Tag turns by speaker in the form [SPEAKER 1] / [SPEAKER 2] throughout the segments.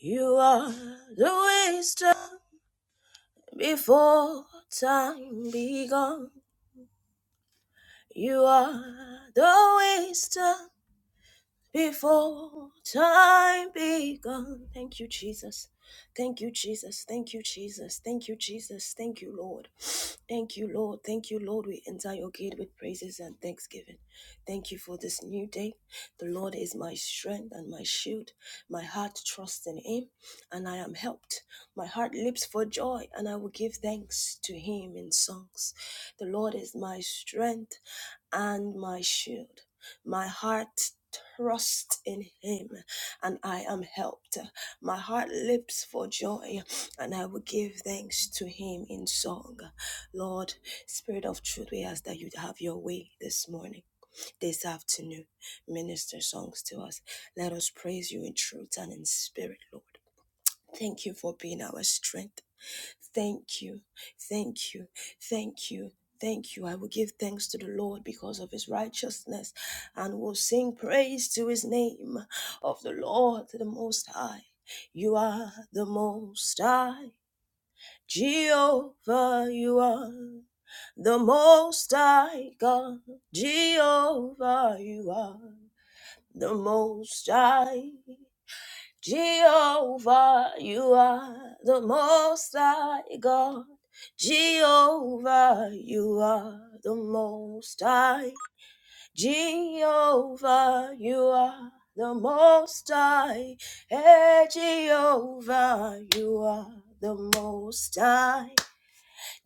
[SPEAKER 1] You are the wisdom before time begun. You are the wisdom before time begun. Thank you, Jesus. Thank you, Jesus. Thank you, Jesus. Thank you, Jesus. Thank you, Lord. Thank you, Lord. Thank you, Lord. We enter your gate with praises and thanksgiving. Thank you for this new day. The Lord is my strength and my shield. My heart trusts in him, and I am helped. My heart leaps for joy, and I will give thanks to him in songs. The Lord is my strength and my shield. My heart trusts in him and I am helped. My heart leaps for joy and I will give thanks to him in song. Lord, Spirit of truth, we ask that you have your way this morning, this afternoon. Minister songs to us. Let us praise you in truth and in spirit, Lord. Thank you for being our strength. Thank you. Thank you. Thank you. Thank you. I will give thanks to the Lord because of his righteousness and will sing praise to his name of the Lord the Most High. You are the Most High. Jehovah, you are the Most High God. Jehovah, you are the Most High. Jehovah, you are the most high God. Jehovah, you are the most high. Jehovah, you are the most high. Hey, Jehovah, you are the most high.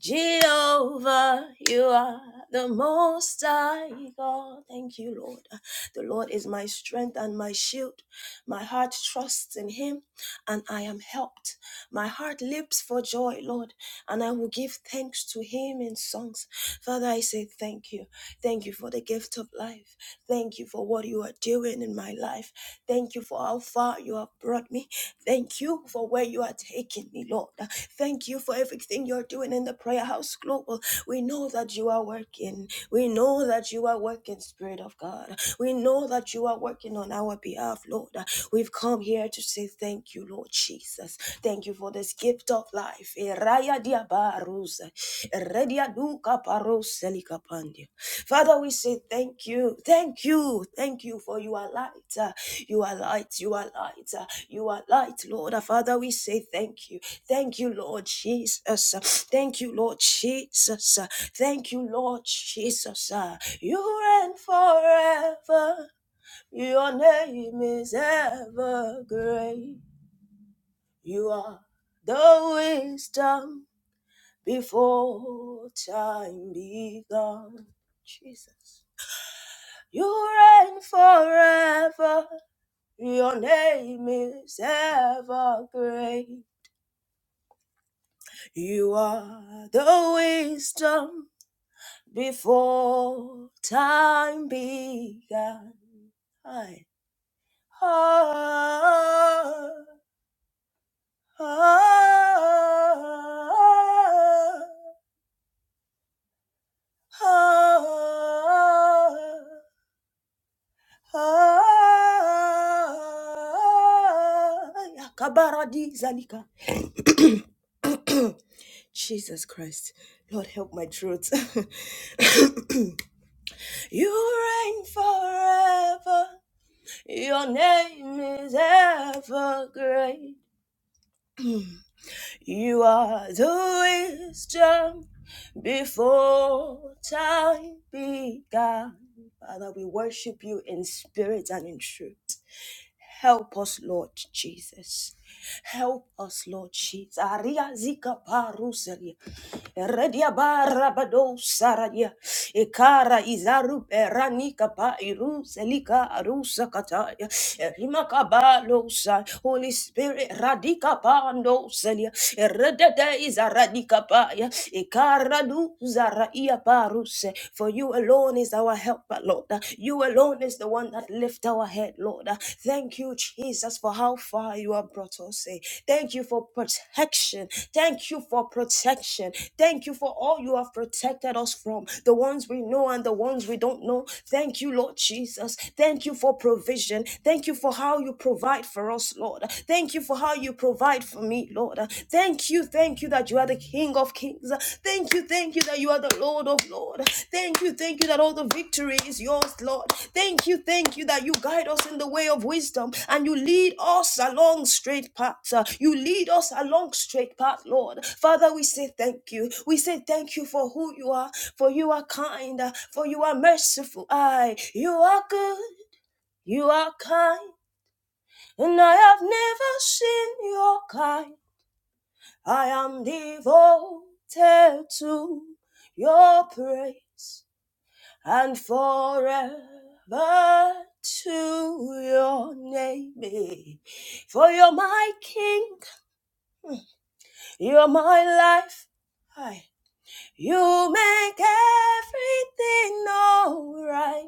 [SPEAKER 1] Jehovah, you are the most high God. Thank you, Lord. The Lord is my strength and my shield. My heart trusts in him and I am helped. My heart leaps for joy, Lord, and I will give thanks to him in songs. Father, I say thank you. Thank you for the gift of life. Thank you for what you are doing in my life. Thank you for how far you have brought me. Thank you for where you are taking me, Lord. Thank you for everything you're doing in the prayer house global. We know that you are working. We know that you are working, Spirit of God. We know that you are working on our behalf, Lord. We've come here to say thank you, Lord Jesus. Thank you for this gift of life. Eraya diabarusa, eredia duka paroselica pandia. Father, we say thank you, thank you, thank you for you are light. You are light. You are light. uh, You are light, Lord. Uh, Father, we say thank you. Thank you, Lord Jesus. uh, Thank you, Lord Jesus. uh, Thank you, Lord Jesus. uh, You reign forever. Your name is ever great. You are the wisdom before time began. Jesus. You reign forever. Your name is ever great. You are the wisdom before time began. I, ah, ah, ah, ah, ah, Yakabaradi zalika. Jesus Christ, Lord, help my throat. you reign forever, your name is ever great. You are the wisdom before time began. Father, we worship you in spirit and in truth. Help us, Lord Jesus. Help us, Lord Jesus. Aria zika parusa. Redia barra bado saradia. Ekara izaru perani kapa iru selika arusa kataya. Rima sa. Holy Spirit radika pando selia. Redede izaradika paya. Ekara du zara ia paruse. For you alone is our helper, Lord. You alone is the one that lift our head, Lord. Thank you, Jesus. Jesus, for how far you have brought us. eh. Thank you for protection. Thank you for protection. Thank you for all you have protected us from, the ones we know and the ones we don't know. Thank you, Lord Jesus. Thank you for provision. Thank you for how you provide for us, Lord. Thank you for how you provide for me, Lord. Thank you, thank you that you are the King of Kings. Thank you, thank you that you are the Lord of Lord. Thank you, thank you that all the victory is yours, Lord. Thank you, thank you that you guide us in the way of wisdom and you lead us along straight paths. Uh, You lead us along straight path, Lord. Father, we say thank you. We say thank you for who you are, for you are kind, uh, for you are merciful. I, you are good, you are kind, and I have never seen your kind. I am devoted to your praise and forever to your name. For you're my king, you're my life. I, you make everything alright.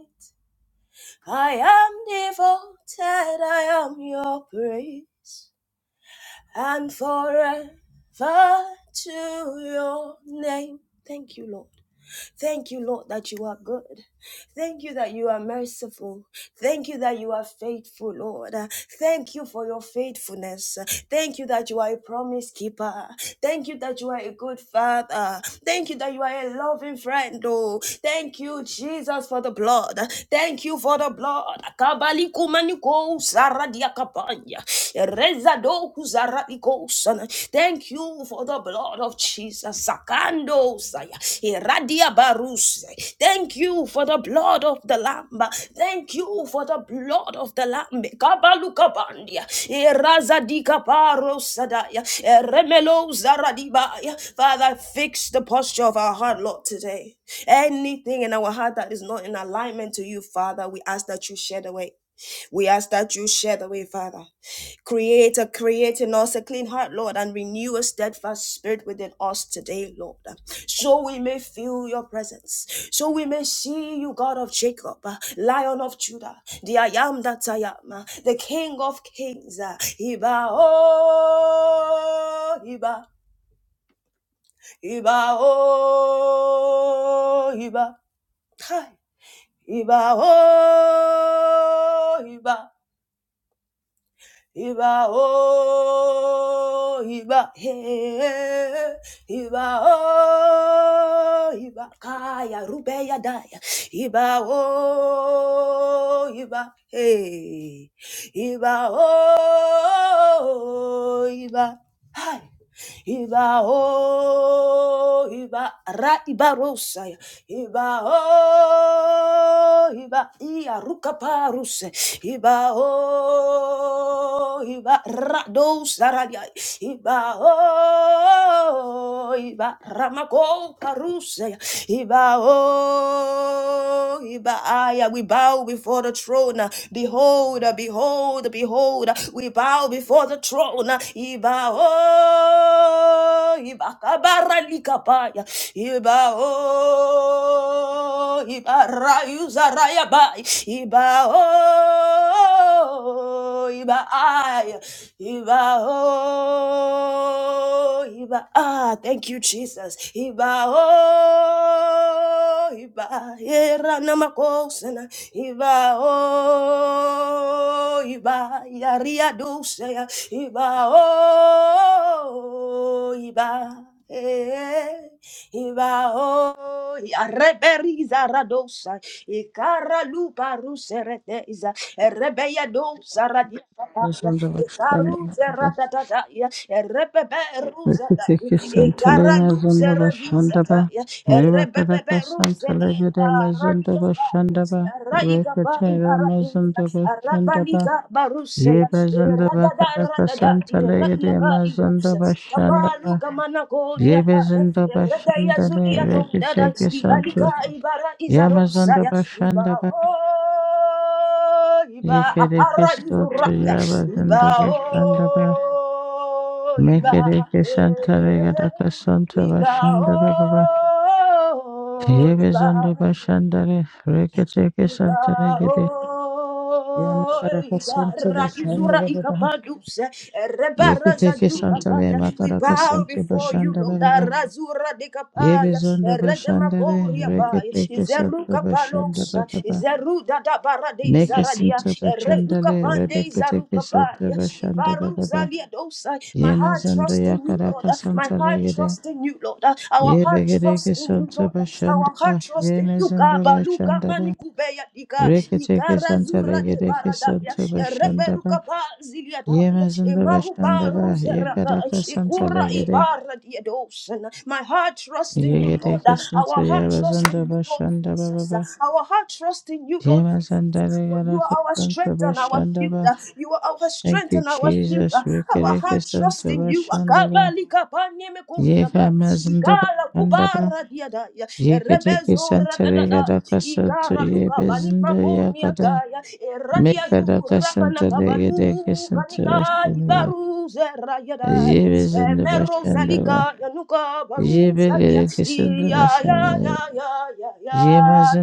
[SPEAKER 1] I am devoted, I am your praise and forever to your name. Thank you, Lord. Thank you, Lord, that you are good. Thank you that you are merciful. Thank you that you are faithful, Lord. Uh, Thank you for your faithfulness. Uh, Thank you that you are a promise keeper. Thank you that you are a good father. Thank you that you are a loving friend, oh. Thank you, Jesus, for the blood. Uh, Thank you for the blood. Akabali kumaniko usaradia kapanya. Ereza do kuzaradiko sana. Thank you for the blood of Jesus. Jesus. Sakando saya. Iradia baruse. Thank you for the blood of the Lamb. Thank you for the blood of the Lamb. Kabaluka Kabalukabandia. Irazadika barosadaya. Eremelo zaradibaya. Father, fix the posture of our heart, Lord, today. Anything in our heart that is not in alignment to you, Father, we ask that you shed away. We ask that you shed away, Father. Creator, create in us a clean heart, Lord, and renew a steadfast spirit within us today, Lord. So we may feel your presence. So we may see you, God of Jacob, uh, Lion of Judah, the I am that I am, uh, the King of Kings. uh, Iba, oh, Iba, Iba, oh, Iba. Iba, oh, Iba. Iba o iba he iba o iba kaya rubeya daya iba o iba he iba o iba hi Iba o iba ra iba rosaya. Iba o iba ia ruka paruse. Iba o iba ra do saradia. Iba o iba ramako paruse. Iba o iba aya. We bow before the throne. Behold, behold, behold. We bow before the throne throne. Iba o iba kabara likapaya. Iba o iba rayuza rayaba. Iba o iba ay. Iba o iba ah. Thank you, Jesus. Iba o iba era namakosana. Iba o oh, iba yaria dulce iba oh iba eh, iba oh reberiza radosa ikara lupa rusereteza rebeya dosa radia
[SPEAKER 2] Bazanda bashanda
[SPEAKER 1] ikaru
[SPEAKER 2] bakada
[SPEAKER 1] zeratatata ya rebebe ruzata
[SPEAKER 2] reketeke santale
[SPEAKER 1] ikara
[SPEAKER 2] mazanda
[SPEAKER 1] luseradiza
[SPEAKER 2] bashanda ba
[SPEAKER 1] ya
[SPEAKER 2] reba kada
[SPEAKER 1] rebebe
[SPEAKER 2] ka santale
[SPEAKER 1] ruzata
[SPEAKER 2] gede
[SPEAKER 1] ya
[SPEAKER 2] mazanda bashanda ba
[SPEAKER 1] raika Rava
[SPEAKER 2] rekete ra
[SPEAKER 1] Ibarabisa,
[SPEAKER 2] mazanda bashanda ba
[SPEAKER 1] Rabaliga
[SPEAKER 2] ye
[SPEAKER 1] Barusea,
[SPEAKER 2] bazanda
[SPEAKER 1] Radada
[SPEAKER 2] bakada ka
[SPEAKER 1] Radada,
[SPEAKER 2] santale gede
[SPEAKER 1] Iradiaga
[SPEAKER 2] mazanda
[SPEAKER 1] Ilusa,
[SPEAKER 2] bashanda ba
[SPEAKER 1] Kapaluka
[SPEAKER 2] ye
[SPEAKER 1] Managonia,
[SPEAKER 2] bazanda
[SPEAKER 1] Radaya
[SPEAKER 2] bashanda le
[SPEAKER 1] Zulia Dundada,
[SPEAKER 2] reketeke santo
[SPEAKER 1] Ibaliga Ibara
[SPEAKER 2] ye mazanda
[SPEAKER 1] Izarosaya,
[SPEAKER 2] bashanda ba
[SPEAKER 1] Ibao, Iba
[SPEAKER 2] ye kede ke
[SPEAKER 1] Apara
[SPEAKER 2] santo
[SPEAKER 1] Izurapia,
[SPEAKER 2] ye bazanda
[SPEAKER 1] Ibao,
[SPEAKER 2] bashanda ba.
[SPEAKER 1] Iba.
[SPEAKER 2] Mekereke Santare
[SPEAKER 1] eh,
[SPEAKER 2] Gadaka Santa
[SPEAKER 1] Iba,
[SPEAKER 2] Bashanda Baba
[SPEAKER 1] oh,
[SPEAKER 2] Hebe Zando
[SPEAKER 1] Iba.
[SPEAKER 2] Bashandare Reketeke
[SPEAKER 1] Iba,
[SPEAKER 2] Santare Gede
[SPEAKER 1] oh,
[SPEAKER 2] Yamakaraka
[SPEAKER 1] Iba,
[SPEAKER 2] Santa
[SPEAKER 1] Ra,
[SPEAKER 2] Bashanda
[SPEAKER 1] Izura,
[SPEAKER 2] Baba
[SPEAKER 1] Ikapadus, eh, Reba, Raza,
[SPEAKER 2] Reketeke
[SPEAKER 1] Duka,
[SPEAKER 2] Santale
[SPEAKER 1] Paya. We
[SPEAKER 2] Makaraka
[SPEAKER 1] bow
[SPEAKER 2] Santa
[SPEAKER 1] before you,
[SPEAKER 2] Bashanda
[SPEAKER 1] Lord. Ah,
[SPEAKER 2] Baba
[SPEAKER 1] Razura de
[SPEAKER 2] Yebe
[SPEAKER 1] Kapaya,
[SPEAKER 2] Zando
[SPEAKER 1] eh, Rede
[SPEAKER 2] Bashandare
[SPEAKER 1] Makoria, Paya.
[SPEAKER 2] Reketeke
[SPEAKER 1] Izeru
[SPEAKER 2] Santa Bashanda
[SPEAKER 1] Kapalosa,
[SPEAKER 2] Baba
[SPEAKER 1] Izeru Dada Bara
[SPEAKER 2] Meke
[SPEAKER 1] Izaradia,
[SPEAKER 2] Santa
[SPEAKER 1] eh, Redu
[SPEAKER 2] Bashandale
[SPEAKER 1] Izaru
[SPEAKER 2] Rebeketeke Santa
[SPEAKER 1] Kapaya,
[SPEAKER 2] Bashanda
[SPEAKER 1] Ibaru
[SPEAKER 2] Baba
[SPEAKER 1] Zalia Dosa. My
[SPEAKER 2] Yema
[SPEAKER 1] heart
[SPEAKER 2] Zando
[SPEAKER 1] trusts in you, Lord.
[SPEAKER 2] Yakaraka
[SPEAKER 1] Ah, My
[SPEAKER 2] Santa
[SPEAKER 1] heart
[SPEAKER 2] Legede
[SPEAKER 1] trusts in you, Lord. Ah, Our
[SPEAKER 2] Ye
[SPEAKER 1] heart
[SPEAKER 2] Yebegedeke
[SPEAKER 1] trusts in you,
[SPEAKER 2] Santa
[SPEAKER 1] Lord. Ah, Our
[SPEAKER 2] Bashandaba,
[SPEAKER 1] heart trusts Roste yuka
[SPEAKER 2] Remezanda
[SPEAKER 1] baluka
[SPEAKER 2] Bashandaba,
[SPEAKER 1] manikubeya dika
[SPEAKER 2] Reketeke
[SPEAKER 1] ikara
[SPEAKER 2] Santa
[SPEAKER 1] zura de
[SPEAKER 2] Legedeke
[SPEAKER 1] baradaya
[SPEAKER 2] Santa
[SPEAKER 1] reberuka
[SPEAKER 2] Bashandaba,
[SPEAKER 1] pa ziliadaya
[SPEAKER 2] Yemazanda
[SPEAKER 1] emahuba
[SPEAKER 2] Bashandaba,
[SPEAKER 1] ruzerata
[SPEAKER 2] Yekaraka Santa
[SPEAKER 1] ikura
[SPEAKER 2] Legede,
[SPEAKER 1] ibara diadosana. My heart trusts in you, Lord.
[SPEAKER 2] Yegedeke Santa
[SPEAKER 1] Our heart trusts
[SPEAKER 2] Yabazanda
[SPEAKER 1] in you, Lord
[SPEAKER 2] Bashandaba,
[SPEAKER 1] Jesus.
[SPEAKER 2] Baba,
[SPEAKER 1] Our heart trusts in you, Lord Jesus
[SPEAKER 2] Yemazanda
[SPEAKER 1] season. For you
[SPEAKER 2] Legaraka
[SPEAKER 1] are our
[SPEAKER 2] Santa
[SPEAKER 1] strength and our
[SPEAKER 2] bashanda
[SPEAKER 1] shield.
[SPEAKER 2] ba.
[SPEAKER 1] You are our
[SPEAKER 2] Thank
[SPEAKER 1] strength
[SPEAKER 2] you,
[SPEAKER 1] and our shield.
[SPEAKER 2] Jesus.
[SPEAKER 1] Our
[SPEAKER 2] Reketeke
[SPEAKER 1] heart
[SPEAKER 2] Santa
[SPEAKER 1] trusts in you.
[SPEAKER 2] Bashandaba,
[SPEAKER 1] Akabali kapanye mekumiaka.
[SPEAKER 2] Yekamazanda
[SPEAKER 1] Igala
[SPEAKER 2] Bashandaba,
[SPEAKER 1] kubara diadaya.
[SPEAKER 2] Yeketeke
[SPEAKER 1] Erebezo
[SPEAKER 2] Santa
[SPEAKER 1] radadada.
[SPEAKER 2] Legaraka Santa
[SPEAKER 1] Igara
[SPEAKER 2] ye
[SPEAKER 1] luka bani
[SPEAKER 2] bezinda ya kada.
[SPEAKER 1] makoniakaya. Eradia
[SPEAKER 2] Mekada
[SPEAKER 1] zura
[SPEAKER 2] kasanta legede
[SPEAKER 1] panakabalu
[SPEAKER 2] kesanta
[SPEAKER 1] kanika
[SPEAKER 2] başlanıyor.
[SPEAKER 1] ibaru zerayadaya.
[SPEAKER 2] Yemezinde başlandı var.
[SPEAKER 1] Emerozalika yanuka baru
[SPEAKER 2] Yeme
[SPEAKER 1] ya
[SPEAKER 2] gede kesanta
[SPEAKER 1] ya ya
[SPEAKER 2] başlandı.
[SPEAKER 1] ya ya ya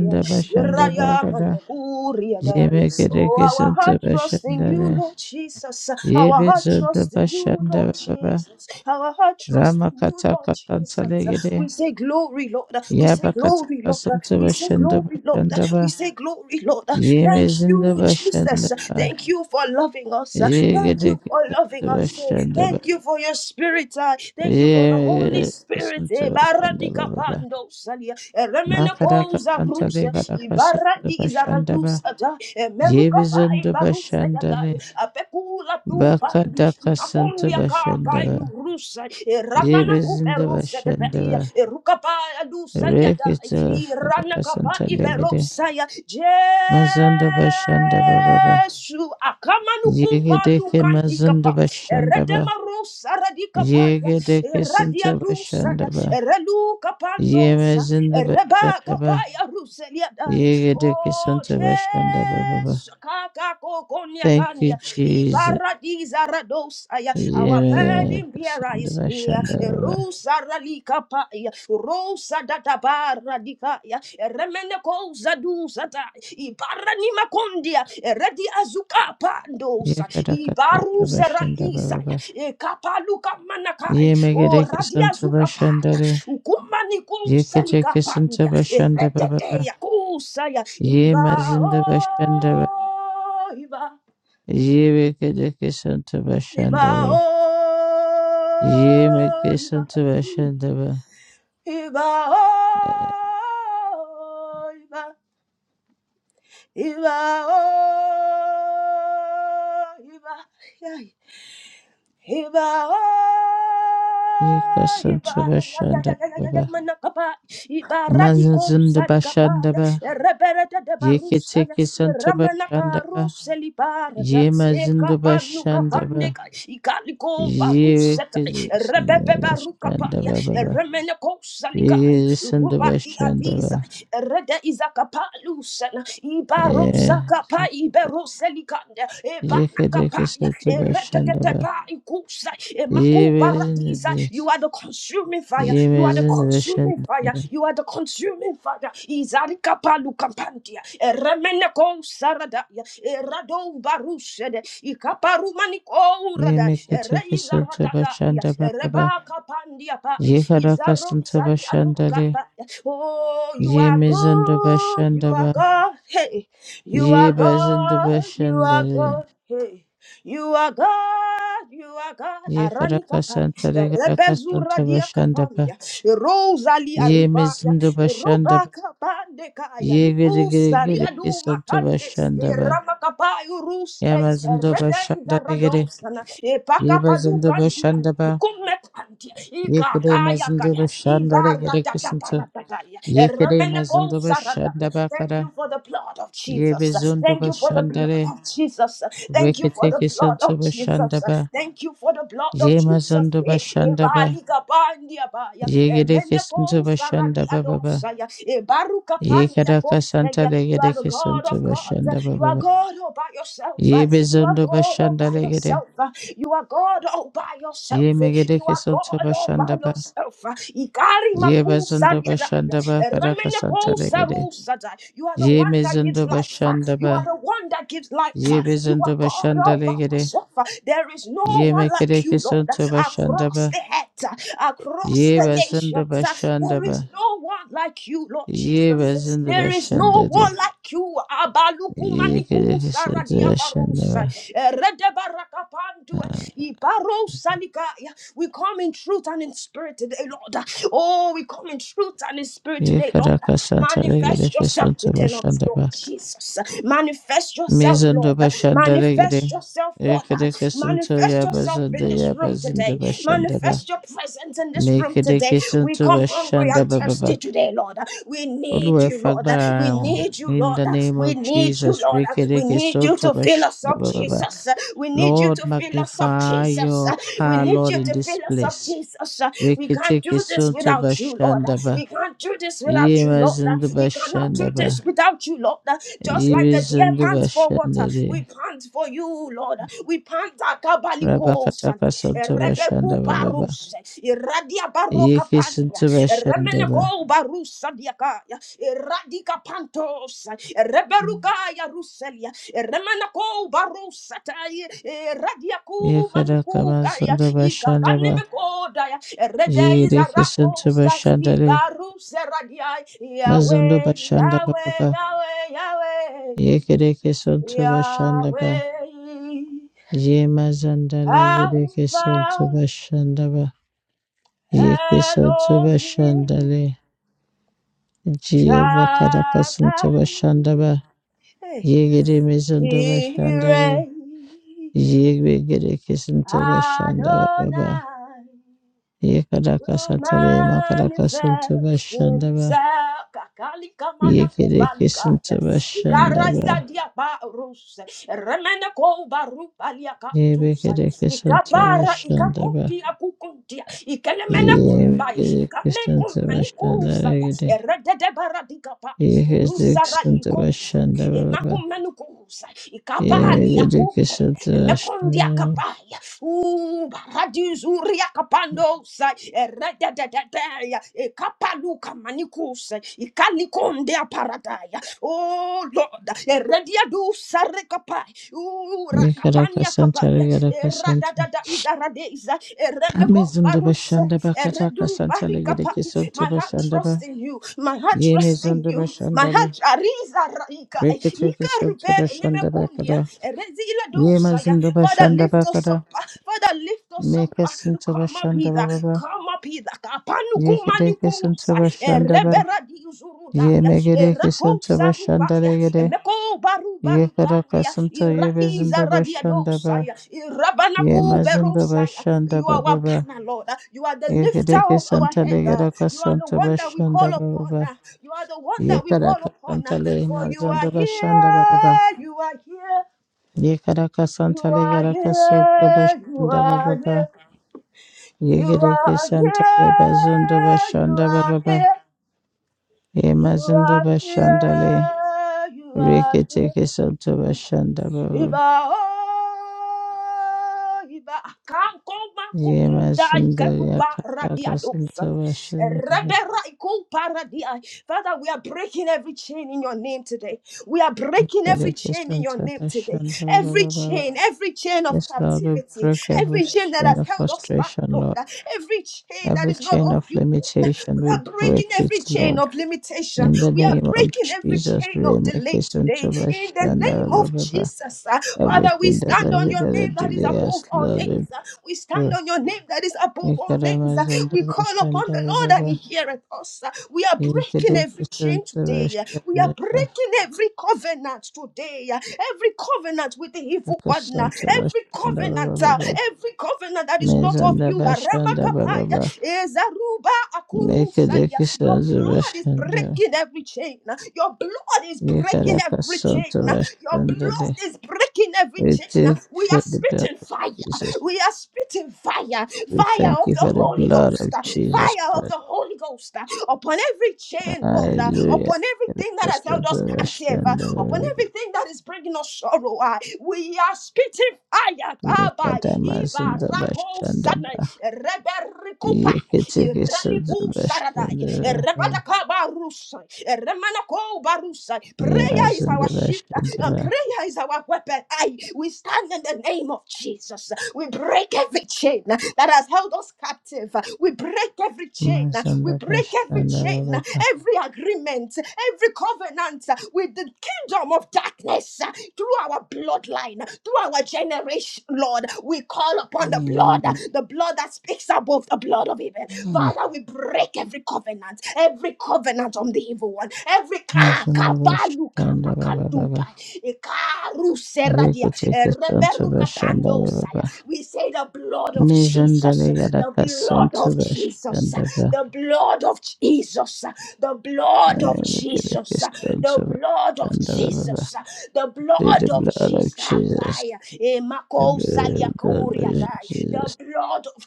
[SPEAKER 1] ya.
[SPEAKER 2] başlandı
[SPEAKER 1] Raya
[SPEAKER 2] bakada.
[SPEAKER 1] Manakuria
[SPEAKER 2] Yeme
[SPEAKER 1] Darius.
[SPEAKER 2] gede
[SPEAKER 1] Oh, our heart
[SPEAKER 2] kesanta
[SPEAKER 1] trusts in you,
[SPEAKER 2] başlandı.
[SPEAKER 1] Lord Jesus. Our heart trusts
[SPEAKER 2] Yemezinde
[SPEAKER 1] in you, Lord
[SPEAKER 2] başlandı baba.
[SPEAKER 1] Jesus. Our heart trusts
[SPEAKER 2] Rama
[SPEAKER 1] in you,
[SPEAKER 2] kata
[SPEAKER 1] Lord
[SPEAKER 2] kasanta
[SPEAKER 1] Jesus. We
[SPEAKER 2] legede.
[SPEAKER 1] say glory, Lord. We say
[SPEAKER 2] Yaba kata
[SPEAKER 1] glory, Lord.
[SPEAKER 2] kasanta
[SPEAKER 1] We say
[SPEAKER 2] başlandı
[SPEAKER 1] glory, Lord.
[SPEAKER 2] başlandı
[SPEAKER 1] We
[SPEAKER 2] ba.
[SPEAKER 1] say glory, Lord. Thank
[SPEAKER 2] Yemezinde
[SPEAKER 1] you,
[SPEAKER 2] başlandı
[SPEAKER 1] Jesus.
[SPEAKER 2] ba.
[SPEAKER 1] Thank you for loving us. Thank Thank
[SPEAKER 2] Yegede
[SPEAKER 1] you for loving
[SPEAKER 2] kesanta
[SPEAKER 1] us. eh.
[SPEAKER 2] başlandı
[SPEAKER 1] Thank you for your spirit. ah. Thank you for the Holy
[SPEAKER 2] Ee,
[SPEAKER 1] Spirit.
[SPEAKER 2] kisuntu
[SPEAKER 1] eh.
[SPEAKER 2] bashanda
[SPEAKER 1] Baradika
[SPEAKER 2] baba.
[SPEAKER 1] pando salia. Eremene
[SPEAKER 2] Makaraka
[SPEAKER 1] koza bruze.
[SPEAKER 2] tantale karaka suntu
[SPEAKER 1] Ibaradi
[SPEAKER 2] bashanda
[SPEAKER 1] izaragus
[SPEAKER 2] ba.
[SPEAKER 1] ada. Emeruka pa
[SPEAKER 2] Yebizuntu
[SPEAKER 1] ibaruse yata. eh,
[SPEAKER 2] bashandale.
[SPEAKER 1] Apekula tu pandi.
[SPEAKER 2] Bakadaka suntu
[SPEAKER 1] Makumbia
[SPEAKER 2] bashanda
[SPEAKER 1] kaka yu
[SPEAKER 2] ba.
[SPEAKER 1] rusa. Eramana kupe
[SPEAKER 2] Yebizuntu
[SPEAKER 1] rusa tepe.
[SPEAKER 2] bashanda ba.
[SPEAKER 1] Eruka pa adu salia da.
[SPEAKER 2] Rekitu
[SPEAKER 1] Irana
[SPEAKER 2] karaka
[SPEAKER 1] kapa
[SPEAKER 2] santale gide.
[SPEAKER 1] iberosaya.
[SPEAKER 2] Mazuntu
[SPEAKER 1] Jesus.
[SPEAKER 2] bashanda baba ba.
[SPEAKER 1] Yesu akamanukumba
[SPEAKER 2] Yegedeke mazuntu
[SPEAKER 1] lukandikapa
[SPEAKER 2] bashanda ba.
[SPEAKER 1] eredemarusa radikapaya
[SPEAKER 2] Yegedeke suntu bashanda
[SPEAKER 1] eradiadusaya
[SPEAKER 2] ba.
[SPEAKER 1] erelukapandosa
[SPEAKER 2] Yebizuntu bashanda ba.
[SPEAKER 1] erebakapaya ruseliadai o
[SPEAKER 2] Yigidikisantavashanda Baba. Baba.
[SPEAKER 1] Jesu
[SPEAKER 2] Thank you,
[SPEAKER 1] kakakokoniakandia
[SPEAKER 2] Jesus.
[SPEAKER 1] ibaradiza radosa ya, our burden bearer is here
[SPEAKER 2] Yemekasantavashanda Baba.
[SPEAKER 1] erusa Kapaya, Rosa Databara Dikaya, Remeneko duzata. Zata, Ibarani Makondia, Redi Azuka Pandosa, Ibaru Zera
[SPEAKER 2] Yekadakasantavashanda
[SPEAKER 1] Isaya,
[SPEAKER 2] Baba.
[SPEAKER 1] Ekapaluka Manakai, O Radia Zukapaya,
[SPEAKER 2] Yemegidikisantavashandare.
[SPEAKER 1] Ukumani Kusalika Pandia,
[SPEAKER 2] Yekidikisantavashanda Baba. Baba.
[SPEAKER 1] Eredeteya Kusaya, Iba,
[SPEAKER 2] Yemazindavashanda Baba.
[SPEAKER 1] oh, Iba, Iba, oh,
[SPEAKER 2] Yemegidikisantavashandare.
[SPEAKER 1] Iba.
[SPEAKER 2] Yemekisantavashanda Baba.
[SPEAKER 1] Iba oh, iba, iba oh, iba. Ay, Iba, Iba, hiba, ya,
[SPEAKER 2] Yekasantavashanda
[SPEAKER 1] ya, ya, ya, ya, ya,
[SPEAKER 2] Baba.
[SPEAKER 1] manakapa, Iba radiko
[SPEAKER 2] Mazinzindavashanda
[SPEAKER 1] sarikapa, ya,
[SPEAKER 2] Baba.
[SPEAKER 1] reberete de barusa, ya,
[SPEAKER 2] Yeketeke
[SPEAKER 1] ya,
[SPEAKER 2] Santa
[SPEAKER 1] ramanaka
[SPEAKER 2] Bashandaba,
[SPEAKER 1] ruseli barada,
[SPEAKER 2] Yema
[SPEAKER 1] e
[SPEAKER 2] Zindaba
[SPEAKER 1] kapa nuka
[SPEAKER 2] Shandaba,
[SPEAKER 1] pandeka, i kaliko baruseta,
[SPEAKER 2] Yekete
[SPEAKER 1] ya, rebebe
[SPEAKER 2] Sandaba
[SPEAKER 1] barukapa, ya,
[SPEAKER 2] Shandaba
[SPEAKER 1] ya,
[SPEAKER 2] Baba,
[SPEAKER 1] remeneko salika,
[SPEAKER 2] Yekete Sandaba
[SPEAKER 1] ruba di adiza,
[SPEAKER 2] Shandaba,
[SPEAKER 1] ya, rede izakapa lusena, ibarosa kapa, iberoselikanda, e
[SPEAKER 2] Yeketeke
[SPEAKER 1] nakapa
[SPEAKER 2] Santa
[SPEAKER 1] ya,
[SPEAKER 2] Bashandaba, Yeme Zindaba,
[SPEAKER 1] you are the consuming fire.
[SPEAKER 2] Yeme
[SPEAKER 1] You are the
[SPEAKER 2] Zindaba
[SPEAKER 1] consuming fire.
[SPEAKER 2] Shandaba,
[SPEAKER 1] You are the consuming fire. Izarika palu kampantia. Eremene ko saradaya. Erado barusede. Ikaparu maniko rada. Ere
[SPEAKER 2] Yemeketeke Santa
[SPEAKER 1] izaradada.
[SPEAKER 2] Bashandaba Baba,
[SPEAKER 1] Ereba kapandia pa.
[SPEAKER 2] Yekaraka
[SPEAKER 1] Izaro
[SPEAKER 2] Santa
[SPEAKER 1] zali anuka
[SPEAKER 2] Bashandale,
[SPEAKER 1] pa. Oh, you are
[SPEAKER 2] Yeme Zindaba
[SPEAKER 1] good. You are
[SPEAKER 2] Shandaba,
[SPEAKER 1] God. Hey, you are
[SPEAKER 2] Yeba Zindaba
[SPEAKER 1] God. You are
[SPEAKER 2] Shandale,
[SPEAKER 1] God. Hey. You are God, you are God. Aranika, Aranikapa,
[SPEAKER 2] Yekarakasan Tarekarakasan
[SPEAKER 1] Rebezura
[SPEAKER 2] Tabashandaba
[SPEAKER 1] diakapaya, Rosalia
[SPEAKER 2] Ye
[SPEAKER 1] Aribaya,
[SPEAKER 2] Mizindo Bashandaba
[SPEAKER 1] Robaka Pandekaya,
[SPEAKER 2] Ye Girigirigiri
[SPEAKER 1] Lukusaria Duma
[SPEAKER 2] Kisan
[SPEAKER 1] Pande,
[SPEAKER 2] Tabashandaba
[SPEAKER 1] Ramakapaya Rus, ex,
[SPEAKER 2] Yamazindo
[SPEAKER 1] Rede
[SPEAKER 2] Bashandarigiri
[SPEAKER 1] Zaradosana,
[SPEAKER 2] Yebazindo
[SPEAKER 1] Pakapaluka Diku,
[SPEAKER 2] Bashandaba
[SPEAKER 1] Kumetantia,
[SPEAKER 2] Yekere
[SPEAKER 1] Ikakaya Kaya,
[SPEAKER 2] Mazindo
[SPEAKER 1] kaya, Ibarra
[SPEAKER 2] Bashandarigiri Kisanto
[SPEAKER 1] Tataparataya,
[SPEAKER 2] Yekere
[SPEAKER 1] Ramenako
[SPEAKER 2] Mazindo
[SPEAKER 1] Saradaya.
[SPEAKER 2] Bashandaba
[SPEAKER 1] Thank
[SPEAKER 2] Kara
[SPEAKER 1] you for the blood of Jesus.
[SPEAKER 2] Yebezondo
[SPEAKER 1] Thank you for the blood
[SPEAKER 2] Bashandare
[SPEAKER 1] of Jesus. Jesus. Thank you for
[SPEAKER 2] Rekete
[SPEAKER 1] the blood
[SPEAKER 2] Kisanto
[SPEAKER 1] of Jesus.
[SPEAKER 2] Bashandaba
[SPEAKER 1] Thank you for the blood of
[SPEAKER 2] Ye
[SPEAKER 1] Jesus.
[SPEAKER 2] Mazindo
[SPEAKER 1] Eh, eh,
[SPEAKER 2] Bashandaba
[SPEAKER 1] bali kapandi abaya. Eh,
[SPEAKER 2] Yegere Kisanto
[SPEAKER 1] meneko saradi
[SPEAKER 2] Bashandaba
[SPEAKER 1] adosaya. Eh, baru kapandi
[SPEAKER 2] Yekaraka Santa
[SPEAKER 1] akosaya. You
[SPEAKER 2] Legere
[SPEAKER 1] are the God
[SPEAKER 2] Kesonto
[SPEAKER 1] of
[SPEAKER 2] Bashanda
[SPEAKER 1] gods. You are
[SPEAKER 2] Baba.
[SPEAKER 1] God all by yourself.
[SPEAKER 2] Ye
[SPEAKER 1] You are
[SPEAKER 2] Bezondo
[SPEAKER 1] God all
[SPEAKER 2] Bashanda
[SPEAKER 1] by
[SPEAKER 2] Legere.
[SPEAKER 1] yourself. You are God all by yourself.
[SPEAKER 2] Ye Megere
[SPEAKER 1] You are
[SPEAKER 2] Kesonto
[SPEAKER 1] God all by
[SPEAKER 2] Bashanda Ba.
[SPEAKER 1] yourself. Ikari
[SPEAKER 2] Ye
[SPEAKER 1] makusa
[SPEAKER 2] Bazondo
[SPEAKER 1] niadaya.
[SPEAKER 2] Bashanda Ba Karaka
[SPEAKER 1] Ramene
[SPEAKER 2] Santa
[SPEAKER 1] kosa
[SPEAKER 2] Legere.
[SPEAKER 1] rusa dai. You are the
[SPEAKER 2] Ye
[SPEAKER 1] one that gives
[SPEAKER 2] Mezondo
[SPEAKER 1] life.
[SPEAKER 2] Bashanda
[SPEAKER 1] You are
[SPEAKER 2] Ba.
[SPEAKER 1] the one that gives life.
[SPEAKER 2] Ye
[SPEAKER 1] You
[SPEAKER 2] Bezondo
[SPEAKER 1] are God
[SPEAKER 2] Bashanda
[SPEAKER 1] all by
[SPEAKER 2] Legere.
[SPEAKER 1] yourself. There is no
[SPEAKER 2] Ye
[SPEAKER 1] one
[SPEAKER 2] Mekere
[SPEAKER 1] like you, Lord.
[SPEAKER 2] Kesonto Bashanda
[SPEAKER 1] Across
[SPEAKER 2] Ba.
[SPEAKER 1] the earth, across
[SPEAKER 2] Ye
[SPEAKER 1] the
[SPEAKER 2] Bazondo
[SPEAKER 1] nations, there
[SPEAKER 2] Bashanda
[SPEAKER 1] is
[SPEAKER 2] Ba.
[SPEAKER 1] no one like you, Lord
[SPEAKER 2] Ye
[SPEAKER 1] Jesus.
[SPEAKER 2] Bazondo
[SPEAKER 1] There is no
[SPEAKER 2] Bashanda
[SPEAKER 1] one
[SPEAKER 2] De.
[SPEAKER 1] like you. Abaluku
[SPEAKER 2] Ye Kere
[SPEAKER 1] maniku
[SPEAKER 2] Kesonto
[SPEAKER 1] saradia
[SPEAKER 2] Bashanda
[SPEAKER 1] barosa.
[SPEAKER 2] Ba.
[SPEAKER 1] Erede barakapandu.
[SPEAKER 2] Ah.
[SPEAKER 1] Ibarosalikaya. We come in truth and in spirit today, Lord. Oh, we come in truth and in spirit
[SPEAKER 2] Ye
[SPEAKER 1] today, Lord.
[SPEAKER 2] Yekaraka Santa Legere
[SPEAKER 1] Manifest yourself
[SPEAKER 2] Kisunto
[SPEAKER 1] within us, Lord
[SPEAKER 2] Bashandaba.
[SPEAKER 1] Jesus. Manifest yourself yourself,
[SPEAKER 2] Mizundo
[SPEAKER 1] Lord.
[SPEAKER 2] Bashanda
[SPEAKER 1] Manifest
[SPEAKER 2] Legere.
[SPEAKER 1] yourself, Lord.
[SPEAKER 2] Yekere Kisunto
[SPEAKER 1] Manifest yourself
[SPEAKER 2] Yabazundo
[SPEAKER 1] in this room
[SPEAKER 2] Yabazindo
[SPEAKER 1] today.
[SPEAKER 2] sunto
[SPEAKER 1] Manifest your presence in this room today. We come hungry
[SPEAKER 2] Mekere
[SPEAKER 1] and
[SPEAKER 2] ba ba
[SPEAKER 1] thirsty
[SPEAKER 2] ba.
[SPEAKER 1] today, Lord. We need
[SPEAKER 2] Uluwe
[SPEAKER 1] you, Lord.
[SPEAKER 2] Fagbara.
[SPEAKER 1] We
[SPEAKER 2] Remo.
[SPEAKER 1] need you,
[SPEAKER 2] In
[SPEAKER 1] Lord.
[SPEAKER 2] the name
[SPEAKER 1] We
[SPEAKER 2] of
[SPEAKER 1] need you,
[SPEAKER 2] Jesus,
[SPEAKER 1] Lord.
[SPEAKER 2] Rekere
[SPEAKER 1] We
[SPEAKER 2] ke
[SPEAKER 1] need you
[SPEAKER 2] sunto
[SPEAKER 1] to fill us
[SPEAKER 2] bashanda
[SPEAKER 1] up,
[SPEAKER 2] ba ba ba.
[SPEAKER 1] Jesus. We need you
[SPEAKER 2] Lord,
[SPEAKER 1] to fill us up,
[SPEAKER 2] magnify
[SPEAKER 1] Jesus.
[SPEAKER 2] your
[SPEAKER 1] We
[SPEAKER 2] power,
[SPEAKER 1] need
[SPEAKER 2] Lord,
[SPEAKER 1] you
[SPEAKER 2] in
[SPEAKER 1] to
[SPEAKER 2] this
[SPEAKER 1] fill us up,
[SPEAKER 2] place.
[SPEAKER 1] Jesus. We can't
[SPEAKER 2] Rekete
[SPEAKER 1] do this
[SPEAKER 2] Kisunto
[SPEAKER 1] without you, Lord.
[SPEAKER 2] Bashandaba.
[SPEAKER 1] We can't do this
[SPEAKER 2] Yemazindo ba.
[SPEAKER 1] without
[SPEAKER 2] Ye
[SPEAKER 1] you, Lord.
[SPEAKER 2] mazindo
[SPEAKER 1] We cannot do
[SPEAKER 2] bashanda ba.
[SPEAKER 1] this without you, Lord. Just like the
[SPEAKER 2] Yibizundu
[SPEAKER 1] deer pant for water.
[SPEAKER 2] bashandade.
[SPEAKER 1] We pant for you, Lord. We pant akabalikosan.
[SPEAKER 2] Rabakataka suntu bashanda
[SPEAKER 1] Rebeku
[SPEAKER 2] bababa.
[SPEAKER 1] barus. Iradia baroka
[SPEAKER 2] Yiki
[SPEAKER 1] pandia.
[SPEAKER 2] suntu bashandaba.
[SPEAKER 1] Remeneko barusa diakaya. Iradika pantos. Reberukaya ruselia. Remeneko barusa tai. Iradiaku
[SPEAKER 2] Yekarakama
[SPEAKER 1] manukukaya.
[SPEAKER 2] bashanda ba,
[SPEAKER 1] Ikakanemeko daya. Rede is a
[SPEAKER 2] Yiriki suntu
[SPEAKER 1] raposa.
[SPEAKER 2] bashandare.
[SPEAKER 1] Ibarusa radia.
[SPEAKER 2] Mazundu
[SPEAKER 1] Yahweh,
[SPEAKER 2] bashanda
[SPEAKER 1] Yahweh,
[SPEAKER 2] bababa.
[SPEAKER 1] Yahweh, Yahweh.
[SPEAKER 2] Yekiriki suntu bashandaba.
[SPEAKER 1] Yahweh,
[SPEAKER 2] Yemazandale yiriki suntu
[SPEAKER 1] Alpha
[SPEAKER 2] bashandaba. Yiki suntu
[SPEAKER 1] Elohim,
[SPEAKER 2] bashandale. Jehova karaka suntu
[SPEAKER 1] Shaddai,
[SPEAKER 2] bashandaba.
[SPEAKER 1] hey.
[SPEAKER 2] Yigiri mizundu bashandale.
[SPEAKER 1] Jireh,
[SPEAKER 2] Yegere kesinto bashanda
[SPEAKER 1] Adonai,
[SPEAKER 2] baba.
[SPEAKER 1] who
[SPEAKER 2] Yekaraka satale makaraka sunto
[SPEAKER 1] manifests
[SPEAKER 2] bashanda ba.
[SPEAKER 1] himself. Kakali kamana
[SPEAKER 2] Yegere kesinto
[SPEAKER 1] kubaluka.
[SPEAKER 2] bashanda
[SPEAKER 1] Ikaraza
[SPEAKER 2] ba.
[SPEAKER 1] dia barus. Remene ko barupa lia kandusa.
[SPEAKER 2] Yebekere kesinto
[SPEAKER 1] Ikabara
[SPEAKER 2] bashanda ba.
[SPEAKER 1] ikakupi akukuntia. Ikelemene kumbai.
[SPEAKER 2] Yebekere
[SPEAKER 1] Ikame
[SPEAKER 2] kesinto
[SPEAKER 1] kumani
[SPEAKER 2] bashanda
[SPEAKER 1] kusa.
[SPEAKER 2] regede.
[SPEAKER 1] Eredede baradika pai.
[SPEAKER 2] Yegere
[SPEAKER 1] Urusa ra
[SPEAKER 2] kesinto
[SPEAKER 1] ikosa.
[SPEAKER 2] bashanda baba.
[SPEAKER 1] Emakumenu kusa. Ikapali
[SPEAKER 2] Yebekere
[SPEAKER 1] akume.
[SPEAKER 2] kesinto
[SPEAKER 1] Emekondi
[SPEAKER 2] bashanda.
[SPEAKER 1] akapai. Ubaradi zuri akapando. Sa. Eredede. ikapali paluka manikus ikalikonde aparadaya oh lord eredia du sarekapai
[SPEAKER 2] Mikaraka
[SPEAKER 1] urakapania kapaya
[SPEAKER 2] santale garaka santo.
[SPEAKER 1] eradadada izaradeza eremeko
[SPEAKER 2] Amezundu
[SPEAKER 1] baruse
[SPEAKER 2] bashanda ba kataka
[SPEAKER 1] eredu
[SPEAKER 2] santale gede
[SPEAKER 1] barikapaya
[SPEAKER 2] kesinto
[SPEAKER 1] my heart
[SPEAKER 2] bashanda ba.
[SPEAKER 1] trusts in you my heart trusts in
[SPEAKER 2] Yemezunda
[SPEAKER 1] you my
[SPEAKER 2] Bashandare,
[SPEAKER 1] heart ariza raika
[SPEAKER 2] Rekitiki Sutta
[SPEAKER 1] ikarbe
[SPEAKER 2] Bashanda
[SPEAKER 1] nemekundia
[SPEAKER 2] Bakada,
[SPEAKER 1] erezila dosaya
[SPEAKER 2] Yemazunda
[SPEAKER 1] father
[SPEAKER 2] Bashanda
[SPEAKER 1] lift us up
[SPEAKER 2] Bakada,
[SPEAKER 1] Father, lift us up sopa.
[SPEAKER 2] Mekasunta
[SPEAKER 1] Come up
[SPEAKER 2] Bashanda
[SPEAKER 1] hither,
[SPEAKER 2] Baba,
[SPEAKER 1] come up hither. Kapanuku
[SPEAKER 2] Yekideki Sunta
[SPEAKER 1] manikusa,
[SPEAKER 2] Bashanda Ba,
[SPEAKER 1] erebera diuzuruda,
[SPEAKER 2] Yemegedeki
[SPEAKER 1] erako
[SPEAKER 2] Sunta Bashanda
[SPEAKER 1] sarubaya,
[SPEAKER 2] Regede,
[SPEAKER 1] emeko baru
[SPEAKER 2] Yekaraka
[SPEAKER 1] barikandia,
[SPEAKER 2] Sunta
[SPEAKER 1] iradiza
[SPEAKER 2] Yebezunda Bashanda Ba,
[SPEAKER 1] radiadosaya, irabanaku
[SPEAKER 2] Yemazunda
[SPEAKER 1] berosaya.
[SPEAKER 2] Bashanda
[SPEAKER 1] You are our
[SPEAKER 2] Baba,
[SPEAKER 1] banner, Lord. You are the lifter
[SPEAKER 2] Yekideki
[SPEAKER 1] of our
[SPEAKER 2] Santa
[SPEAKER 1] head.
[SPEAKER 2] Legaraka
[SPEAKER 1] You are the
[SPEAKER 2] Sunta
[SPEAKER 1] one that we call
[SPEAKER 2] Bashanda
[SPEAKER 1] upon.
[SPEAKER 2] Baba,
[SPEAKER 1] You are the one that we call
[SPEAKER 2] Yekaraka
[SPEAKER 1] upon.
[SPEAKER 2] Santa
[SPEAKER 1] For you are
[SPEAKER 2] Lemazunda Bashanda Baba.
[SPEAKER 1] here, you are here,
[SPEAKER 2] Ye karaka
[SPEAKER 1] you
[SPEAKER 2] Santa le
[SPEAKER 1] are
[SPEAKER 2] Legaraka Sudra
[SPEAKER 1] here, you
[SPEAKER 2] Bashanda
[SPEAKER 1] are here.
[SPEAKER 2] Baba
[SPEAKER 1] You
[SPEAKER 2] Yegereke
[SPEAKER 1] are
[SPEAKER 2] Santa Leba Zunda
[SPEAKER 1] here, you
[SPEAKER 2] Bashanda
[SPEAKER 1] are
[SPEAKER 2] Baba
[SPEAKER 1] here, you
[SPEAKER 2] Yemazinda
[SPEAKER 1] are
[SPEAKER 2] Bashanda Le
[SPEAKER 1] here, you are here.
[SPEAKER 2] Reketeke Santa Bashanda Baba
[SPEAKER 1] Iba oh, iba kanko
[SPEAKER 2] Ye
[SPEAKER 1] makukun dai
[SPEAKER 2] mazundo ya
[SPEAKER 1] keruba
[SPEAKER 2] karaka Santa
[SPEAKER 1] radiadosan.
[SPEAKER 2] Bashanda Baba
[SPEAKER 1] Rebera paradai. Father, we are breaking every chain in your name today. We are breaking every
[SPEAKER 2] Yegereke
[SPEAKER 1] chain in your
[SPEAKER 2] Santa
[SPEAKER 1] name today.
[SPEAKER 2] Bashanda
[SPEAKER 1] Every
[SPEAKER 2] Baba Baba
[SPEAKER 1] chain, every chain of
[SPEAKER 2] Yes, Lord, we
[SPEAKER 1] captivity,
[SPEAKER 2] break every
[SPEAKER 1] every chain that
[SPEAKER 2] chain
[SPEAKER 1] has
[SPEAKER 2] of
[SPEAKER 1] held us back,
[SPEAKER 2] frustration,
[SPEAKER 1] Lord.
[SPEAKER 2] Lord.
[SPEAKER 1] Every chain that
[SPEAKER 2] Every
[SPEAKER 1] is not
[SPEAKER 2] chain
[SPEAKER 1] of
[SPEAKER 2] of
[SPEAKER 1] you we
[SPEAKER 2] limitation, we
[SPEAKER 1] are
[SPEAKER 2] break
[SPEAKER 1] breaking
[SPEAKER 2] it,
[SPEAKER 1] every chain
[SPEAKER 2] Lord.
[SPEAKER 1] of limitation.
[SPEAKER 2] In the
[SPEAKER 1] We are
[SPEAKER 2] name of
[SPEAKER 1] breaking every
[SPEAKER 2] Jesus,
[SPEAKER 1] chain of
[SPEAKER 2] remake
[SPEAKER 1] delay
[SPEAKER 2] it
[SPEAKER 1] today
[SPEAKER 2] unto my
[SPEAKER 1] in the
[SPEAKER 2] shanda,
[SPEAKER 1] name of
[SPEAKER 2] remember
[SPEAKER 1] Jesus. uh, Father, we
[SPEAKER 2] everything that
[SPEAKER 1] stand
[SPEAKER 2] has
[SPEAKER 1] on
[SPEAKER 2] it
[SPEAKER 1] your
[SPEAKER 2] that has
[SPEAKER 1] name that is
[SPEAKER 2] delay us,
[SPEAKER 1] above all
[SPEAKER 2] Lord, we
[SPEAKER 1] names. uh, We stand
[SPEAKER 2] pray.
[SPEAKER 1] on your name that is above all names. uh,
[SPEAKER 2] Ikaramaz unto
[SPEAKER 1] we
[SPEAKER 2] my
[SPEAKER 1] call upon
[SPEAKER 2] shanda,
[SPEAKER 1] the Lord and He
[SPEAKER 2] remember.
[SPEAKER 1] heareth us. We are breaking
[SPEAKER 2] Ikadek
[SPEAKER 1] every
[SPEAKER 2] is
[SPEAKER 1] chain
[SPEAKER 2] unto my
[SPEAKER 1] today. We are
[SPEAKER 2] shanda,
[SPEAKER 1] breaking every covenant today. Every covenant with the evil one.
[SPEAKER 2] Rakus unto my
[SPEAKER 1] Every
[SPEAKER 2] shanda,
[SPEAKER 1] covenant, uh,
[SPEAKER 2] remember.
[SPEAKER 1] every covenant that is not of
[SPEAKER 2] Mezanda
[SPEAKER 1] you.
[SPEAKER 2] bashanda, remember.
[SPEAKER 1] Aramakapaya, Ezaruba
[SPEAKER 2] Make a
[SPEAKER 1] Akurusalia. Your
[SPEAKER 2] decisive
[SPEAKER 1] blood is
[SPEAKER 2] shanda.
[SPEAKER 1] breaking every chain. Your blood is breaking every
[SPEAKER 2] Ikarakas
[SPEAKER 1] chain.
[SPEAKER 2] unto my
[SPEAKER 1] Your blood
[SPEAKER 2] shanda,
[SPEAKER 1] is breaking every
[SPEAKER 2] we
[SPEAKER 1] chain.
[SPEAKER 2] take
[SPEAKER 1] We
[SPEAKER 2] the
[SPEAKER 1] are
[SPEAKER 2] blood
[SPEAKER 1] spitting
[SPEAKER 2] of
[SPEAKER 1] fire.
[SPEAKER 2] Jesus.
[SPEAKER 1] We are spitting fire.
[SPEAKER 2] We
[SPEAKER 1] Fire
[SPEAKER 2] thank
[SPEAKER 1] of
[SPEAKER 2] you
[SPEAKER 1] the
[SPEAKER 2] for the
[SPEAKER 1] Holy Ghost.
[SPEAKER 2] blood of
[SPEAKER 1] Ghost, uh,
[SPEAKER 2] Jesus
[SPEAKER 1] fire of the
[SPEAKER 2] Christ.
[SPEAKER 1] Holy Ghost uh, upon every chain, Lord, uh,
[SPEAKER 2] Hallelujah.
[SPEAKER 1] upon
[SPEAKER 2] The
[SPEAKER 1] everything that has
[SPEAKER 2] rest
[SPEAKER 1] held
[SPEAKER 2] of
[SPEAKER 1] us
[SPEAKER 2] the
[SPEAKER 1] captive, uh,
[SPEAKER 2] Russian,
[SPEAKER 1] upon
[SPEAKER 2] the
[SPEAKER 1] everything that is bringing us sorrow. uh, We are spitting fire. Kabai,
[SPEAKER 2] Yekatamas and
[SPEAKER 1] Iba,
[SPEAKER 2] the
[SPEAKER 1] Rako, Sanai,
[SPEAKER 2] Bashandaba,
[SPEAKER 1] Reberikupa,
[SPEAKER 2] Yekitikis of the
[SPEAKER 1] Iraliku, Saradai,
[SPEAKER 2] Bashandaba,
[SPEAKER 1] Rebadakaba, Rusai, Remanako, Barusai. Prayer
[SPEAKER 2] Yemas
[SPEAKER 1] is
[SPEAKER 2] and the
[SPEAKER 1] our shield uh, and
[SPEAKER 2] Bashanda.
[SPEAKER 1] prayer is our weapon. Aye, we stand in the name of Jesus. We break every chain that has held us captive. We break every chain. We
[SPEAKER 2] Yekadamazunda Bashanda. Yekitikisunda Bashanda. Yemazunda Bashanda. Mazunda
[SPEAKER 1] break every
[SPEAKER 2] Bashanda.
[SPEAKER 1] chain,
[SPEAKER 2] Baba.
[SPEAKER 1] every agreement, every covenant with the kingdom of darkness through our bloodline, through our generation, Lord. We call upon the blood, the blood that speaks above the blood of Abel. Father, we break every covenant, every covenant on the evil one, every ka-
[SPEAKER 2] Mazunda
[SPEAKER 1] kabalu
[SPEAKER 2] Bashanda.
[SPEAKER 1] kamakanduba,
[SPEAKER 2] Baba.
[SPEAKER 1] ikaru seradia,
[SPEAKER 2] Rikitikisunda
[SPEAKER 1] ereberu kapando
[SPEAKER 2] Bashanda.
[SPEAKER 1] saya.
[SPEAKER 2] Baba.
[SPEAKER 1] we say the blood of
[SPEAKER 2] Mizanda
[SPEAKER 1] Jesus,
[SPEAKER 2] Legada
[SPEAKER 1] the blood
[SPEAKER 2] Kasunta
[SPEAKER 1] of Jesus,
[SPEAKER 2] Bashanda.
[SPEAKER 1] the blood of Jesus, the blood of
[SPEAKER 2] And
[SPEAKER 1] Jesus, the blood of Jesus, the
[SPEAKER 2] Plead
[SPEAKER 1] blood
[SPEAKER 2] the
[SPEAKER 1] of
[SPEAKER 2] blood
[SPEAKER 1] Jesus,
[SPEAKER 2] of Jesus,
[SPEAKER 1] eh,
[SPEAKER 2] the blood of
[SPEAKER 1] the
[SPEAKER 2] Jesus,
[SPEAKER 1] blood of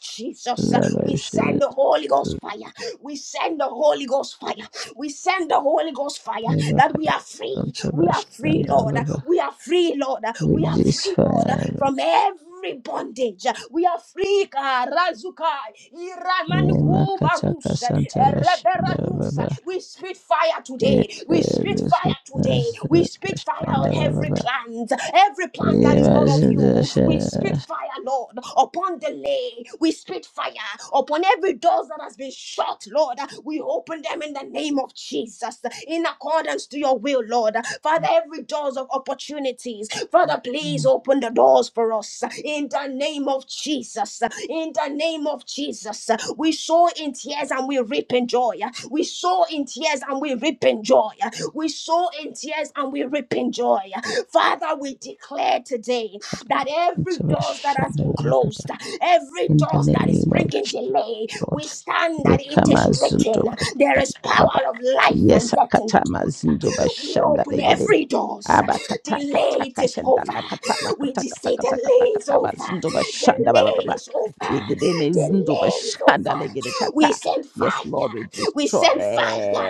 [SPEAKER 2] the
[SPEAKER 1] Jesus.
[SPEAKER 2] blood of
[SPEAKER 1] We
[SPEAKER 2] Jesus.
[SPEAKER 1] send the Holy Ghost fire, we send the Holy Ghost fire, we send the Holy Ghost fire that we are free, we are free, Lord,
[SPEAKER 2] Yabakatantabashandababa.
[SPEAKER 1] we are free, Lord, we are
[SPEAKER 2] Release
[SPEAKER 1] free, Lord,
[SPEAKER 2] fire.
[SPEAKER 1] from every every bondage. We are free. God. Razukai, Iramanuku Barusha, Reberadusa.
[SPEAKER 2] Yemakatakasantavashandababa.
[SPEAKER 1] We spit fire today. We spit fire today. We spit fire on every
[SPEAKER 2] Yemakatakasantavashandababa.
[SPEAKER 1] plant, every plant that is not of you. We spit fire, Lord, upon the lay. We spit fire upon every door that has been shut, Lord. We open them in the name of Jesus, in accordance to your will, Lord. Father, every doors of opportunities, Father, please
[SPEAKER 2] Yemakatakasantavashandababa.
[SPEAKER 1] open the door doors for us in the name of Jesus. In the name of Jesus, we sow in tears and we reap in joy. We sow in tears and we reap in joy. We sow in tears and we reap in joy. Father, we declare today that every door that has been closed, every
[SPEAKER 2] in the
[SPEAKER 1] door that is
[SPEAKER 2] name of
[SPEAKER 1] bringing
[SPEAKER 2] Jesus,
[SPEAKER 1] delay, we
[SPEAKER 2] Lord.
[SPEAKER 1] stand that it is
[SPEAKER 2] Yekamazundo
[SPEAKER 1] written. There
[SPEAKER 2] bashanda
[SPEAKER 1] is
[SPEAKER 2] baba.
[SPEAKER 1] power of life and death in the
[SPEAKER 2] Yesakata
[SPEAKER 1] tongue.
[SPEAKER 2] mazundo
[SPEAKER 1] We
[SPEAKER 2] bashanda
[SPEAKER 1] open
[SPEAKER 2] legede.
[SPEAKER 1] every doors.
[SPEAKER 2] Aba kata kata
[SPEAKER 1] Delay it is
[SPEAKER 2] kashanda
[SPEAKER 1] over.
[SPEAKER 2] la kata
[SPEAKER 1] We
[SPEAKER 2] makata
[SPEAKER 1] just
[SPEAKER 2] kata
[SPEAKER 1] say
[SPEAKER 2] kata
[SPEAKER 1] delay
[SPEAKER 2] kata kata
[SPEAKER 1] is
[SPEAKER 2] kata.
[SPEAKER 1] over.
[SPEAKER 2] mazundo bashanda baba
[SPEAKER 1] Delay
[SPEAKER 2] baba.
[SPEAKER 1] is over.
[SPEAKER 2] Yegede mezundo
[SPEAKER 1] Delay is
[SPEAKER 2] bashanda
[SPEAKER 1] over.
[SPEAKER 2] legede
[SPEAKER 1] We
[SPEAKER 2] kata.
[SPEAKER 1] send
[SPEAKER 2] Yes, Lord,
[SPEAKER 1] fire.
[SPEAKER 2] we
[SPEAKER 1] We
[SPEAKER 2] destroy
[SPEAKER 1] send fire.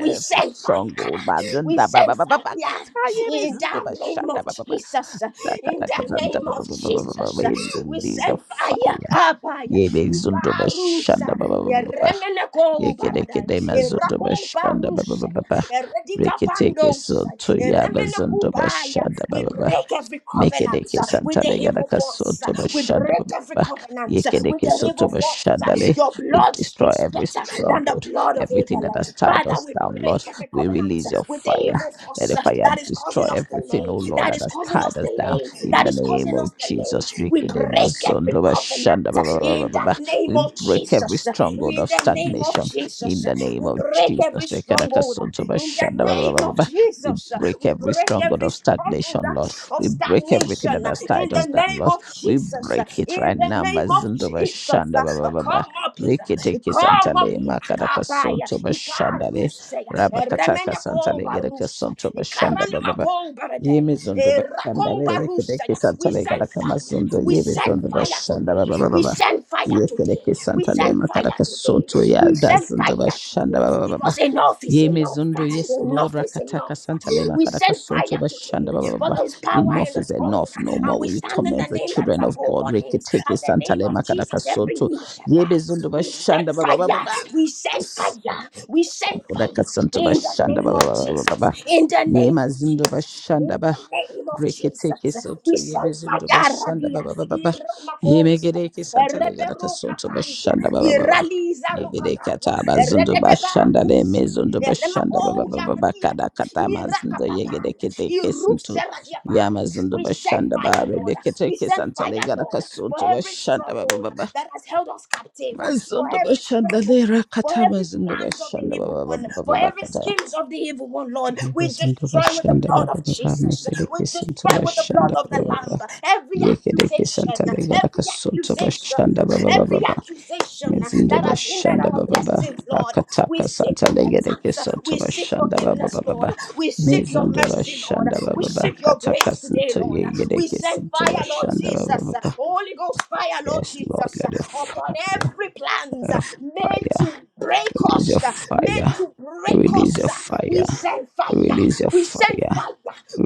[SPEAKER 1] We send fire.
[SPEAKER 2] stronghold.
[SPEAKER 1] We
[SPEAKER 2] Mazunda baba
[SPEAKER 1] send
[SPEAKER 2] baba baba
[SPEAKER 1] fire.
[SPEAKER 2] kata ye
[SPEAKER 1] In
[SPEAKER 2] mezundo
[SPEAKER 1] the name
[SPEAKER 2] bashanda
[SPEAKER 1] of
[SPEAKER 2] baba baba.
[SPEAKER 1] Jesus.
[SPEAKER 2] Kata
[SPEAKER 1] In
[SPEAKER 2] kata
[SPEAKER 1] the
[SPEAKER 2] kata
[SPEAKER 1] name
[SPEAKER 2] baba
[SPEAKER 1] of
[SPEAKER 2] baba baba.
[SPEAKER 1] Jesus.
[SPEAKER 2] We
[SPEAKER 1] We
[SPEAKER 2] release the
[SPEAKER 1] send fire.
[SPEAKER 2] fire.
[SPEAKER 1] Kabaya.
[SPEAKER 2] Yebe zondo bashanda
[SPEAKER 1] Ikarusa.
[SPEAKER 2] baba baba baba.
[SPEAKER 1] Eremeneko
[SPEAKER 2] Yekede
[SPEAKER 1] barada.
[SPEAKER 2] kede mazondo
[SPEAKER 1] Erako
[SPEAKER 2] bashanda baba
[SPEAKER 1] barusa.
[SPEAKER 2] baba baba.
[SPEAKER 1] Eredika
[SPEAKER 2] Reketeke
[SPEAKER 1] pandosa.
[SPEAKER 2] soto yaba zondo
[SPEAKER 1] Eremenekubaya.
[SPEAKER 2] bashanda
[SPEAKER 1] We
[SPEAKER 2] baba baba.
[SPEAKER 1] break every covenant
[SPEAKER 2] Mekedeke
[SPEAKER 1] uh, with the
[SPEAKER 2] santale
[SPEAKER 1] evil
[SPEAKER 2] gadaka
[SPEAKER 1] force.
[SPEAKER 2] soto
[SPEAKER 1] uh, We
[SPEAKER 2] bashanda
[SPEAKER 1] break
[SPEAKER 2] ba- ba-
[SPEAKER 1] every
[SPEAKER 2] ba.
[SPEAKER 1] covenant uh, with
[SPEAKER 2] Yekedeke
[SPEAKER 1] the
[SPEAKER 2] soto
[SPEAKER 1] evil force. uh,
[SPEAKER 2] bashandale.
[SPEAKER 1] Your
[SPEAKER 2] We
[SPEAKER 1] blood
[SPEAKER 2] destroy
[SPEAKER 1] speaks
[SPEAKER 2] every
[SPEAKER 1] better than the
[SPEAKER 2] stronghold,
[SPEAKER 1] blood of
[SPEAKER 2] everything that
[SPEAKER 1] Abel. uh,
[SPEAKER 2] has tied
[SPEAKER 1] Father,
[SPEAKER 2] us
[SPEAKER 1] we
[SPEAKER 2] down, Lord.
[SPEAKER 1] break every
[SPEAKER 2] We
[SPEAKER 1] covenant uh,
[SPEAKER 2] release your
[SPEAKER 1] with the
[SPEAKER 2] fire.
[SPEAKER 1] evil
[SPEAKER 2] Let
[SPEAKER 1] force
[SPEAKER 2] the
[SPEAKER 1] uh,
[SPEAKER 2] fire
[SPEAKER 1] that is
[SPEAKER 2] destroy
[SPEAKER 1] causing us
[SPEAKER 2] everything,
[SPEAKER 1] delay,
[SPEAKER 2] oh Lord,
[SPEAKER 1] that
[SPEAKER 2] that
[SPEAKER 1] is
[SPEAKER 2] has
[SPEAKER 1] causing us
[SPEAKER 2] tied us down.
[SPEAKER 1] delay,
[SPEAKER 2] In
[SPEAKER 1] that
[SPEAKER 2] the
[SPEAKER 1] is
[SPEAKER 2] name
[SPEAKER 1] causing us
[SPEAKER 2] of
[SPEAKER 1] delay.
[SPEAKER 2] Jesus,
[SPEAKER 1] We
[SPEAKER 2] Rikide
[SPEAKER 1] break every
[SPEAKER 2] mazondo
[SPEAKER 1] covenant
[SPEAKER 2] bashanda
[SPEAKER 1] uh,
[SPEAKER 2] ba- ba- ba- ba-
[SPEAKER 1] in
[SPEAKER 2] ba-
[SPEAKER 1] the
[SPEAKER 2] ba.
[SPEAKER 1] name
[SPEAKER 2] we
[SPEAKER 1] of
[SPEAKER 2] break every
[SPEAKER 1] Jesus. uh,
[SPEAKER 2] stronghold
[SPEAKER 1] In
[SPEAKER 2] of
[SPEAKER 1] the name of
[SPEAKER 2] stagnation. In
[SPEAKER 1] Jesus, uh,
[SPEAKER 2] the name
[SPEAKER 1] we
[SPEAKER 2] of
[SPEAKER 1] break every
[SPEAKER 2] Jesus, Rikadaka
[SPEAKER 1] stronghold
[SPEAKER 2] soto
[SPEAKER 1] uh, in the
[SPEAKER 2] bashanda ba- ba-
[SPEAKER 1] name
[SPEAKER 2] ba- ba-
[SPEAKER 1] of
[SPEAKER 2] ba. we
[SPEAKER 1] Jesus. uh,
[SPEAKER 2] break
[SPEAKER 1] We
[SPEAKER 2] every
[SPEAKER 1] break break
[SPEAKER 2] stronghold
[SPEAKER 1] every
[SPEAKER 2] of
[SPEAKER 1] stronghold
[SPEAKER 2] stagnation, Lord.
[SPEAKER 1] uh, of
[SPEAKER 2] We break everything
[SPEAKER 1] stagnation
[SPEAKER 2] that
[SPEAKER 1] uh,
[SPEAKER 2] has
[SPEAKER 1] in
[SPEAKER 2] tied
[SPEAKER 1] the
[SPEAKER 2] us down,
[SPEAKER 1] name
[SPEAKER 2] Lord.
[SPEAKER 1] of
[SPEAKER 2] We
[SPEAKER 1] Jesus. uh,
[SPEAKER 2] break it
[SPEAKER 1] In
[SPEAKER 2] right
[SPEAKER 1] the
[SPEAKER 2] now.
[SPEAKER 1] name of
[SPEAKER 2] Bazinda
[SPEAKER 1] Jesus.
[SPEAKER 2] bashanda
[SPEAKER 1] uh,
[SPEAKER 2] ba ba
[SPEAKER 1] uh,
[SPEAKER 2] ba ba.
[SPEAKER 1] Come up here.
[SPEAKER 2] Rikitiki
[SPEAKER 1] Come up
[SPEAKER 2] santale
[SPEAKER 1] here.
[SPEAKER 2] makadaka
[SPEAKER 1] Akabaya.
[SPEAKER 2] sonto bashandale.
[SPEAKER 1] Ikarusaya.
[SPEAKER 2] Rabakataka santale gereke
[SPEAKER 1] Remenekobarusa.
[SPEAKER 2] sonto bashanda ba ba ba.
[SPEAKER 1] Ikaranamakobarade.
[SPEAKER 2] Yemi zondo bashandale rikitiki
[SPEAKER 1] Erakobarusaya. We
[SPEAKER 2] santale
[SPEAKER 1] send
[SPEAKER 2] gadaka
[SPEAKER 1] fire.
[SPEAKER 2] mazondo.
[SPEAKER 1] We
[SPEAKER 2] Yemi
[SPEAKER 1] send
[SPEAKER 2] zondo
[SPEAKER 1] fire
[SPEAKER 2] bashanda ba
[SPEAKER 1] today.
[SPEAKER 2] ba ba ba
[SPEAKER 1] We
[SPEAKER 2] ba.
[SPEAKER 1] send fire today.
[SPEAKER 2] Yekereke
[SPEAKER 1] We
[SPEAKER 2] santale
[SPEAKER 1] send fire
[SPEAKER 2] makadaka
[SPEAKER 1] today.
[SPEAKER 2] sonto ya
[SPEAKER 1] We send
[SPEAKER 2] dazindo
[SPEAKER 1] fire
[SPEAKER 2] bashanda
[SPEAKER 1] today.
[SPEAKER 2] ba ba ba ba.
[SPEAKER 1] Because enough is enough.
[SPEAKER 2] Yemezundo, yes, Lord,
[SPEAKER 1] Enough is
[SPEAKER 2] Rakataka
[SPEAKER 1] enough.
[SPEAKER 2] Santa Lema
[SPEAKER 1] We
[SPEAKER 2] Karaka
[SPEAKER 1] send
[SPEAKER 2] Sonto
[SPEAKER 1] fire
[SPEAKER 2] Bashanda
[SPEAKER 1] today,
[SPEAKER 2] Baba.
[SPEAKER 1] for
[SPEAKER 2] Baba.
[SPEAKER 1] there is power in
[SPEAKER 2] Enough
[SPEAKER 1] the
[SPEAKER 2] is
[SPEAKER 1] tongue,
[SPEAKER 2] enough. No
[SPEAKER 1] and
[SPEAKER 2] more
[SPEAKER 1] we
[SPEAKER 2] will you
[SPEAKER 1] stand in the
[SPEAKER 2] torment the
[SPEAKER 1] name that is
[SPEAKER 2] children of
[SPEAKER 1] above
[SPEAKER 2] God.
[SPEAKER 1] all names.
[SPEAKER 2] Reketeke
[SPEAKER 1] At the
[SPEAKER 2] Santa
[SPEAKER 1] name of
[SPEAKER 2] Lema Karaka
[SPEAKER 1] Jesus, every
[SPEAKER 2] Sonto.
[SPEAKER 1] knee shall bow.
[SPEAKER 2] Yemezundo
[SPEAKER 1] We send
[SPEAKER 2] Bashanda Baba Baba.
[SPEAKER 1] fire,
[SPEAKER 2] Baba.
[SPEAKER 1] we send fire,
[SPEAKER 2] Loose.
[SPEAKER 1] we send fire
[SPEAKER 2] Onkodaka Santo
[SPEAKER 1] in the
[SPEAKER 2] Bashanda
[SPEAKER 1] name
[SPEAKER 2] Baba
[SPEAKER 1] of
[SPEAKER 2] Baba Baba.
[SPEAKER 1] Jesus, in the
[SPEAKER 2] Ye
[SPEAKER 1] name of
[SPEAKER 2] Yemazindo
[SPEAKER 1] Jesus,
[SPEAKER 2] bashanda
[SPEAKER 1] in
[SPEAKER 2] ba
[SPEAKER 1] the name of
[SPEAKER 2] reketeke
[SPEAKER 1] Jesus.
[SPEAKER 2] soto
[SPEAKER 1] We send
[SPEAKER 2] yebezundo
[SPEAKER 1] fire,
[SPEAKER 2] bashanda ba
[SPEAKER 1] Radia,
[SPEAKER 2] ba ba ba ba ye
[SPEAKER 1] Iramakos,
[SPEAKER 2] yemegereke santale garaka soto
[SPEAKER 1] Reberokapandia,
[SPEAKER 2] bashanda ba ba ba ba
[SPEAKER 1] Iraliza
[SPEAKER 2] ye yegereke
[SPEAKER 1] Rokapaya,
[SPEAKER 2] ataba zundo bashanda le
[SPEAKER 1] Eredebakus,
[SPEAKER 2] mezundo bashanda ba ba ba ba
[SPEAKER 1] Eremakos,
[SPEAKER 2] ba
[SPEAKER 1] kiata,
[SPEAKER 2] kada kata
[SPEAKER 1] iraka
[SPEAKER 2] mazindo ye
[SPEAKER 1] papaya,
[SPEAKER 2] gereke teke santo
[SPEAKER 1] irusera diapaya.
[SPEAKER 2] yamazundo
[SPEAKER 1] We send
[SPEAKER 2] bashanda ba
[SPEAKER 1] fire, Lord.
[SPEAKER 2] rebeke
[SPEAKER 1] We
[SPEAKER 2] teke
[SPEAKER 1] send
[SPEAKER 2] santale
[SPEAKER 1] fire,
[SPEAKER 2] garaka
[SPEAKER 1] Lord, for
[SPEAKER 2] soto
[SPEAKER 1] every
[SPEAKER 2] bashanda ba ba
[SPEAKER 1] stronghold
[SPEAKER 2] ba ba
[SPEAKER 1] that has held us captive, for
[SPEAKER 2] mazundo
[SPEAKER 1] every
[SPEAKER 2] bashanda
[SPEAKER 1] stronghold
[SPEAKER 2] le
[SPEAKER 1] for
[SPEAKER 2] rakata
[SPEAKER 1] every
[SPEAKER 2] mazindo
[SPEAKER 1] plan of the
[SPEAKER 2] bashanda ba
[SPEAKER 1] evil
[SPEAKER 2] ba ba
[SPEAKER 1] one,
[SPEAKER 2] ba ba
[SPEAKER 1] for
[SPEAKER 2] ba
[SPEAKER 1] every
[SPEAKER 2] ba
[SPEAKER 1] schemes of the evil one, Lord. We
[SPEAKER 2] Yekesinto
[SPEAKER 1] destroy with the
[SPEAKER 2] bashanda
[SPEAKER 1] blood
[SPEAKER 2] baba
[SPEAKER 1] of
[SPEAKER 2] baba
[SPEAKER 1] Jesus. We
[SPEAKER 2] mekerekesinto
[SPEAKER 1] destroy with the blood
[SPEAKER 2] bashanda
[SPEAKER 1] of the
[SPEAKER 2] baba
[SPEAKER 1] Lamb
[SPEAKER 2] baba
[SPEAKER 1] every
[SPEAKER 2] Yeke
[SPEAKER 1] accusation,
[SPEAKER 2] Santa. yekerekesanta
[SPEAKER 1] every
[SPEAKER 2] legarakasunto bashanda
[SPEAKER 1] accusation,
[SPEAKER 2] baba baba
[SPEAKER 1] every
[SPEAKER 2] baba
[SPEAKER 1] accusation
[SPEAKER 2] mezindo
[SPEAKER 1] that has hindered
[SPEAKER 2] bashanda
[SPEAKER 1] our
[SPEAKER 2] baba baba
[SPEAKER 1] blessings, Lord. We
[SPEAKER 2] rakataka
[SPEAKER 1] seek
[SPEAKER 2] santa
[SPEAKER 1] repentance.
[SPEAKER 2] legerekesunto
[SPEAKER 1] We seek
[SPEAKER 2] bashanda baba
[SPEAKER 1] forgiveness,
[SPEAKER 2] baba
[SPEAKER 1] Lord.
[SPEAKER 2] baba
[SPEAKER 1] We seek your
[SPEAKER 2] mezondo
[SPEAKER 1] mercy, Lord.
[SPEAKER 2] bashanda
[SPEAKER 1] We
[SPEAKER 2] baba baba
[SPEAKER 1] seek your
[SPEAKER 2] kataka
[SPEAKER 1] grace today,
[SPEAKER 2] sinto
[SPEAKER 1] Lord. We send
[SPEAKER 2] yegerekesinto
[SPEAKER 1] fire, Lord
[SPEAKER 2] bashanda baba
[SPEAKER 1] Jesus.
[SPEAKER 2] baba
[SPEAKER 1] Holy Ghost fire, Lord
[SPEAKER 2] yes lord
[SPEAKER 1] Jesus,
[SPEAKER 2] let your
[SPEAKER 1] upon
[SPEAKER 2] fire your
[SPEAKER 1] every plans made
[SPEAKER 2] fire
[SPEAKER 1] to break
[SPEAKER 2] release your
[SPEAKER 1] us, made
[SPEAKER 2] fire
[SPEAKER 1] to break us.
[SPEAKER 2] release your
[SPEAKER 1] We
[SPEAKER 2] fire
[SPEAKER 1] send fire.
[SPEAKER 2] release your
[SPEAKER 1] We send
[SPEAKER 2] fire
[SPEAKER 1] fire.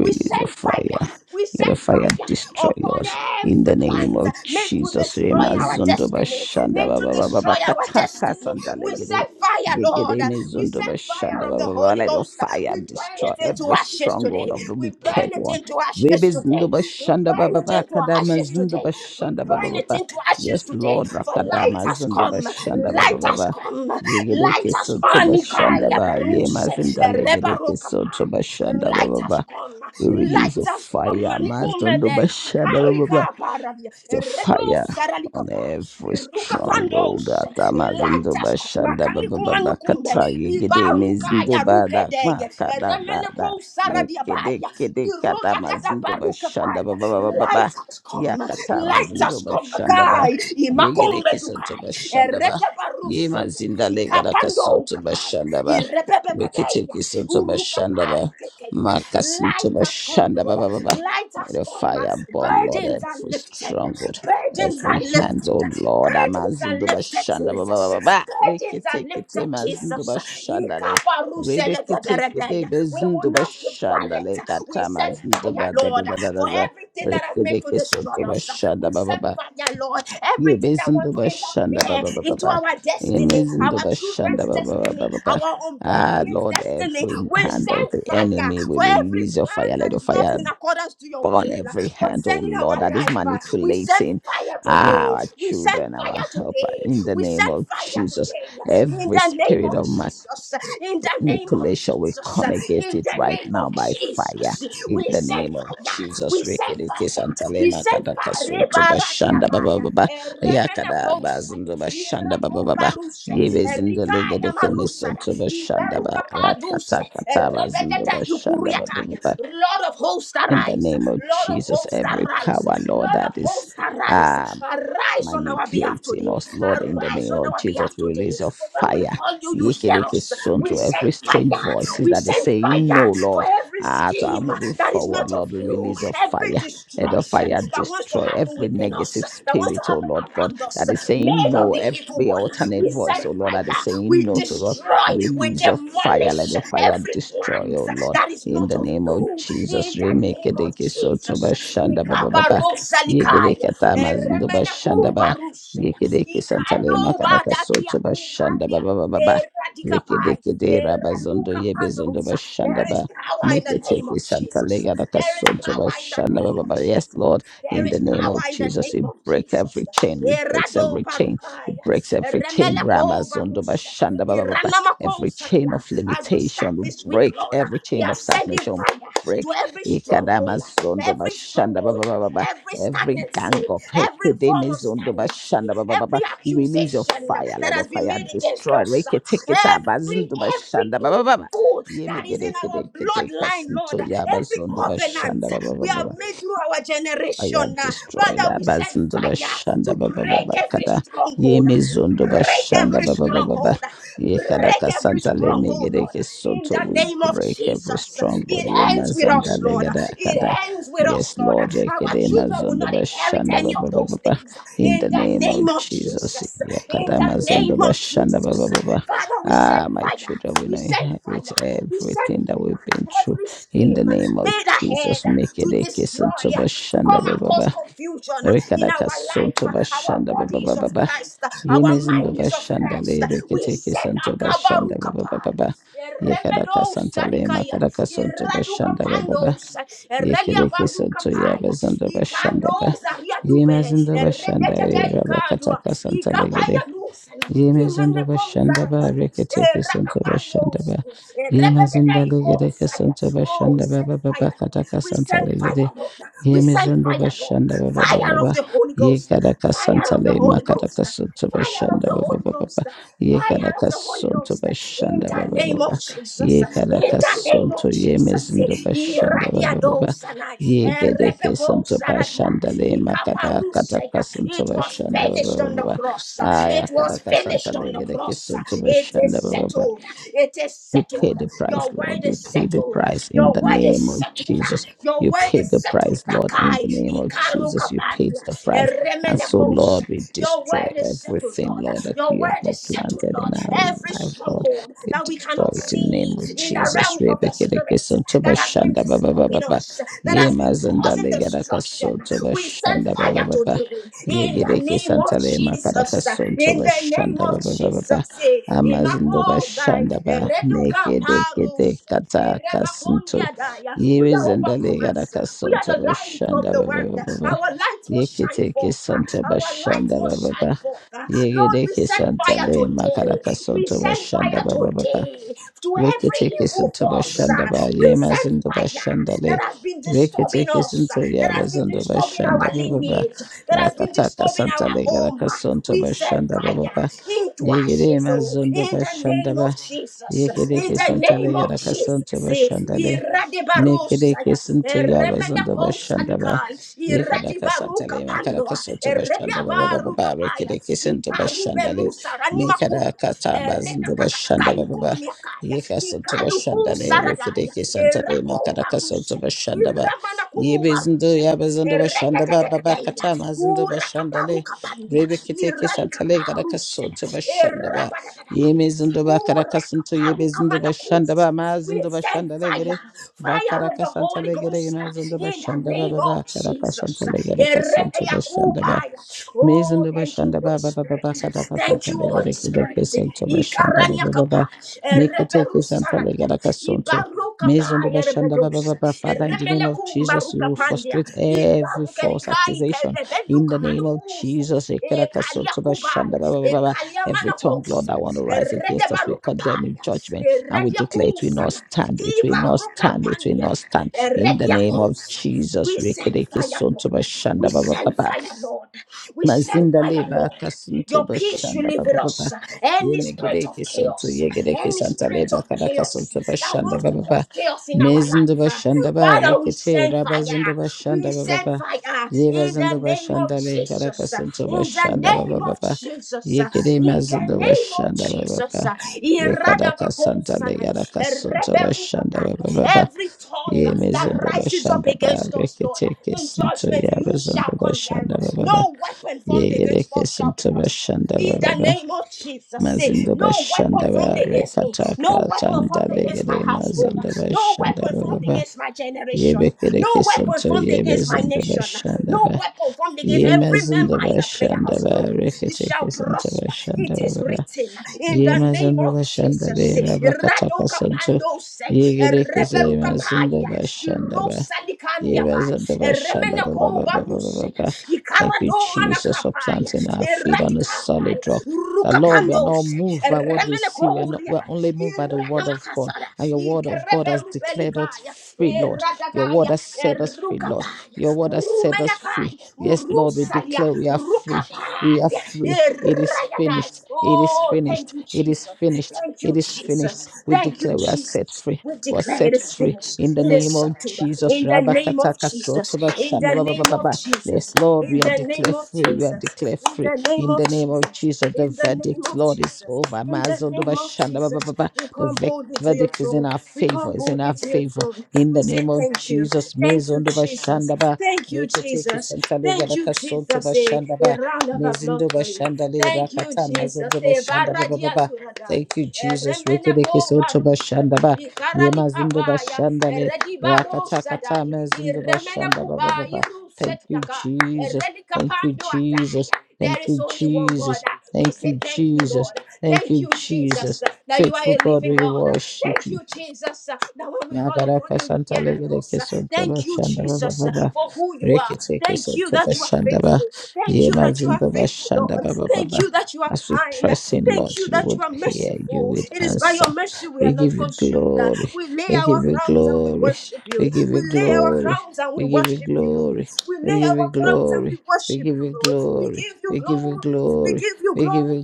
[SPEAKER 1] We
[SPEAKER 2] your
[SPEAKER 1] send fire.
[SPEAKER 2] fire.
[SPEAKER 1] We
[SPEAKER 2] Let the
[SPEAKER 1] send
[SPEAKER 2] fire
[SPEAKER 1] fire
[SPEAKER 2] destroy,
[SPEAKER 1] upon
[SPEAKER 2] Lord. In the
[SPEAKER 1] every
[SPEAKER 2] name
[SPEAKER 1] plans
[SPEAKER 2] of
[SPEAKER 1] made to
[SPEAKER 2] Jesus.
[SPEAKER 1] destroy
[SPEAKER 2] Rema
[SPEAKER 1] our
[SPEAKER 2] zondo ba
[SPEAKER 1] destiny,
[SPEAKER 2] shanda
[SPEAKER 1] made
[SPEAKER 2] ba
[SPEAKER 1] to
[SPEAKER 2] ba ba ba ba
[SPEAKER 1] destroy our
[SPEAKER 2] kataka
[SPEAKER 1] destiny.
[SPEAKER 2] sanda
[SPEAKER 1] We
[SPEAKER 2] legede.
[SPEAKER 1] send fire, Lord.
[SPEAKER 2] Yegede me
[SPEAKER 1] We we
[SPEAKER 2] zondo ba
[SPEAKER 1] send
[SPEAKER 2] shanda
[SPEAKER 1] fire of
[SPEAKER 2] ba
[SPEAKER 1] the
[SPEAKER 2] ba ba.
[SPEAKER 1] Holy
[SPEAKER 2] Let the
[SPEAKER 1] Ghost.
[SPEAKER 2] fire
[SPEAKER 1] We burn
[SPEAKER 2] destroy
[SPEAKER 1] it into
[SPEAKER 2] every
[SPEAKER 1] ashes
[SPEAKER 2] stronghold
[SPEAKER 1] today.
[SPEAKER 2] of the
[SPEAKER 1] We
[SPEAKER 2] wicked
[SPEAKER 1] burn it
[SPEAKER 2] one.
[SPEAKER 1] into
[SPEAKER 2] Rebe
[SPEAKER 1] ashes
[SPEAKER 2] zondo
[SPEAKER 1] today.
[SPEAKER 2] ba
[SPEAKER 1] We
[SPEAKER 2] shanda ba
[SPEAKER 1] burn
[SPEAKER 2] ba
[SPEAKER 1] it
[SPEAKER 2] ba.
[SPEAKER 1] into
[SPEAKER 2] Kadama
[SPEAKER 1] ashes
[SPEAKER 2] zondo
[SPEAKER 1] today.
[SPEAKER 2] ba
[SPEAKER 1] We
[SPEAKER 2] shanda ba ba
[SPEAKER 1] burn
[SPEAKER 2] ba
[SPEAKER 1] it
[SPEAKER 2] ba.
[SPEAKER 1] into ashes
[SPEAKER 2] Yes,
[SPEAKER 1] today.
[SPEAKER 2] Lord.
[SPEAKER 1] For light
[SPEAKER 2] Rakadama
[SPEAKER 1] has
[SPEAKER 2] zondo ba
[SPEAKER 1] come.
[SPEAKER 2] shanda ba ba
[SPEAKER 1] Light
[SPEAKER 2] ba
[SPEAKER 1] has
[SPEAKER 2] ba.
[SPEAKER 1] come.
[SPEAKER 2] Yegede ke
[SPEAKER 1] Light has
[SPEAKER 2] soto ba
[SPEAKER 1] come.
[SPEAKER 2] shanda
[SPEAKER 1] Nikaya
[SPEAKER 2] ba. Yema
[SPEAKER 1] Beruse.
[SPEAKER 2] zinda legede ke soto
[SPEAKER 1] Rebarokapa.
[SPEAKER 2] ba shanda ba
[SPEAKER 1] Light
[SPEAKER 2] ba ba.
[SPEAKER 1] has come.
[SPEAKER 2] We release
[SPEAKER 1] Light
[SPEAKER 2] a
[SPEAKER 1] has come.
[SPEAKER 2] fire, Master, under
[SPEAKER 1] Nikumede.
[SPEAKER 2] my
[SPEAKER 1] Karika
[SPEAKER 2] shadow
[SPEAKER 1] paravia.
[SPEAKER 2] the
[SPEAKER 1] Redo
[SPEAKER 2] fire on
[SPEAKER 1] saralikapa.
[SPEAKER 2] every
[SPEAKER 1] Ruka
[SPEAKER 2] stronghold
[SPEAKER 1] pandos.
[SPEAKER 2] that
[SPEAKER 1] Light has
[SPEAKER 2] Amazindoba
[SPEAKER 1] come.
[SPEAKER 2] Shanda Baba
[SPEAKER 1] Makanikuma
[SPEAKER 2] Baba
[SPEAKER 1] nukumbe.
[SPEAKER 2] Kata Yigide
[SPEAKER 1] Ibaruka ya
[SPEAKER 2] Mizindoba Dakma
[SPEAKER 1] rukede.
[SPEAKER 2] Kada
[SPEAKER 1] Remeneko
[SPEAKER 2] Bada
[SPEAKER 1] saradia
[SPEAKER 2] Mikede
[SPEAKER 1] baya.
[SPEAKER 2] kide Kata
[SPEAKER 1] Iroda kata
[SPEAKER 2] Mazindoba
[SPEAKER 1] baruka
[SPEAKER 2] Shanda Baba
[SPEAKER 1] paya.
[SPEAKER 2] Baba Baba
[SPEAKER 1] Light has come.
[SPEAKER 2] Yakata
[SPEAKER 1] Light has
[SPEAKER 2] Mazindoba
[SPEAKER 1] come.
[SPEAKER 2] Shanda Ba
[SPEAKER 1] Kai.
[SPEAKER 2] Yigide
[SPEAKER 1] Imakumbe
[SPEAKER 2] Kisantoba
[SPEAKER 1] dukai.
[SPEAKER 2] Shanda Ba
[SPEAKER 1] Ereda barusa.
[SPEAKER 2] Yema Zinda Legada
[SPEAKER 1] Ikapando
[SPEAKER 2] Kasontoba
[SPEAKER 1] kapaya.
[SPEAKER 2] Shanda Ba Mikete
[SPEAKER 1] Irepepepepeya.
[SPEAKER 2] Kisantoba Shanda Ba
[SPEAKER 1] Light
[SPEAKER 2] Makasintoba
[SPEAKER 1] has come,
[SPEAKER 2] Shanda
[SPEAKER 1] Lord.
[SPEAKER 2] Baba
[SPEAKER 1] Light
[SPEAKER 2] May
[SPEAKER 1] has
[SPEAKER 2] the
[SPEAKER 1] come.
[SPEAKER 2] fire burn, Lord,
[SPEAKER 1] Burdens
[SPEAKER 2] every
[SPEAKER 1] are lifted.
[SPEAKER 2] stronghold,
[SPEAKER 1] Burdens
[SPEAKER 2] every
[SPEAKER 1] are
[SPEAKER 2] hand, oh
[SPEAKER 1] lifted.
[SPEAKER 2] Lord.
[SPEAKER 1] Burdens are
[SPEAKER 2] Amazunduba
[SPEAKER 1] lifted,
[SPEAKER 2] shanda ba ba ba
[SPEAKER 1] Jesus.
[SPEAKER 2] ba ba.
[SPEAKER 1] Burdens are
[SPEAKER 2] Rekitekete
[SPEAKER 1] lifted, Jesus.
[SPEAKER 2] mazunduba
[SPEAKER 1] We
[SPEAKER 2] shandale. Rebekitekete
[SPEAKER 1] will
[SPEAKER 2] bezunduba
[SPEAKER 1] not give quiet.
[SPEAKER 2] shandale.
[SPEAKER 1] We
[SPEAKER 2] Kata
[SPEAKER 1] send fire,
[SPEAKER 2] mazunduba da da
[SPEAKER 1] Lord,
[SPEAKER 2] da da da
[SPEAKER 1] for
[SPEAKER 2] da.
[SPEAKER 1] everything that has made to
[SPEAKER 2] Rekideke
[SPEAKER 1] destroy
[SPEAKER 2] sotuba
[SPEAKER 1] us.
[SPEAKER 2] shanda
[SPEAKER 1] We
[SPEAKER 2] ba ba
[SPEAKER 1] send
[SPEAKER 2] ba.
[SPEAKER 1] fire, Lord,
[SPEAKER 2] Ye
[SPEAKER 1] everything that want to
[SPEAKER 2] bezunduba shanda ba
[SPEAKER 1] interfere
[SPEAKER 2] ba ba ba
[SPEAKER 1] into
[SPEAKER 2] ba.
[SPEAKER 1] our
[SPEAKER 2] Ye
[SPEAKER 1] destiny, our
[SPEAKER 2] mezunduba shanda
[SPEAKER 1] children's
[SPEAKER 2] ba ba ba ba
[SPEAKER 1] destiny,
[SPEAKER 2] ba ba.
[SPEAKER 1] our unborn
[SPEAKER 2] Ah,
[SPEAKER 1] kids'
[SPEAKER 2] Lord,
[SPEAKER 1] destiny.
[SPEAKER 2] every
[SPEAKER 1] We
[SPEAKER 2] hand of
[SPEAKER 1] send
[SPEAKER 2] the
[SPEAKER 1] fire
[SPEAKER 2] enemy, we
[SPEAKER 1] for every
[SPEAKER 2] release your
[SPEAKER 1] plan
[SPEAKER 2] fire. Let
[SPEAKER 1] that
[SPEAKER 2] the
[SPEAKER 1] is not
[SPEAKER 2] fire
[SPEAKER 1] in accordance to your
[SPEAKER 2] upon
[SPEAKER 1] will
[SPEAKER 2] every hand, oh
[SPEAKER 1] concerning
[SPEAKER 2] Lord,
[SPEAKER 1] our
[SPEAKER 2] that is
[SPEAKER 1] life. We send
[SPEAKER 2] manipulating
[SPEAKER 1] fire today.
[SPEAKER 2] our
[SPEAKER 1] We send
[SPEAKER 2] children, our
[SPEAKER 1] fire
[SPEAKER 2] helper,
[SPEAKER 1] today.
[SPEAKER 2] in the
[SPEAKER 1] We
[SPEAKER 2] name
[SPEAKER 1] send
[SPEAKER 2] of
[SPEAKER 1] fire
[SPEAKER 2] Jesus.
[SPEAKER 1] today in
[SPEAKER 2] Every
[SPEAKER 1] the name
[SPEAKER 2] spirit
[SPEAKER 1] of
[SPEAKER 2] of
[SPEAKER 1] Jesus. In the name of
[SPEAKER 2] manipulation will
[SPEAKER 1] Jesus
[SPEAKER 2] come
[SPEAKER 1] uh,
[SPEAKER 2] against
[SPEAKER 1] In
[SPEAKER 2] it
[SPEAKER 1] the
[SPEAKER 2] right
[SPEAKER 1] name
[SPEAKER 2] now
[SPEAKER 1] of
[SPEAKER 2] by fire.
[SPEAKER 1] Jesus,
[SPEAKER 2] In
[SPEAKER 1] we
[SPEAKER 2] the
[SPEAKER 1] send
[SPEAKER 2] name of
[SPEAKER 1] fire. We
[SPEAKER 2] Jesus,
[SPEAKER 1] send
[SPEAKER 2] Rikidiki
[SPEAKER 1] fire. We
[SPEAKER 2] Santalema
[SPEAKER 1] send fire.
[SPEAKER 2] Kadakasunto Bashanda Baba
[SPEAKER 1] Rebaradiabaya.
[SPEAKER 2] Baba Yakada
[SPEAKER 1] Eremenekosaya.
[SPEAKER 2] Bazundo Bashanda Baba Baba
[SPEAKER 1] Irakoparuse.
[SPEAKER 2] Yebezindo
[SPEAKER 1] Erikaya
[SPEAKER 2] Legedeke
[SPEAKER 1] marusada.
[SPEAKER 2] Misunto Bashanda Ba
[SPEAKER 1] Iberukapaduse.
[SPEAKER 2] Rakata Kataba Zundo
[SPEAKER 1] Erebedede
[SPEAKER 2] Bashanda Baba
[SPEAKER 1] yukuriataya.
[SPEAKER 2] Baba
[SPEAKER 1] Lord of hosts,
[SPEAKER 2] in the
[SPEAKER 1] arise.
[SPEAKER 2] name of
[SPEAKER 1] Lord of
[SPEAKER 2] Jesus,
[SPEAKER 1] hosts,
[SPEAKER 2] every
[SPEAKER 1] arise.
[SPEAKER 2] power, Lord,
[SPEAKER 1] Lord
[SPEAKER 2] that
[SPEAKER 1] of
[SPEAKER 2] is
[SPEAKER 1] hosts, arise.
[SPEAKER 2] uh,
[SPEAKER 1] Arise on our behalf
[SPEAKER 2] manipulating
[SPEAKER 1] today.
[SPEAKER 2] us, Lord, in the
[SPEAKER 1] Arise
[SPEAKER 2] name
[SPEAKER 1] on
[SPEAKER 2] of
[SPEAKER 1] our behalf
[SPEAKER 2] Jesus. We
[SPEAKER 1] today.
[SPEAKER 2] release your
[SPEAKER 1] For when we
[SPEAKER 2] fire.
[SPEAKER 1] call you, you hear
[SPEAKER 2] Yekereke
[SPEAKER 1] us.
[SPEAKER 2] soon
[SPEAKER 1] We
[SPEAKER 2] to
[SPEAKER 1] send
[SPEAKER 2] every
[SPEAKER 1] send
[SPEAKER 2] strange
[SPEAKER 1] fire.
[SPEAKER 2] voices
[SPEAKER 1] We
[SPEAKER 2] that is
[SPEAKER 1] send
[SPEAKER 2] saying no,
[SPEAKER 1] fire for
[SPEAKER 2] Lord.
[SPEAKER 1] every
[SPEAKER 2] Ah, to our
[SPEAKER 1] scheme
[SPEAKER 2] moving
[SPEAKER 1] that is
[SPEAKER 2] forward,
[SPEAKER 1] not of
[SPEAKER 2] Lord, we
[SPEAKER 1] you,
[SPEAKER 2] release your
[SPEAKER 1] every
[SPEAKER 2] fire. Let your
[SPEAKER 1] destruction
[SPEAKER 2] fire
[SPEAKER 1] that wants to
[SPEAKER 2] destroy
[SPEAKER 1] happen
[SPEAKER 2] every
[SPEAKER 1] within us,
[SPEAKER 2] negative
[SPEAKER 1] that wants to
[SPEAKER 2] spirit, oh
[SPEAKER 1] happen
[SPEAKER 2] Lord God,
[SPEAKER 1] around us,
[SPEAKER 2] that is saying
[SPEAKER 1] made of
[SPEAKER 2] no,
[SPEAKER 1] the evil
[SPEAKER 2] every
[SPEAKER 1] one.
[SPEAKER 2] alternate
[SPEAKER 1] We
[SPEAKER 2] voice,
[SPEAKER 1] send
[SPEAKER 2] oh Lord, that is
[SPEAKER 1] fire,
[SPEAKER 2] saying
[SPEAKER 1] we
[SPEAKER 2] no to us.
[SPEAKER 1] destroy, we
[SPEAKER 2] Release your fire, let
[SPEAKER 1] demolish
[SPEAKER 2] your fire
[SPEAKER 1] every
[SPEAKER 2] destroy,
[SPEAKER 1] plant
[SPEAKER 2] oh Lord,
[SPEAKER 1] that is
[SPEAKER 2] in
[SPEAKER 1] not
[SPEAKER 2] the
[SPEAKER 1] of
[SPEAKER 2] name of
[SPEAKER 1] you. In
[SPEAKER 2] Jesus.
[SPEAKER 1] the
[SPEAKER 2] Remake
[SPEAKER 1] name of
[SPEAKER 2] it, so
[SPEAKER 1] Jesus.
[SPEAKER 2] to
[SPEAKER 1] Ikabarosalikaya,
[SPEAKER 2] Yegerekata mazindo bashanda ba.
[SPEAKER 1] eremenekubarusaya,
[SPEAKER 2] Yegereke santale makaraka soto bashanda ba
[SPEAKER 1] ikadobadakiakukandia.
[SPEAKER 2] ba ba ba ba.
[SPEAKER 1] Eradikapai,
[SPEAKER 2] Rekedeke de rabazondo yebezondo
[SPEAKER 1] eralukapandosa. There
[SPEAKER 2] bashanda
[SPEAKER 1] is
[SPEAKER 2] ba.
[SPEAKER 1] power in
[SPEAKER 2] Make
[SPEAKER 1] the
[SPEAKER 2] it take
[SPEAKER 1] name
[SPEAKER 2] it,
[SPEAKER 1] of
[SPEAKER 2] Santa
[SPEAKER 1] Jesus.
[SPEAKER 2] Legaraka
[SPEAKER 1] There is
[SPEAKER 2] Sonto
[SPEAKER 1] power in the
[SPEAKER 2] Bashanda ba
[SPEAKER 1] name
[SPEAKER 2] ba
[SPEAKER 1] of
[SPEAKER 2] ba. Yes,
[SPEAKER 1] Jesus.
[SPEAKER 2] Lord,
[SPEAKER 1] There
[SPEAKER 2] in the
[SPEAKER 1] is
[SPEAKER 2] name
[SPEAKER 1] power
[SPEAKER 2] of
[SPEAKER 1] in the
[SPEAKER 2] Jesus, we
[SPEAKER 1] name of
[SPEAKER 2] break
[SPEAKER 1] Jesus.
[SPEAKER 2] every chain, it breaks
[SPEAKER 1] Erado
[SPEAKER 2] every chain, it
[SPEAKER 1] parukaya,
[SPEAKER 2] breaks every chain,
[SPEAKER 1] remeleko
[SPEAKER 2] Ramazondo
[SPEAKER 1] barusha.
[SPEAKER 2] Bashanda ba ba ba ba. every chain
[SPEAKER 1] Iranamakousadia.
[SPEAKER 2] of
[SPEAKER 1] As we start
[SPEAKER 2] limitation,
[SPEAKER 1] this
[SPEAKER 2] we
[SPEAKER 1] week,
[SPEAKER 2] break
[SPEAKER 1] Lord, uh,
[SPEAKER 2] every
[SPEAKER 1] we
[SPEAKER 2] chain
[SPEAKER 1] are
[SPEAKER 2] of
[SPEAKER 1] sending
[SPEAKER 2] stagnation,
[SPEAKER 1] fire to
[SPEAKER 2] break
[SPEAKER 1] every
[SPEAKER 2] Ikadama
[SPEAKER 1] stronghold, uh,
[SPEAKER 2] Zondo
[SPEAKER 1] every
[SPEAKER 2] Bashanda
[SPEAKER 1] stronghold, uh, every
[SPEAKER 2] Every gang
[SPEAKER 1] stagnancy,
[SPEAKER 2] up,
[SPEAKER 1] every form of stagnancy,
[SPEAKER 2] Hekedemezondobashandabababa.
[SPEAKER 1] every
[SPEAKER 2] release your
[SPEAKER 1] accusation uh,
[SPEAKER 2] fire,
[SPEAKER 1] that
[SPEAKER 2] let your
[SPEAKER 1] has been
[SPEAKER 2] fire
[SPEAKER 1] made against
[SPEAKER 2] destroy.
[SPEAKER 1] us,
[SPEAKER 2] Reke take
[SPEAKER 1] uh,
[SPEAKER 2] it up,
[SPEAKER 1] every, every
[SPEAKER 2] Reketeketabazondobashandabababa.
[SPEAKER 1] food that is in our bloodline, Lord. Every covenant we
[SPEAKER 2] Yemegedekedeketekasntoyabazondobashandabababa.
[SPEAKER 1] have made through our
[SPEAKER 2] I
[SPEAKER 1] generation.
[SPEAKER 2] had
[SPEAKER 1] uh,
[SPEAKER 2] destroyed
[SPEAKER 1] Father, we send
[SPEAKER 2] Abazindo
[SPEAKER 1] fire to
[SPEAKER 2] Bashanda Baba
[SPEAKER 1] break
[SPEAKER 2] Baba
[SPEAKER 1] every
[SPEAKER 2] Kada
[SPEAKER 1] stronghold.
[SPEAKER 2] Yemizondo
[SPEAKER 1] Break
[SPEAKER 2] Bashanda
[SPEAKER 1] every
[SPEAKER 2] Baba Baba Baba
[SPEAKER 1] stronghold.
[SPEAKER 2] Yekada
[SPEAKER 1] Break every
[SPEAKER 2] Kasanta Leme
[SPEAKER 1] stronghold, Lord.
[SPEAKER 2] Gedeke
[SPEAKER 1] In
[SPEAKER 2] Soto.
[SPEAKER 1] the
[SPEAKER 2] We
[SPEAKER 1] name of
[SPEAKER 2] break every
[SPEAKER 1] Jesus.
[SPEAKER 2] stronghold
[SPEAKER 1] It ends with
[SPEAKER 2] Yemazanda
[SPEAKER 1] us, Lord.
[SPEAKER 2] Legada Kada.
[SPEAKER 1] It
[SPEAKER 2] kada.
[SPEAKER 1] ends with us,
[SPEAKER 2] Yes,
[SPEAKER 1] Lord.
[SPEAKER 2] Lord,
[SPEAKER 1] Our
[SPEAKER 2] Ekede
[SPEAKER 1] children will
[SPEAKER 2] Mazondo
[SPEAKER 1] not inherit
[SPEAKER 2] Bashanda
[SPEAKER 1] any of
[SPEAKER 2] Baba Baba
[SPEAKER 1] those
[SPEAKER 2] Baba.
[SPEAKER 1] things.
[SPEAKER 2] In the
[SPEAKER 1] In the
[SPEAKER 2] name
[SPEAKER 1] name
[SPEAKER 2] of
[SPEAKER 1] of
[SPEAKER 2] Jesus,
[SPEAKER 1] Jesus.
[SPEAKER 2] ye
[SPEAKER 1] In
[SPEAKER 2] Yakada
[SPEAKER 1] the
[SPEAKER 2] Mazondo
[SPEAKER 1] name of
[SPEAKER 2] Bashanda Baba
[SPEAKER 1] Jesus.
[SPEAKER 2] Baba.
[SPEAKER 1] Father, we send
[SPEAKER 2] Ah, my
[SPEAKER 1] send fire.
[SPEAKER 2] children, we
[SPEAKER 1] We
[SPEAKER 2] know
[SPEAKER 1] send
[SPEAKER 2] inherit
[SPEAKER 1] fire. We send
[SPEAKER 2] everything that we've been
[SPEAKER 1] fire.
[SPEAKER 2] through.
[SPEAKER 1] Every
[SPEAKER 2] In the
[SPEAKER 1] scheme
[SPEAKER 2] name of
[SPEAKER 1] made ahead
[SPEAKER 2] Jesus, make it
[SPEAKER 1] to
[SPEAKER 2] a kiss
[SPEAKER 1] destroy,
[SPEAKER 2] unto
[SPEAKER 1] to
[SPEAKER 2] Bashanda
[SPEAKER 1] come
[SPEAKER 2] Baba.
[SPEAKER 1] and cause
[SPEAKER 2] Baba.
[SPEAKER 1] confusion in our
[SPEAKER 2] Rekadaka Sonto
[SPEAKER 1] life. Our
[SPEAKER 2] Bashanda Baba
[SPEAKER 1] body
[SPEAKER 2] Baba.
[SPEAKER 1] is of
[SPEAKER 2] Baba.
[SPEAKER 1] Christ. Our
[SPEAKER 2] Yemezindo
[SPEAKER 1] mind is of
[SPEAKER 2] Bashanda
[SPEAKER 1] Christ.
[SPEAKER 2] Le
[SPEAKER 1] We
[SPEAKER 2] Reketeke
[SPEAKER 1] send
[SPEAKER 2] Santo Bashanda Baba Baba.
[SPEAKER 1] Akabarukapai.
[SPEAKER 2] Baba.
[SPEAKER 1] Eremedo
[SPEAKER 2] Yekadaka Santa Le
[SPEAKER 1] sarikaya,
[SPEAKER 2] Makadaka Sonto
[SPEAKER 1] iraduka
[SPEAKER 2] Bashanda Baba. Baba.
[SPEAKER 1] pandos, erelia
[SPEAKER 2] Yekedeke
[SPEAKER 1] baruka
[SPEAKER 2] Sonto
[SPEAKER 1] paya,
[SPEAKER 2] Yabazando
[SPEAKER 1] ikando
[SPEAKER 2] Bashanda Ba.
[SPEAKER 1] zaria dube,
[SPEAKER 2] Yemezindo Bashanda
[SPEAKER 1] eredetete
[SPEAKER 2] Le
[SPEAKER 1] ikadua,
[SPEAKER 2] Rabakataka Santa Legede.
[SPEAKER 1] ikapaya nusen,
[SPEAKER 2] Yemezanda
[SPEAKER 1] imeneko
[SPEAKER 2] bashandaba
[SPEAKER 1] zarada,
[SPEAKER 2] reketeke santa
[SPEAKER 1] erakapandos,
[SPEAKER 2] bashandaba.
[SPEAKER 1] erebetete
[SPEAKER 2] Yemazanda legedeke
[SPEAKER 1] ikosaya.
[SPEAKER 2] santa
[SPEAKER 1] Oh, we
[SPEAKER 2] bashandaba
[SPEAKER 1] send
[SPEAKER 2] baba
[SPEAKER 1] fire, Lord.
[SPEAKER 2] bakataka
[SPEAKER 1] We
[SPEAKER 2] santa
[SPEAKER 1] send fire, Lord. We send
[SPEAKER 2] Yemizondo
[SPEAKER 1] fire, Lord.
[SPEAKER 2] bashanda baba baba
[SPEAKER 1] Fire
[SPEAKER 2] ba
[SPEAKER 1] of the Holy Ghost.
[SPEAKER 2] yekaraka
[SPEAKER 1] Fire of the
[SPEAKER 2] santale
[SPEAKER 1] Holy
[SPEAKER 2] makaraka
[SPEAKER 1] Ghost.
[SPEAKER 2] sunto
[SPEAKER 1] Fire of
[SPEAKER 2] bashanda
[SPEAKER 1] the
[SPEAKER 2] baba
[SPEAKER 1] Holy
[SPEAKER 2] baba ba
[SPEAKER 1] Ghost. Fire of
[SPEAKER 2] yekaraka
[SPEAKER 1] the Holy
[SPEAKER 2] sunto
[SPEAKER 1] Ghost. In
[SPEAKER 2] bashanda
[SPEAKER 1] the
[SPEAKER 2] baba
[SPEAKER 1] name
[SPEAKER 2] baba
[SPEAKER 1] of Jesus. In
[SPEAKER 2] yekaraka
[SPEAKER 1] the name
[SPEAKER 2] sonto
[SPEAKER 1] of Jesus.
[SPEAKER 2] yemizondo bashanda baba
[SPEAKER 1] Iradiado
[SPEAKER 2] baba
[SPEAKER 1] sanai.
[SPEAKER 2] yegereke
[SPEAKER 1] Erebeko
[SPEAKER 2] sunto
[SPEAKER 1] saradia.
[SPEAKER 2] bashanda le makaraka taka
[SPEAKER 1] Ikaparuseya.
[SPEAKER 2] sonto
[SPEAKER 1] It was
[SPEAKER 2] bashanda baba
[SPEAKER 1] finished on the
[SPEAKER 2] baba
[SPEAKER 1] cross. It was
[SPEAKER 2] ayakaraka
[SPEAKER 1] finished
[SPEAKER 2] santale
[SPEAKER 1] on the
[SPEAKER 2] gereke
[SPEAKER 1] cross.
[SPEAKER 2] sunto
[SPEAKER 1] It is
[SPEAKER 2] bashanda baba
[SPEAKER 1] settled. It is
[SPEAKER 2] you pay
[SPEAKER 1] settled.
[SPEAKER 2] the price,
[SPEAKER 1] Your word
[SPEAKER 2] Lord. You
[SPEAKER 1] is
[SPEAKER 2] pay the
[SPEAKER 1] settled.
[SPEAKER 2] price in
[SPEAKER 1] Your
[SPEAKER 2] the
[SPEAKER 1] word
[SPEAKER 2] name
[SPEAKER 1] is
[SPEAKER 2] of
[SPEAKER 1] settled.
[SPEAKER 2] Jesus.
[SPEAKER 1] Your
[SPEAKER 2] You
[SPEAKER 1] word
[SPEAKER 2] pay
[SPEAKER 1] is
[SPEAKER 2] the
[SPEAKER 1] settled.
[SPEAKER 2] price, Lord, in
[SPEAKER 1] Takai.
[SPEAKER 2] the name of Jesus. You paid the
[SPEAKER 1] Ikarukapandia.
[SPEAKER 2] price. And so,
[SPEAKER 1] Eremenekos.
[SPEAKER 2] Lord, we
[SPEAKER 1] Your
[SPEAKER 2] destroy
[SPEAKER 1] word is is settled,
[SPEAKER 2] everything,
[SPEAKER 1] Lord.
[SPEAKER 2] Lord, that
[SPEAKER 1] Your
[SPEAKER 2] you have
[SPEAKER 1] word is
[SPEAKER 2] not
[SPEAKER 1] settled,
[SPEAKER 2] planted in
[SPEAKER 1] Lord. Every
[SPEAKER 2] our life, Lord.
[SPEAKER 1] stronghold
[SPEAKER 2] We
[SPEAKER 1] that we
[SPEAKER 2] destroy
[SPEAKER 1] cannot
[SPEAKER 2] it in the
[SPEAKER 1] see
[SPEAKER 2] name of
[SPEAKER 1] in the
[SPEAKER 2] Jesus.
[SPEAKER 1] realms of the
[SPEAKER 2] Rebecca, the
[SPEAKER 1] spirit
[SPEAKER 2] kiss on Toba
[SPEAKER 1] that has been
[SPEAKER 2] Shanda, ba, ba, ba, ba,
[SPEAKER 1] disturbing
[SPEAKER 2] ba.
[SPEAKER 1] us, that
[SPEAKER 2] Ye
[SPEAKER 1] has been
[SPEAKER 2] mazanda
[SPEAKER 1] causing
[SPEAKER 2] le gada
[SPEAKER 1] destruction,
[SPEAKER 2] kaso toba
[SPEAKER 1] we send
[SPEAKER 2] shanda ba ba
[SPEAKER 1] fire
[SPEAKER 2] ba ba.
[SPEAKER 1] today
[SPEAKER 2] Ye
[SPEAKER 1] in the
[SPEAKER 2] gede
[SPEAKER 1] name of
[SPEAKER 2] kisanta le makada
[SPEAKER 1] Jesus.
[SPEAKER 2] kaso
[SPEAKER 1] In
[SPEAKER 2] toba
[SPEAKER 1] the name
[SPEAKER 2] shanda ba
[SPEAKER 1] of
[SPEAKER 2] ba ba ba ba
[SPEAKER 1] Jesus, eh,
[SPEAKER 2] amazinda
[SPEAKER 1] Imakozai,
[SPEAKER 2] bashanda ba
[SPEAKER 1] Ereduka
[SPEAKER 2] meke deke de
[SPEAKER 1] Parus,
[SPEAKER 2] kata kasunto
[SPEAKER 1] Erebakondia Daya. we are
[SPEAKER 2] yibizenda legara
[SPEAKER 1] overcomers. We
[SPEAKER 2] kasunto
[SPEAKER 1] are the light
[SPEAKER 2] bashanda
[SPEAKER 1] of the
[SPEAKER 2] ba ba ba
[SPEAKER 1] world.
[SPEAKER 2] ba ba
[SPEAKER 1] Our light must
[SPEAKER 2] yeke
[SPEAKER 1] shine
[SPEAKER 2] teke
[SPEAKER 1] forth.
[SPEAKER 2] santo
[SPEAKER 1] Our light
[SPEAKER 2] bashanda ba
[SPEAKER 1] must
[SPEAKER 2] ba ba
[SPEAKER 1] shine forth forth. uh.
[SPEAKER 2] yeke
[SPEAKER 1] Lord, we
[SPEAKER 2] deke
[SPEAKER 1] send
[SPEAKER 2] santa
[SPEAKER 1] fire
[SPEAKER 2] le makara
[SPEAKER 1] today. We
[SPEAKER 2] kasunto
[SPEAKER 1] send
[SPEAKER 2] bashanda
[SPEAKER 1] fire
[SPEAKER 2] ba ba ba ba
[SPEAKER 1] today to every
[SPEAKER 2] Rekete
[SPEAKER 1] evil
[SPEAKER 2] kesinto
[SPEAKER 1] force.
[SPEAKER 2] bashanda
[SPEAKER 1] uh.
[SPEAKER 2] ba
[SPEAKER 1] We send
[SPEAKER 2] yemazindo
[SPEAKER 1] fire
[SPEAKER 2] bashanda
[SPEAKER 1] that
[SPEAKER 2] le.
[SPEAKER 1] has been
[SPEAKER 2] Rekete
[SPEAKER 1] disturbing us, uh,
[SPEAKER 2] kesinto
[SPEAKER 1] that has been
[SPEAKER 2] yabazindo
[SPEAKER 1] disturbing
[SPEAKER 2] bashanda
[SPEAKER 1] our
[SPEAKER 2] baba.
[SPEAKER 1] lineage, that has been
[SPEAKER 2] Rakataka
[SPEAKER 1] disturbing our
[SPEAKER 2] santa le
[SPEAKER 1] home. uh,
[SPEAKER 2] garakasonto
[SPEAKER 1] We send
[SPEAKER 2] bashanda
[SPEAKER 1] fire
[SPEAKER 2] baba.
[SPEAKER 1] into
[SPEAKER 2] Yegere
[SPEAKER 1] ashes, oh,
[SPEAKER 2] mazondo
[SPEAKER 1] in the
[SPEAKER 2] bashanda
[SPEAKER 1] name of
[SPEAKER 2] ba.
[SPEAKER 1] Jesus,
[SPEAKER 2] Yekere
[SPEAKER 1] in the
[SPEAKER 2] kesanta le
[SPEAKER 1] name of
[SPEAKER 2] garakasonto
[SPEAKER 1] Jesus. eh,
[SPEAKER 2] bashanda Mekede
[SPEAKER 1] Iradebarosa,
[SPEAKER 2] kesin to
[SPEAKER 1] eh,
[SPEAKER 2] yabazın da
[SPEAKER 1] Remenakosa,
[SPEAKER 2] başında ba.
[SPEAKER 1] Nikai,
[SPEAKER 2] Ye kada kasan
[SPEAKER 1] Iradibaruka
[SPEAKER 2] talema kada
[SPEAKER 1] Pandoa,
[SPEAKER 2] kaso to başında ba ba ba ba ba.
[SPEAKER 1] kaya
[SPEAKER 2] Rekede kesin to
[SPEAKER 1] ikarube
[SPEAKER 2] başında le. Me
[SPEAKER 1] ranima
[SPEAKER 2] kada
[SPEAKER 1] kumbe
[SPEAKER 2] kata
[SPEAKER 1] ereka
[SPEAKER 2] bazın bashanda
[SPEAKER 1] kakakai
[SPEAKER 2] ba ba ba.
[SPEAKER 1] ngumi kaya
[SPEAKER 2] Ye kaso to
[SPEAKER 1] ikaluku
[SPEAKER 2] le. Rekede
[SPEAKER 1] saradaya
[SPEAKER 2] kesin talema
[SPEAKER 1] erako
[SPEAKER 2] kada kaso
[SPEAKER 1] paruse
[SPEAKER 2] to başında ba.
[SPEAKER 1] iramana
[SPEAKER 2] Ye
[SPEAKER 1] kuba
[SPEAKER 2] bezin do
[SPEAKER 1] ruse
[SPEAKER 2] yabazın da
[SPEAKER 1] ereka
[SPEAKER 2] ba ba ba
[SPEAKER 1] teteteya
[SPEAKER 2] kata mazın da
[SPEAKER 1] uraka
[SPEAKER 2] başında le.
[SPEAKER 1] paruka pandla
[SPEAKER 2] Rebe kete kesin
[SPEAKER 1] iralika
[SPEAKER 2] tale kada
[SPEAKER 1] paruse
[SPEAKER 2] kaso to başında ba.
[SPEAKER 1] erabada
[SPEAKER 2] Ye mezin ba kada kasın
[SPEAKER 1] uraka
[SPEAKER 2] to ye
[SPEAKER 1] paruka
[SPEAKER 2] bezin do
[SPEAKER 1] mana kufse
[SPEAKER 2] ba mazın
[SPEAKER 1] we
[SPEAKER 2] do
[SPEAKER 1] send
[SPEAKER 2] başında le.
[SPEAKER 1] fire fire of
[SPEAKER 2] Bakaraka
[SPEAKER 1] the
[SPEAKER 2] Santa
[SPEAKER 1] Holy
[SPEAKER 2] Legere
[SPEAKER 1] Ghost
[SPEAKER 2] Yamazanda
[SPEAKER 1] in the
[SPEAKER 2] Bashanda
[SPEAKER 1] name
[SPEAKER 2] Baba
[SPEAKER 1] of
[SPEAKER 2] Bakaraka
[SPEAKER 1] Jesus
[SPEAKER 2] Santa Legere
[SPEAKER 1] ereka
[SPEAKER 2] Kasunto Bashanda Ba
[SPEAKER 1] yakubaya oh
[SPEAKER 2] Mezando
[SPEAKER 1] thank Thank you,
[SPEAKER 2] Bashanda
[SPEAKER 1] Holy
[SPEAKER 2] Baba Baba
[SPEAKER 1] Spirit.
[SPEAKER 2] Bakaraka
[SPEAKER 1] Thank
[SPEAKER 2] Santa
[SPEAKER 1] you, Holy
[SPEAKER 2] Legere Kedeke
[SPEAKER 1] Spirit.
[SPEAKER 2] Santo Bashanda Baba
[SPEAKER 1] Ikaraniakapa,
[SPEAKER 2] Baba Make it take his Santa
[SPEAKER 1] Reberusarata,
[SPEAKER 2] Legere Kasunto
[SPEAKER 1] Ibarukapa,
[SPEAKER 2] Mezando Bashanda Baba
[SPEAKER 1] Rebedusa,
[SPEAKER 2] Baba Father in the name of
[SPEAKER 1] Remeleku
[SPEAKER 2] Jesus we will
[SPEAKER 1] Marukapandia,
[SPEAKER 2] frustrate every false
[SPEAKER 1] Ibarukarikai,
[SPEAKER 2] accusation in the
[SPEAKER 1] Rebeduka
[SPEAKER 2] name of
[SPEAKER 1] Manukusa,
[SPEAKER 2] Jesus Ekeraka Santo Bashanda
[SPEAKER 1] Ekaliakubai,
[SPEAKER 2] Baba Baba every tongue Lord
[SPEAKER 1] Ekaliamanakos,
[SPEAKER 2] that want to rise against us we condemn in
[SPEAKER 1] Redebarukapaya,
[SPEAKER 2] judgment and we declare it will not
[SPEAKER 1] Rediakusana,
[SPEAKER 2] stand, it will not stand, it will
[SPEAKER 1] Ibarukapandia,
[SPEAKER 2] not stand. In the name of
[SPEAKER 1] Rediakusa.
[SPEAKER 2] Jesus,
[SPEAKER 1] We send
[SPEAKER 2] Rikidiki
[SPEAKER 1] fire, Lord. We
[SPEAKER 2] Sontobashandababa.
[SPEAKER 1] send fire, Lord. We send
[SPEAKER 2] Mazinda
[SPEAKER 1] fire fire,
[SPEAKER 2] leba
[SPEAKER 1] Lord.
[SPEAKER 2] kasunto
[SPEAKER 1] Your peace you
[SPEAKER 2] bashanda
[SPEAKER 1] live
[SPEAKER 2] baba
[SPEAKER 1] with
[SPEAKER 2] baba.
[SPEAKER 1] us. Any spirit of
[SPEAKER 2] Yemegedeke sonto
[SPEAKER 1] chaos,
[SPEAKER 2] yegedeke
[SPEAKER 1] any
[SPEAKER 2] santa
[SPEAKER 1] spirit
[SPEAKER 2] leba
[SPEAKER 1] of
[SPEAKER 2] karaka
[SPEAKER 1] chaos
[SPEAKER 2] sonto
[SPEAKER 1] that
[SPEAKER 2] bashanda
[SPEAKER 1] wants to
[SPEAKER 2] baba baba.
[SPEAKER 1] cause chaos in our
[SPEAKER 2] Mezindo
[SPEAKER 1] life, uh,
[SPEAKER 2] bashanda ba
[SPEAKER 1] Father, we
[SPEAKER 2] rekete
[SPEAKER 1] send fire.
[SPEAKER 2] rabazindo
[SPEAKER 1] We
[SPEAKER 2] bashanda baba
[SPEAKER 1] send
[SPEAKER 2] baba.
[SPEAKER 1] fire in the
[SPEAKER 2] Yebazindo
[SPEAKER 1] name of
[SPEAKER 2] bashanda le karaka
[SPEAKER 1] Jesus. uh,
[SPEAKER 2] sonto
[SPEAKER 1] In the
[SPEAKER 2] bashanda baba
[SPEAKER 1] name of
[SPEAKER 2] baba.
[SPEAKER 1] Jesus. uh,
[SPEAKER 2] Yekede
[SPEAKER 1] In the
[SPEAKER 2] mazindo
[SPEAKER 1] name of
[SPEAKER 2] bashanda baba
[SPEAKER 1] Jesus.
[SPEAKER 2] baba.
[SPEAKER 1] uh,
[SPEAKER 2] Rekadaka santa le
[SPEAKER 1] Iradabakosana,
[SPEAKER 2] karaka sonto bashanda baba
[SPEAKER 1] ereberukapaya.
[SPEAKER 2] baba.
[SPEAKER 1] Every tongue that
[SPEAKER 2] Yemezindo
[SPEAKER 1] rises up
[SPEAKER 2] bashanda ba
[SPEAKER 1] against us, Lord,
[SPEAKER 2] rekete
[SPEAKER 1] in
[SPEAKER 2] kesinto
[SPEAKER 1] judgment, you
[SPEAKER 2] yabazindo
[SPEAKER 1] shall
[SPEAKER 2] bashanda
[SPEAKER 1] condemn.
[SPEAKER 2] baba baba.
[SPEAKER 1] No weapon formed against against us shall
[SPEAKER 2] Yegerekesente
[SPEAKER 1] prosper.
[SPEAKER 2] bashanda
[SPEAKER 1] In the
[SPEAKER 2] baba
[SPEAKER 1] name of Jesus, say,
[SPEAKER 2] mazindo
[SPEAKER 1] no
[SPEAKER 2] bashanda
[SPEAKER 1] weapon
[SPEAKER 2] ba
[SPEAKER 1] formed against me,
[SPEAKER 2] rekataka
[SPEAKER 1] no weapon
[SPEAKER 2] chanda
[SPEAKER 1] formed against my
[SPEAKER 2] legere
[SPEAKER 1] household,
[SPEAKER 2] mazindo
[SPEAKER 1] no
[SPEAKER 2] bashanda
[SPEAKER 1] weapon formed
[SPEAKER 2] baba
[SPEAKER 1] against my generation, no weapon
[SPEAKER 2] yebekerekesente
[SPEAKER 1] formed against my
[SPEAKER 2] yebezindo
[SPEAKER 1] nation,
[SPEAKER 2] bashanda
[SPEAKER 1] no
[SPEAKER 2] ba
[SPEAKER 1] weapon formed against every
[SPEAKER 2] yemezindo
[SPEAKER 1] member in the prayer
[SPEAKER 2] bashanda
[SPEAKER 1] house
[SPEAKER 2] ba
[SPEAKER 1] group. It shall
[SPEAKER 2] reketekesente
[SPEAKER 1] prosper.
[SPEAKER 2] bashanda
[SPEAKER 1] It is
[SPEAKER 2] baba
[SPEAKER 1] written in the name
[SPEAKER 2] yemezindo
[SPEAKER 1] of
[SPEAKER 2] bashanda
[SPEAKER 1] Jesus.
[SPEAKER 2] le
[SPEAKER 1] Say,
[SPEAKER 2] rabakataka
[SPEAKER 1] Radoka
[SPEAKER 2] santo
[SPEAKER 1] pando say,
[SPEAKER 2] yegerekese
[SPEAKER 1] Reberuka
[SPEAKER 2] mazindo
[SPEAKER 1] paya,
[SPEAKER 2] bashanda ba
[SPEAKER 1] Irosa likandia ba,
[SPEAKER 2] Thank
[SPEAKER 1] Remene koba ruse,
[SPEAKER 2] you,
[SPEAKER 1] Ikarado
[SPEAKER 2] Jesus, for
[SPEAKER 1] Manakapa,
[SPEAKER 2] planting our feet on a
[SPEAKER 1] Eradicapai,
[SPEAKER 2] solid rock. That Lord, we are not
[SPEAKER 1] Rucapandos,
[SPEAKER 2] moved by what we see. We are not
[SPEAKER 1] Remenecoria,
[SPEAKER 2] we're only moved by the word of God.
[SPEAKER 1] Iranamakasara,
[SPEAKER 2] And your word of God has declared us
[SPEAKER 1] Ikereberubeligaya,
[SPEAKER 2] free, Lord. Your word
[SPEAKER 1] Eradadaya,
[SPEAKER 2] has set us free, Lord.
[SPEAKER 1] Erucapai,
[SPEAKER 2] Your word has set us
[SPEAKER 1] Rumenakai,
[SPEAKER 2] free. Yes, Lord, we
[SPEAKER 1] Urusalia,
[SPEAKER 2] declare we are free. We are
[SPEAKER 1] Rucapande,
[SPEAKER 2] free. It is finished.
[SPEAKER 1] Eradadai.
[SPEAKER 2] It is
[SPEAKER 1] Oh, thank
[SPEAKER 2] finished.
[SPEAKER 1] you,
[SPEAKER 2] It is
[SPEAKER 1] Jesus.
[SPEAKER 2] finished.
[SPEAKER 1] Thank you,
[SPEAKER 2] It is finished.
[SPEAKER 1] Jesus.
[SPEAKER 2] We
[SPEAKER 1] Thank you,
[SPEAKER 2] declare we are set
[SPEAKER 1] Jesus.
[SPEAKER 2] free.
[SPEAKER 1] We
[SPEAKER 2] We are
[SPEAKER 1] declare it
[SPEAKER 2] set
[SPEAKER 1] is
[SPEAKER 2] free
[SPEAKER 1] finished.
[SPEAKER 2] in the
[SPEAKER 1] It is
[SPEAKER 2] name of
[SPEAKER 1] settled.
[SPEAKER 2] Jesus,
[SPEAKER 1] In the name of
[SPEAKER 2] Rabakataka
[SPEAKER 1] Jesus.
[SPEAKER 2] Sotoba
[SPEAKER 1] In
[SPEAKER 2] Shana
[SPEAKER 1] the
[SPEAKER 2] Baba
[SPEAKER 1] name
[SPEAKER 2] Baba.
[SPEAKER 1] of
[SPEAKER 2] Baba. Yes,
[SPEAKER 1] Jesus.
[SPEAKER 2] Lord,
[SPEAKER 1] In
[SPEAKER 2] we are
[SPEAKER 1] the
[SPEAKER 2] declared
[SPEAKER 1] name of
[SPEAKER 2] free. We are
[SPEAKER 1] Jesus.
[SPEAKER 2] declared
[SPEAKER 1] In
[SPEAKER 2] free.
[SPEAKER 1] the name
[SPEAKER 2] In
[SPEAKER 1] of
[SPEAKER 2] the name of
[SPEAKER 1] Jesus.
[SPEAKER 2] Jesus, the
[SPEAKER 1] In the name
[SPEAKER 2] verdict,
[SPEAKER 1] of
[SPEAKER 2] Lord, is
[SPEAKER 1] Jesus.
[SPEAKER 2] over.
[SPEAKER 1] In the
[SPEAKER 2] Mazodoba
[SPEAKER 1] name of
[SPEAKER 2] Shanda Baba
[SPEAKER 1] Jesus.
[SPEAKER 2] Baba.
[SPEAKER 1] We
[SPEAKER 2] The
[SPEAKER 1] come
[SPEAKER 2] vic-
[SPEAKER 1] boldly to your
[SPEAKER 2] Verdict is in
[SPEAKER 1] throne.
[SPEAKER 2] our
[SPEAKER 1] We come
[SPEAKER 2] favor, is in our
[SPEAKER 1] boldly to your
[SPEAKER 2] favor.
[SPEAKER 1] throne.
[SPEAKER 2] In the
[SPEAKER 1] We
[SPEAKER 2] name
[SPEAKER 1] say
[SPEAKER 2] of
[SPEAKER 1] thank you.
[SPEAKER 2] Jesus,
[SPEAKER 1] Thank you,
[SPEAKER 2] Mezondoba
[SPEAKER 1] Jesus.
[SPEAKER 2] Shandaba,
[SPEAKER 1] Thank you,
[SPEAKER 2] Reketeki
[SPEAKER 1] Jesus.
[SPEAKER 2] Santale
[SPEAKER 1] Thank
[SPEAKER 2] Yadaka
[SPEAKER 1] you,
[SPEAKER 2] Sontoba
[SPEAKER 1] Jesus. A, a
[SPEAKER 2] Shandaba,
[SPEAKER 1] round of applause
[SPEAKER 2] Mezindoba
[SPEAKER 1] for you.
[SPEAKER 2] Shandale
[SPEAKER 1] Thank you,
[SPEAKER 2] Rakata,
[SPEAKER 1] Jesus.
[SPEAKER 2] Mazondoba
[SPEAKER 1] Eh,
[SPEAKER 2] Shandaba
[SPEAKER 1] Baradia
[SPEAKER 2] Baba.
[SPEAKER 1] Zuradai.
[SPEAKER 2] Thank you, Jesus. Reketeki
[SPEAKER 1] Eremeneko
[SPEAKER 2] Sontoba
[SPEAKER 1] barusha,
[SPEAKER 2] Shandaba. Yemazindo
[SPEAKER 1] ikaralikabai,
[SPEAKER 2] Bashandale, Rakatakata
[SPEAKER 1] eredibarosadai,
[SPEAKER 2] Mazindo Bashanda Baba
[SPEAKER 1] iremenekubai,
[SPEAKER 2] Baba. Thank you,
[SPEAKER 1] rusetiakai,
[SPEAKER 2] Jesus. Thank you,
[SPEAKER 1] erelikapandoatai.
[SPEAKER 2] Jesus. Thank
[SPEAKER 1] There is
[SPEAKER 2] you,
[SPEAKER 1] only one God.
[SPEAKER 2] Jesus.
[SPEAKER 1] We
[SPEAKER 2] Thank you,
[SPEAKER 1] say thank you,
[SPEAKER 2] Jesus.
[SPEAKER 1] Lord.
[SPEAKER 2] Thank
[SPEAKER 1] Thank
[SPEAKER 2] you,
[SPEAKER 1] you, Jesus,
[SPEAKER 2] Jesus.
[SPEAKER 1] that you are
[SPEAKER 2] Faithful
[SPEAKER 1] a
[SPEAKER 2] God,
[SPEAKER 1] living
[SPEAKER 2] we
[SPEAKER 1] God.
[SPEAKER 2] worship
[SPEAKER 1] Thank
[SPEAKER 2] you.
[SPEAKER 1] you, Jesus, that when we call upon
[SPEAKER 2] Nagaraka
[SPEAKER 1] you, you
[SPEAKER 2] Santa
[SPEAKER 1] hear
[SPEAKER 2] Legere
[SPEAKER 1] us.
[SPEAKER 2] Kesonto
[SPEAKER 1] Thank you,
[SPEAKER 2] Bashanda Baba
[SPEAKER 1] Jesus,
[SPEAKER 2] Baba
[SPEAKER 1] for who you are.
[SPEAKER 2] Rekete
[SPEAKER 1] Thank you
[SPEAKER 2] Kesonto
[SPEAKER 1] that you are
[SPEAKER 2] Bashanda Ba
[SPEAKER 1] faithful. Thank you
[SPEAKER 2] Yema
[SPEAKER 1] that you are
[SPEAKER 2] Zindo
[SPEAKER 1] faithful,
[SPEAKER 2] Bashanda
[SPEAKER 1] Lord.
[SPEAKER 2] Baba
[SPEAKER 1] Thank
[SPEAKER 2] Baba.
[SPEAKER 1] you that you are
[SPEAKER 2] As we
[SPEAKER 1] kind.
[SPEAKER 2] press in, Lord,
[SPEAKER 1] Thank you
[SPEAKER 2] you
[SPEAKER 1] that you
[SPEAKER 2] would
[SPEAKER 1] are
[SPEAKER 2] hear, you
[SPEAKER 1] merciful.
[SPEAKER 2] would
[SPEAKER 1] It is by
[SPEAKER 2] answer.
[SPEAKER 1] your mercy we are
[SPEAKER 2] We give
[SPEAKER 1] not
[SPEAKER 2] you
[SPEAKER 1] consumed.
[SPEAKER 2] glory,
[SPEAKER 1] We lay
[SPEAKER 2] we give
[SPEAKER 1] our
[SPEAKER 2] you
[SPEAKER 1] crowns and we
[SPEAKER 2] glory,
[SPEAKER 1] worship
[SPEAKER 2] we
[SPEAKER 1] you.
[SPEAKER 2] give
[SPEAKER 1] We
[SPEAKER 2] you
[SPEAKER 1] lay our
[SPEAKER 2] glory,
[SPEAKER 1] crowns and we
[SPEAKER 2] we give you
[SPEAKER 1] worship you, Lord.
[SPEAKER 2] glory,
[SPEAKER 1] We
[SPEAKER 2] we
[SPEAKER 1] lay
[SPEAKER 2] give
[SPEAKER 1] our
[SPEAKER 2] you
[SPEAKER 1] crowns and we
[SPEAKER 2] glory, we
[SPEAKER 1] worship
[SPEAKER 2] give
[SPEAKER 1] you,
[SPEAKER 2] you
[SPEAKER 1] Lord. We
[SPEAKER 2] glory,
[SPEAKER 1] give you
[SPEAKER 2] we give you
[SPEAKER 1] glory. We
[SPEAKER 2] glory,
[SPEAKER 1] give you
[SPEAKER 2] we
[SPEAKER 1] glory.
[SPEAKER 2] give you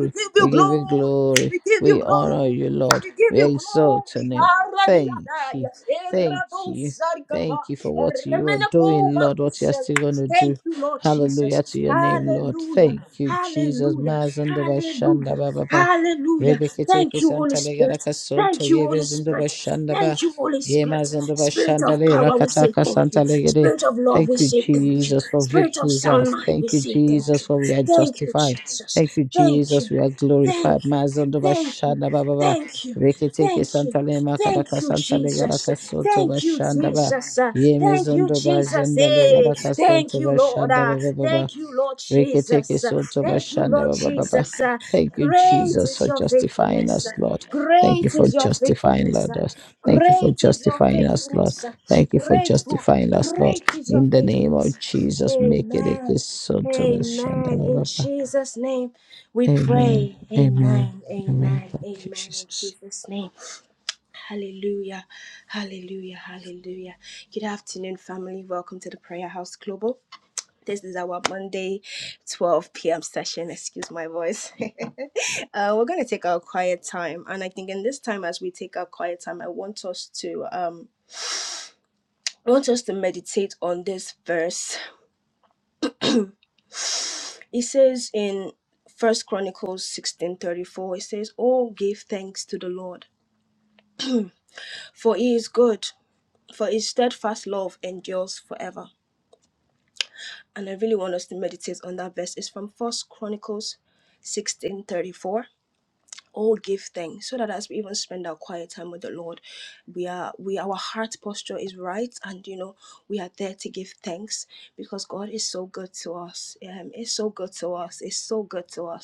[SPEAKER 1] We give you
[SPEAKER 2] we give you
[SPEAKER 1] glory.
[SPEAKER 2] glory.
[SPEAKER 1] We give you
[SPEAKER 2] We honor
[SPEAKER 1] glory.
[SPEAKER 2] you, Lord.
[SPEAKER 1] We give
[SPEAKER 2] We
[SPEAKER 1] you
[SPEAKER 2] exalt your
[SPEAKER 1] glory.
[SPEAKER 2] name. Thank you.
[SPEAKER 1] Karadiadaya.
[SPEAKER 2] Thank you.
[SPEAKER 1] Erabosarikapa.
[SPEAKER 2] Thank you for what you are doing, Lord, what you're
[SPEAKER 1] Eremenekobarusela.
[SPEAKER 2] still going to do.
[SPEAKER 1] Thank you, Lord
[SPEAKER 2] Hallelujah to
[SPEAKER 1] Jesus.
[SPEAKER 2] your name, Lord.
[SPEAKER 1] Hallelujah.
[SPEAKER 2] Thank you, Jesus.
[SPEAKER 1] Hallelujah.
[SPEAKER 2] Mazando
[SPEAKER 1] Hallelujah.
[SPEAKER 2] Mazandaba ba Baba.
[SPEAKER 1] Hallelujah.
[SPEAKER 2] Rebekiteke
[SPEAKER 1] Thank you, Holy
[SPEAKER 2] Santa
[SPEAKER 1] Spirit.
[SPEAKER 2] Legaraka Soto
[SPEAKER 1] Thank you, Holy
[SPEAKER 2] Yebezandaba
[SPEAKER 1] Spirit.
[SPEAKER 2] bashanda Ba.
[SPEAKER 1] Thank you, Holy Spirit.
[SPEAKER 2] Yemazandaba
[SPEAKER 1] Spirit
[SPEAKER 2] bashanda
[SPEAKER 1] of
[SPEAKER 2] Le
[SPEAKER 1] power, we say
[SPEAKER 2] Rakataka
[SPEAKER 1] thank you.
[SPEAKER 2] Santa Legere.
[SPEAKER 1] Spirit of love, we
[SPEAKER 2] Thank you,
[SPEAKER 1] say thank you.
[SPEAKER 2] Jesus, for
[SPEAKER 1] Spirit of
[SPEAKER 2] victory is
[SPEAKER 1] sound
[SPEAKER 2] ours.
[SPEAKER 1] mind,
[SPEAKER 2] Thank
[SPEAKER 1] we
[SPEAKER 2] you,
[SPEAKER 1] say thank
[SPEAKER 2] Jesus,
[SPEAKER 1] you.
[SPEAKER 2] for we are
[SPEAKER 1] Thank you,
[SPEAKER 2] justified.
[SPEAKER 1] Jesus.
[SPEAKER 2] Thank you,
[SPEAKER 1] Thank
[SPEAKER 2] Jesus,
[SPEAKER 1] you.
[SPEAKER 2] we are
[SPEAKER 1] Thank
[SPEAKER 2] glorified.
[SPEAKER 1] you.
[SPEAKER 2] Mazando
[SPEAKER 1] Thank you.
[SPEAKER 2] bashanda ba ba ba.
[SPEAKER 1] Thank you.
[SPEAKER 2] Reketeke
[SPEAKER 1] Thank you.
[SPEAKER 2] santale makaraka
[SPEAKER 1] Thank you,
[SPEAKER 2] santale
[SPEAKER 1] Jesus.
[SPEAKER 2] garaka soto
[SPEAKER 1] Thank you,
[SPEAKER 2] bashanda ba.
[SPEAKER 1] Jesus.
[SPEAKER 2] Yeme
[SPEAKER 1] Thank you,
[SPEAKER 2] zondo ba
[SPEAKER 1] Jesus.
[SPEAKER 2] zanda le
[SPEAKER 1] Hey,
[SPEAKER 2] garaka
[SPEAKER 1] thank
[SPEAKER 2] soto
[SPEAKER 1] you, Lord.
[SPEAKER 2] bashanda
[SPEAKER 1] Uh,
[SPEAKER 2] ba ba ba ba.
[SPEAKER 1] Thank you, Lord
[SPEAKER 2] Reketeke
[SPEAKER 1] Jesus.
[SPEAKER 2] soto
[SPEAKER 1] Thank you,
[SPEAKER 2] bashanda
[SPEAKER 1] Lord
[SPEAKER 2] ba ba ba ba.
[SPEAKER 1] Jesus. Uh,
[SPEAKER 2] Thank you,
[SPEAKER 1] Great
[SPEAKER 2] Jesus,
[SPEAKER 1] is
[SPEAKER 2] for
[SPEAKER 1] your
[SPEAKER 2] justifying
[SPEAKER 1] faithfulness.
[SPEAKER 2] us, Lord. Thank you
[SPEAKER 1] Great
[SPEAKER 2] for
[SPEAKER 1] is your
[SPEAKER 2] justifying
[SPEAKER 1] faithfulness.
[SPEAKER 2] Lord, us. Thank you for
[SPEAKER 1] Great is your
[SPEAKER 2] justifying us, Lord.
[SPEAKER 1] faithfulness.
[SPEAKER 2] Thank you for
[SPEAKER 1] Grateful.
[SPEAKER 2] justifying us, Lord.
[SPEAKER 1] Great is your
[SPEAKER 2] In the name of
[SPEAKER 1] faithfulness.
[SPEAKER 2] Jesus, make it a
[SPEAKER 1] Amen.
[SPEAKER 2] kiss. soto bashanda
[SPEAKER 1] Amen.
[SPEAKER 2] ba
[SPEAKER 1] In
[SPEAKER 2] ba ba.
[SPEAKER 1] Jesus' name we
[SPEAKER 2] Amen.
[SPEAKER 1] pray.
[SPEAKER 2] Amen.
[SPEAKER 1] Amen.
[SPEAKER 2] Amen.
[SPEAKER 1] Amen.
[SPEAKER 2] Thank you,
[SPEAKER 1] Amen. In
[SPEAKER 2] Jesus.
[SPEAKER 1] Jesus' name. Hallelujah. Hallelujah. Hallelujah. Good afternoon, family. Welcome to the Prayer House Global. This is our Monday 12 p.m. session. Excuse my voice. uh, we're going to take our quiet time. And I think in this time, as we take our quiet time, I want us to. Um, I want us to meditate on this verse It says in First Chronicles sixteen thirty four, it says, "Oh, give thanks to the Lord, for He is good, for His steadfast love endures forever." And I really is from First Chronicles sixteen thirty four. Oh, give thanks so that we spend our quiet time with the Lord. We, we our heart posture is right, and you know we are there. Give thanks because it's so good to us. It's so good to us. It's so good to us.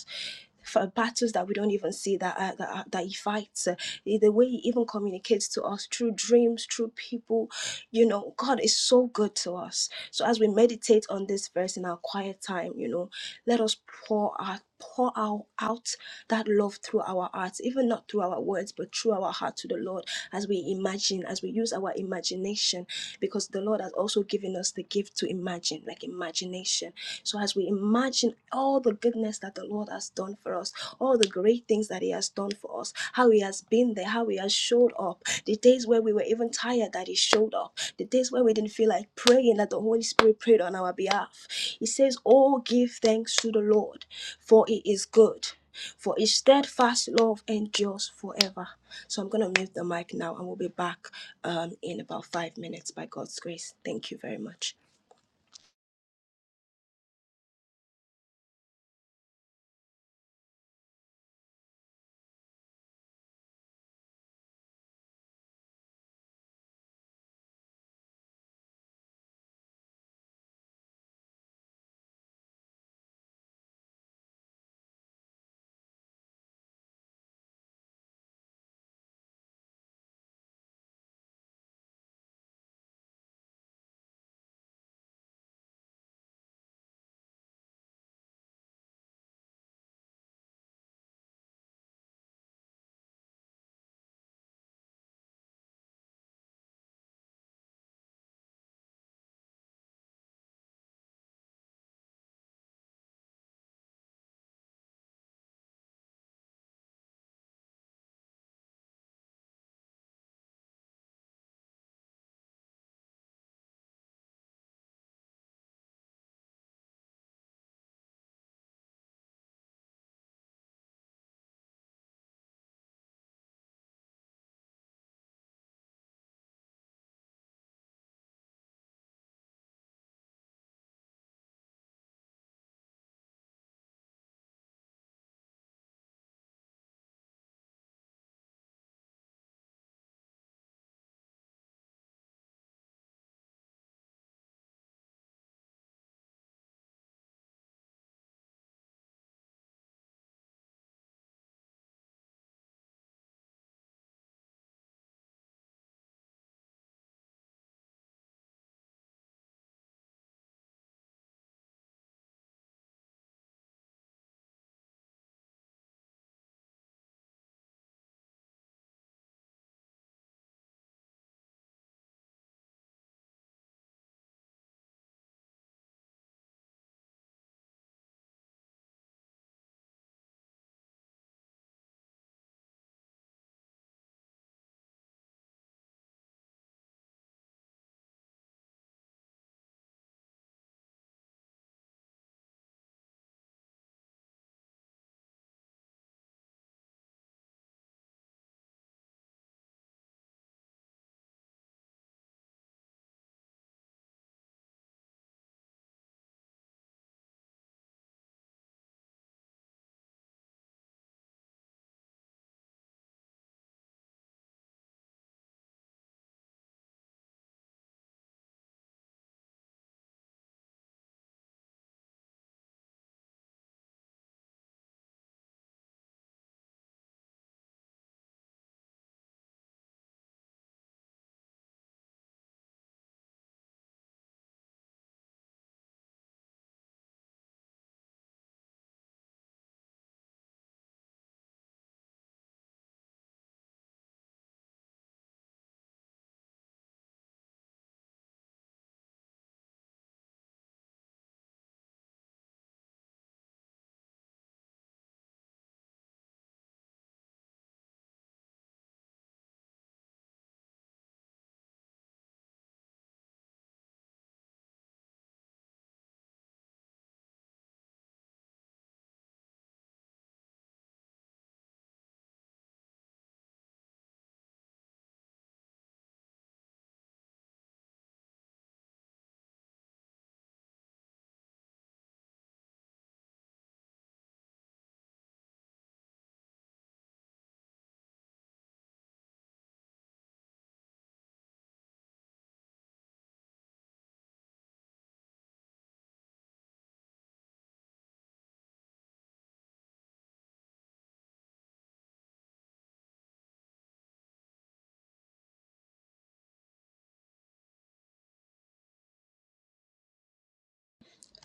[SPEAKER 1] for battles that we don't even see that uh, that, uh, that he fights uh, the way he even communicates to us through dreams through people you know god is so good to us so as we meditate on this verse in our quiet time you know let us pour our pour out, out that love through our hearts even not through our words but through our heart to the lord as we imagine as we use our imagination because the lord has also given us the gift to imagine like imagination so as we imagine all the goodness that the Lord has done for us, all the great things that He has done for us, how He has been there, how He has showed up, the days where we were even tired that He showed up, the days where we didn't feel like praying that the Holy Spirit prayed on our behalf. He says, Oh, give thanks to the Lord, for it is good. For his steadfast love endures forever. So I'm going to mute the mic now and we'll be back um, in about five minutes by God's grace. Thank you very much.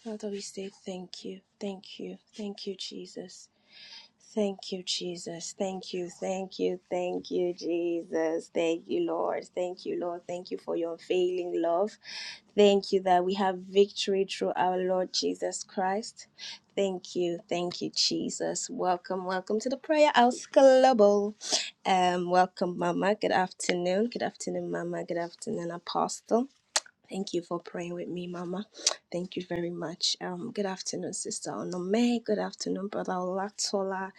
[SPEAKER 1] Father, we say thank you, thank you, thank you, Jesus. Thank you, Jesus. Thank you, thank you, thank you, Jesus. Thank you, Lord. Thank you, Lord. Thank you for your unfailing love. Thank you that we have victory through our Lord Jesus Christ. Thank you, thank you, Jesus. Welcome, welcome to the Prayer House Global. Um, welcome, Mama. Good afternoon. Good afternoon, Mama. Good afternoon, Apostle. Thank you for praying with me, Mama. Thank you very much. Um, good afternoon, Sister Onome. Good afternoon, Brother Olatola.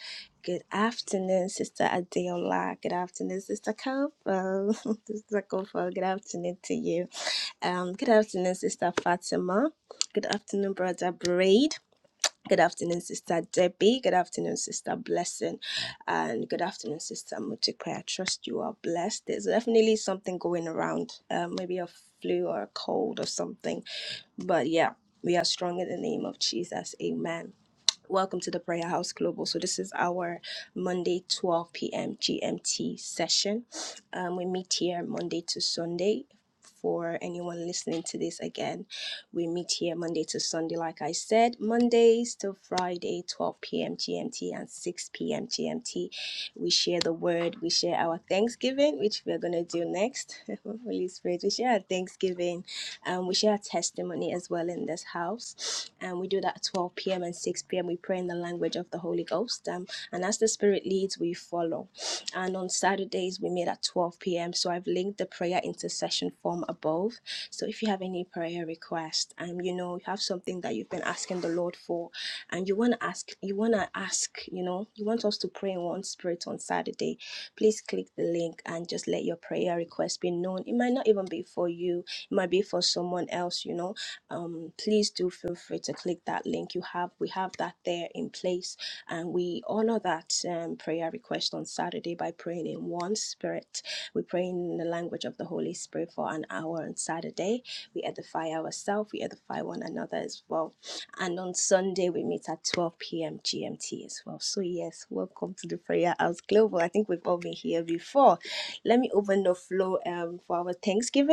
[SPEAKER 1] Good afternoon, Sister Adeola. Good afternoon, Sister Kofo. Sister Kofo, good afternoon to you. Um, good afternoon, Sister Fatima. Good afternoon, Brother Braid. Good afternoon, Sister Debbie. Good afternoon, Sister Blessing. And good afternoon, Sister Mutikwe. I trust you are blessed. There's definitely something going around, uh, maybe a flu or a cold or something. But yeah, we are strong in the name of Jesus. Amen. Welcome to the Prayer House Global. So, this is our Monday 12 p.m. GMT session. Um, we meet here Monday to Sunday. For anyone listening to this again, we meet here Monday to Sunday, like I said, Mondays to Friday, 12 p.m. GMT and 6 p.m. GMT. We share the word, we share our Thanksgiving, which we're going to do next. Holy Spirit, we share our Thanksgiving um, we share testimony as well in this house. And we do that at 12 p.m. and 6 p.m. We pray in the language of the Holy Ghost. Um, and as the Spirit leads, we follow. And on Saturdays, we meet at 12 p.m. So I've linked the prayer intercession form above. So if you have any prayer request, um, you know, you have something that you've been asking the Lord for, and you want to ask, you want to ask, you know, you want us to pray in one spirit on Saturday, please click the link and just let your prayer request be known. It might not even be for you, it might be for someone else you know um please do feel free to click that link you have we have that there in place and we honor that um, prayer request on saturday by praying in one spirit we pray in the language of the holy spirit for an hour on saturday we edify ourselves we edify one another as well and on sunday we meet at 12 p.m gmt as well so yes welcome to the prayer house global i think we've all been here before let me open the floor um, for our thanksgiving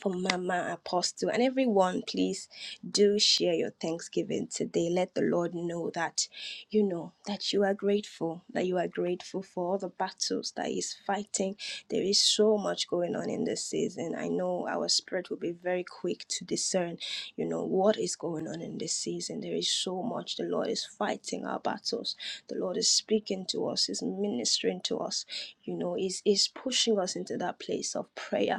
[SPEAKER 1] for Mama Apostle and everyone, please do share your Thanksgiving today. Let the Lord know that you know that you are grateful, that you are grateful for all the battles that He's fighting. There is so much going on in this season. I know our spirit will be very quick to discern, you know, what is going on in this season. There is so much. The Lord is fighting our battles. The Lord is speaking to us, is ministering to us, you know, is is pushing us into that place of prayer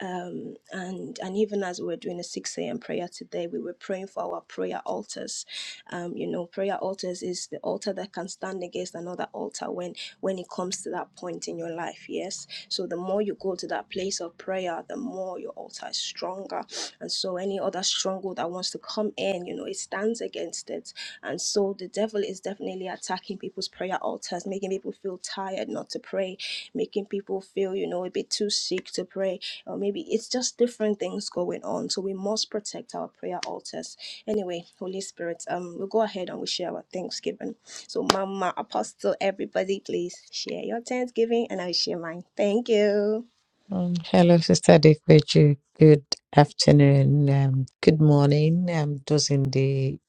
[SPEAKER 1] um, and and even as we were doing a 6 a.m. prayer today, we were praying for our prayer altars. Um, you know, prayer altars is the altar that can stand against another altar when when it comes to that point in your life. Yes, so the more you go to that place of prayer, the more your altar is stronger, and so any other stronghold that wants to come in, you know, it stands against it. And so the devil is definitely attacking people's prayer altars, making people feel tired not to pray, making people feel you know a bit too sick to pray, or maybe it's just different things going on. So we must protect our prayer altars. Anyway, Holy Spirit, um, we'll go ahead and we share our Thanksgiving. So, Mama, Apostle, everybody, please share your Thanksgiving and I'll share mine. Thank you.
[SPEAKER 2] Um, hello, Sister Dekweju. Good afternoon. Um, good morning. Um, those in the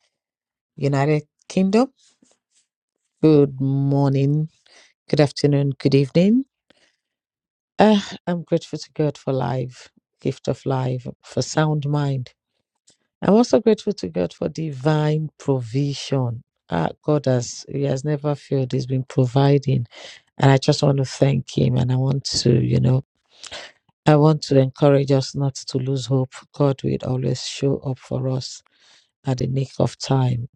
[SPEAKER 2] United Kingdom. Good morning. Good afternoon. Good evening. Uh, I'm grateful to God for life, gift of life, for sound mind. I'm also grateful to God for divine provision. Uh, God has He has never failed. He's been providing, and I just want to thank Him. And I want to, you know. I want to encourage us not to lose hope. God will always show up for us at the nick of time.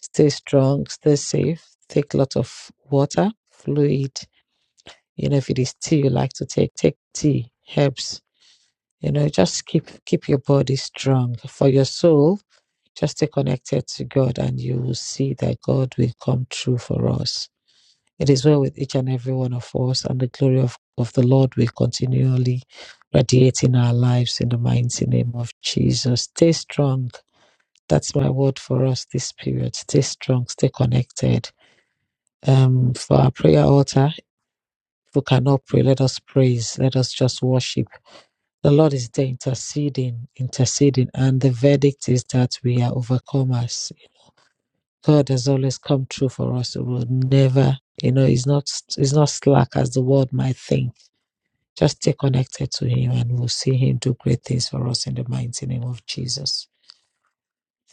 [SPEAKER 2] Stay strong, stay safe, take lots of water, fluid. You know, if it is tea you like to take, take tea, herbs. You know, just keep keep your body strong. For your soul, just stay connected to God and you will see that God will come true for us. It is well with each and every one of us, and the glory of, of the Lord will continually radiate in our lives in the mighty name of Jesus. Stay strong. That's my word for us this period. Stay strong, stay connected. Um, for our prayer altar, if we cannot pray, let us praise, let us just worship. The Lord is there interceding, interceding, and the verdict is that we are overcomers. God has always come true for us. We will never, you know, he's not he's not slack as the world might think Just stay connected to Him and we'll see Him do great things for us in the mighty name of Jesus.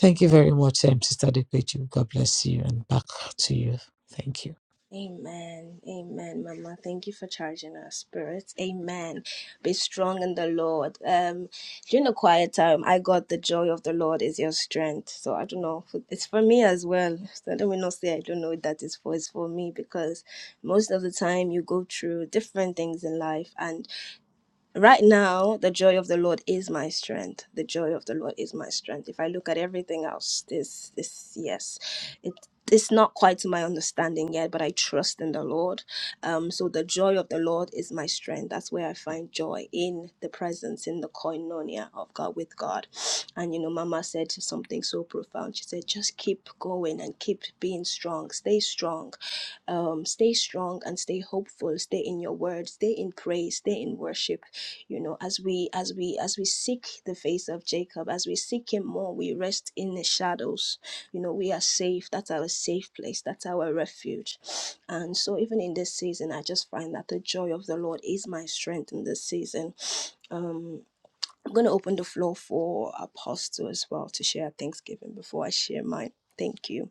[SPEAKER 2] Thank you very much, um, Sister Depeju. God bless you and back to you. Thank you.
[SPEAKER 1] Amen. Amen, Mama. Thank you for charging our spirits. Amen. Be strong in the Lord. Um, during the quiet time, I got the joy of the Lord is your strength. So I don't know. It's for me as well. So let me not say I don't know what that is for. It's for me because most of the time you go through different things in life. and. Right now, the joy of the Lord is my strength. The joy of the Lord is my strength. If I look at everything else, this, this, yes, it, it's not quite to my understanding yet, but I trust in the Lord. Um, so the joy of the Lord is my strength. That's where I find joy in the presence, in the koinonia of God with God. And you know, Mama said something so profound. She said, just keep going and keep being strong. Stay strong um, stay strong and stay hopeful. Stay in your word. Stay in praise. Stay in worship you know as we as we as we seek the face of jacob as we seek him more we rest in the shadows you know we are safe that's our safe place that's our refuge and so even in this season i just find that the joy of the lord is my strength in this season um i'm going to open the floor for apostle as well to share thanksgiving before i share mine thank you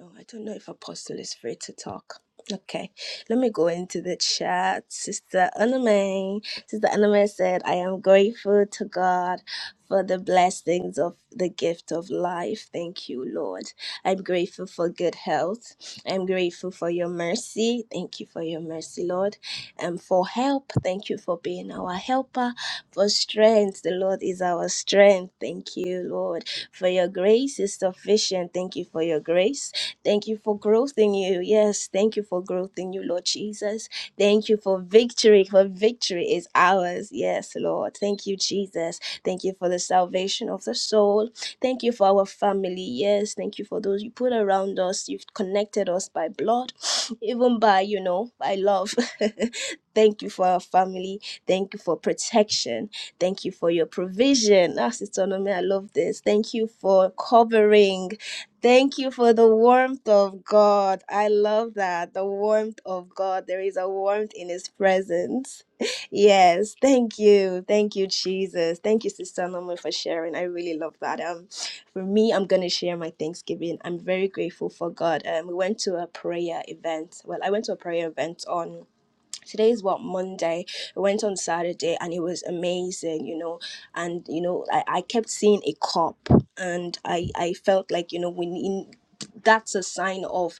[SPEAKER 1] Oh, I don't know if Apostle is free to talk. Okay, let me go into the chat. Sister Anime, Sister Anime said, I am grateful to God for the blessings of the gift of life. Thank you, Lord. I'm grateful for good health. I'm grateful for your mercy. Thank you for your mercy, Lord. And for help. Thank you for being our helper. For strength. The Lord is our strength. Thank you, Lord. For your grace is sufficient. Thank you for your grace. Thank you for growth in you. Yes, thank you for growth in you, Lord Jesus. Thank you for victory, for victory is ours. Yes, Lord. Thank you, Jesus. Thank you for the salvation of the soul. Thank you for our family. Yes, thank you for those you put around us. You've connected us by blood, even by, you know, by love. thank you for our family. Thank you for protection. Thank you for your provision. Ah, Sister Nome, I love this. Thank you for covering. Thank you for the warmth of God. I love that. The warmth of God. There is a warmth in His presence. Yes. Thank you. Thank you, Jesus. Thank you, Sister Norman, for sharing. I really love that. Um, for me, I'm gonna share my Thanksgiving. I'm very grateful for God. Um, we went to a prayer event. Well, I went to a prayer event on today is what monday i went on saturday and it was amazing you know and you know i, I kept seeing a cop and i i felt like you know we need that's a sign of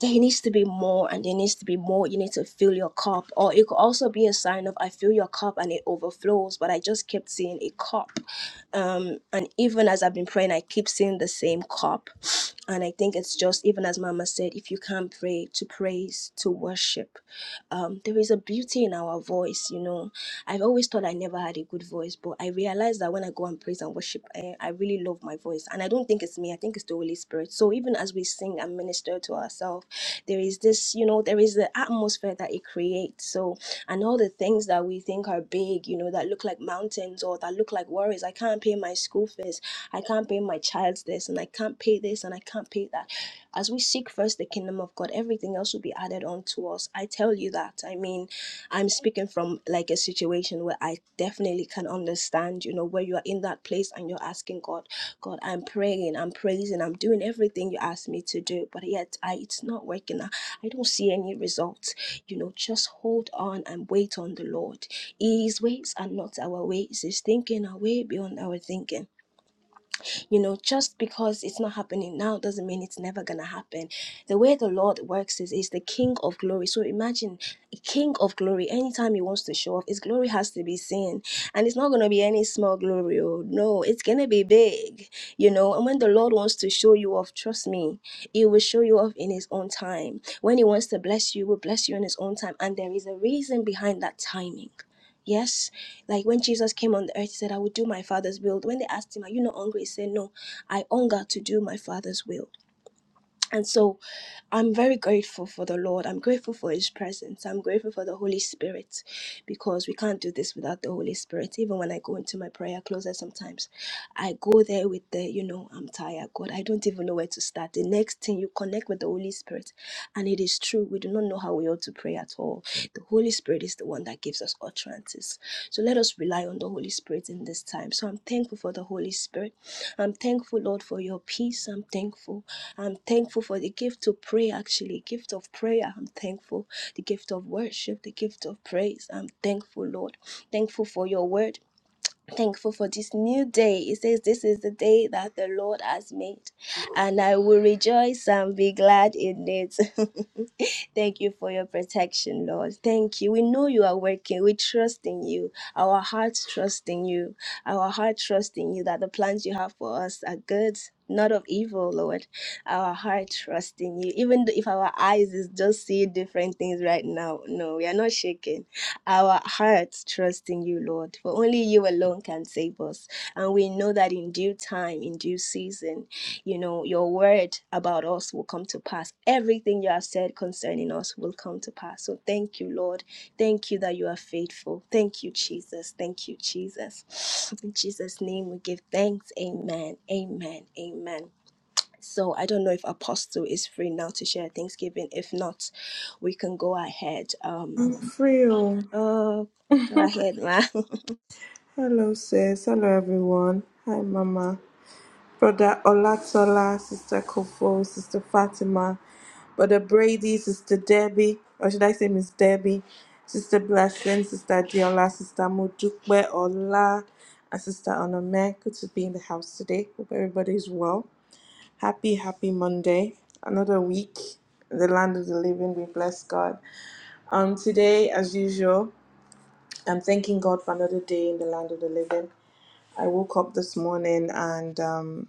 [SPEAKER 1] there needs to be more and there needs to be more you need to fill your cup or it could also be a sign of i fill your cup and it overflows but i just kept seeing a cup um and even as i've been praying i keep seeing the same cup and i think it's just even as mama said if you can't pray to praise to worship um there is a beauty in our voice you know i've always thought i never had a good voice but i realized that when i go and praise and worship i, I really love my voice and i don't think it's me i think it's the holy spirit so even as we sing and minister to ourselves there is this, you know, there is the atmosphere that it creates. So, and all the things that we think are big, you know, that look like mountains or that look like worries. I can't pay my school fees. I can't pay my child's this, and I can't pay this, and I can't pay that. As we seek first the kingdom of God, everything else will be added on to us. I tell you that. I mean, I'm speaking from like a situation where I definitely can understand, you know, where you are in that place and you're asking God. God, I'm praying, I'm praising, I'm doing everything you asked me to do, but yet I, it's not working. I, I don't see any results. You know, just hold on and wait on the Lord. His ways are not our ways, His thinking are way beyond our thinking. You know, just because it's not happening now doesn't mean it's never gonna happen. The way the Lord works is is the King of glory. So imagine a King of glory, anytime He wants to show off, His glory has to be seen. And it's not gonna be any small glory. Oh no, it's gonna be big, you know. And when the Lord wants to show you off, trust me, He will show you off in His own time. When He wants to bless you, He will bless you in His own time. And there is a reason behind that timing Yes, like when Jesus came on the earth, he said, I will do my father's will. When they asked him, Are you not hungry? He said, No, I hunger to do my father's will. And so I'm very grateful for the Lord. I'm grateful for his presence. I'm grateful for the Holy Spirit because we can't do this without the Holy Spirit. Even when I go into my prayer closet sometimes, I go there with the, you know, I'm tired, God. I don't even know where to start. The next thing you connect with the Holy Spirit. And it is true, we do not know how we ought to pray at all the Holy Spirit is the one that gives us utterances. So let us rely on the Holy Spirit in this time. So I'm thankful for the Holy Spirit. I'm thankful, Lord, for your peace. I'm thankful. I'm thankful for the gift of prayer, actually, gift of prayer. I'm thankful. The gift of worship, the gift of praise. I'm thankful, Lord. Thankful for your word. Thankful for this new day. It says, This is the day that the Lord has made, and I will rejoice and be glad in it. Thank you for your protection, Lord. Thank you. We know you are working. We trust in you. Our hearts trust in you. Our heart trust in you that the plans you have for us are good. Not of evil, Lord. Our heart trust in you. Even though if our eyes is just see different things right now, no, we are not shaken. Our hearts trust in you, Lord. For only you alone can save us. And we know that in due time, in due season, you know, your word about us will come to pass. Everything you have said concerning us will come to pass. So thank you, Lord. Thank you that you are faithful. Thank you, Jesus. Thank you, Jesus. In Jesus' name we give thanks. Amen. Amen. Amen. So I don't know if Apostle is free now to share Thanksgiving. If not, we can go ahead. Um
[SPEAKER 3] I'm free. Oh,
[SPEAKER 1] oh go ahead, ma.
[SPEAKER 3] hello, sis. Hello, everyone. Hi, Mama. Brother Olatola, Sister Kofo, Sister Fatima, Brother Brady, Sister Debbie, or should I say Miss Debbie, Sister Blessing, Sister Diola, Sister Mujukwe Ola, and Sister Onome. Good to be in the house today. Hope everybody is well. Happy, happy Monday. Another week in the land of the living. We bless God. Um, today, as usual. I'm thanking God for another day in the land of the living. I woke up this morning and um,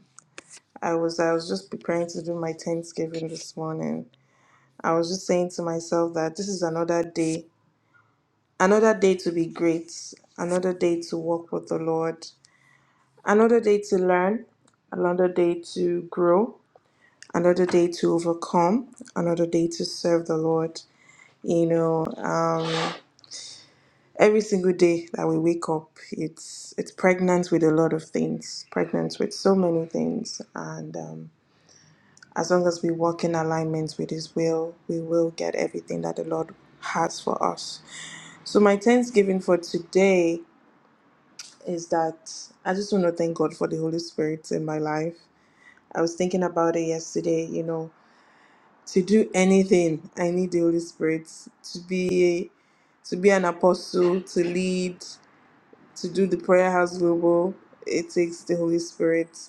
[SPEAKER 3] I was I was just preparing to do my Thanksgiving this morning. I was just saying to myself that this is another day, another day to be great, another day to walk with the Lord, another day to learn, another day to grow, another day to overcome, another day to serve the Lord. You know, um, every single day that we wake up it's it's pregnant with a lot of things pregnant with so many things and um, as long as we walk in alignment with his will we will get everything that the lord has for us so my thanksgiving for today is that i just want to thank god for the holy spirit in my life i was thinking about it yesterday you know to do anything i need the holy spirit to be to be an apostle to lead to do the prayer house global it takes the holy spirit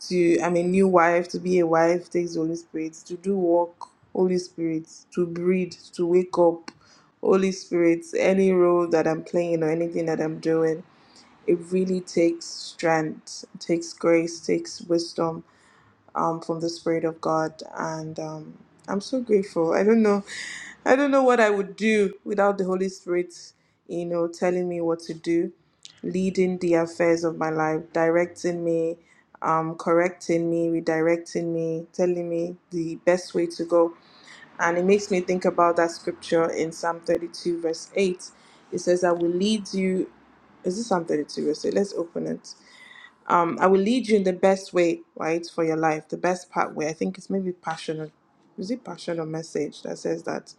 [SPEAKER 3] to i'm a new wife to be a wife takes the holy spirit to do work holy spirit to breathe to wake up holy spirit any role that i'm playing or anything that i'm doing it really takes strength takes grace takes wisdom um, from the Spirit of God, and um, I'm so grateful. I don't know, I don't know what I would do without the Holy Spirit, you know, telling me what to do, leading the affairs of my life, directing me, um, correcting me, redirecting me, telling me the best way to go. And it makes me think about that scripture in Psalm 32, verse 8. It says, I will lead you. Is this Psalm 32, verse 8? Let's open it um, I will lead you in the best way, right, for your life. The best pathway, I think it's maybe passion. Is it passion or message that says that?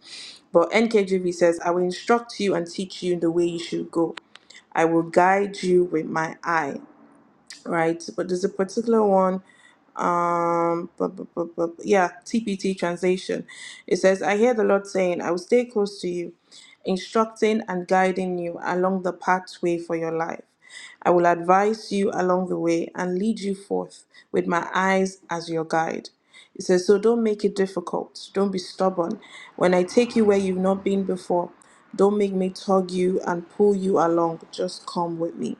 [SPEAKER 3] But NKJV says, I will instruct you and teach you in the way you should go. I will guide you with my eye right? But there's a particular one. Um, bu- bu- bu- bu- yeah, TPT translation. It says, I hear the Lord saying, I will stay close to you, instructing and guiding you along the pathway for your life. I will advise you along the way and lead you forth with my eyes as your guide. It says, So don't make it difficult. Don't be stubborn. When I take you where you've not been before, don't make me tug you and pull you along. Just come with me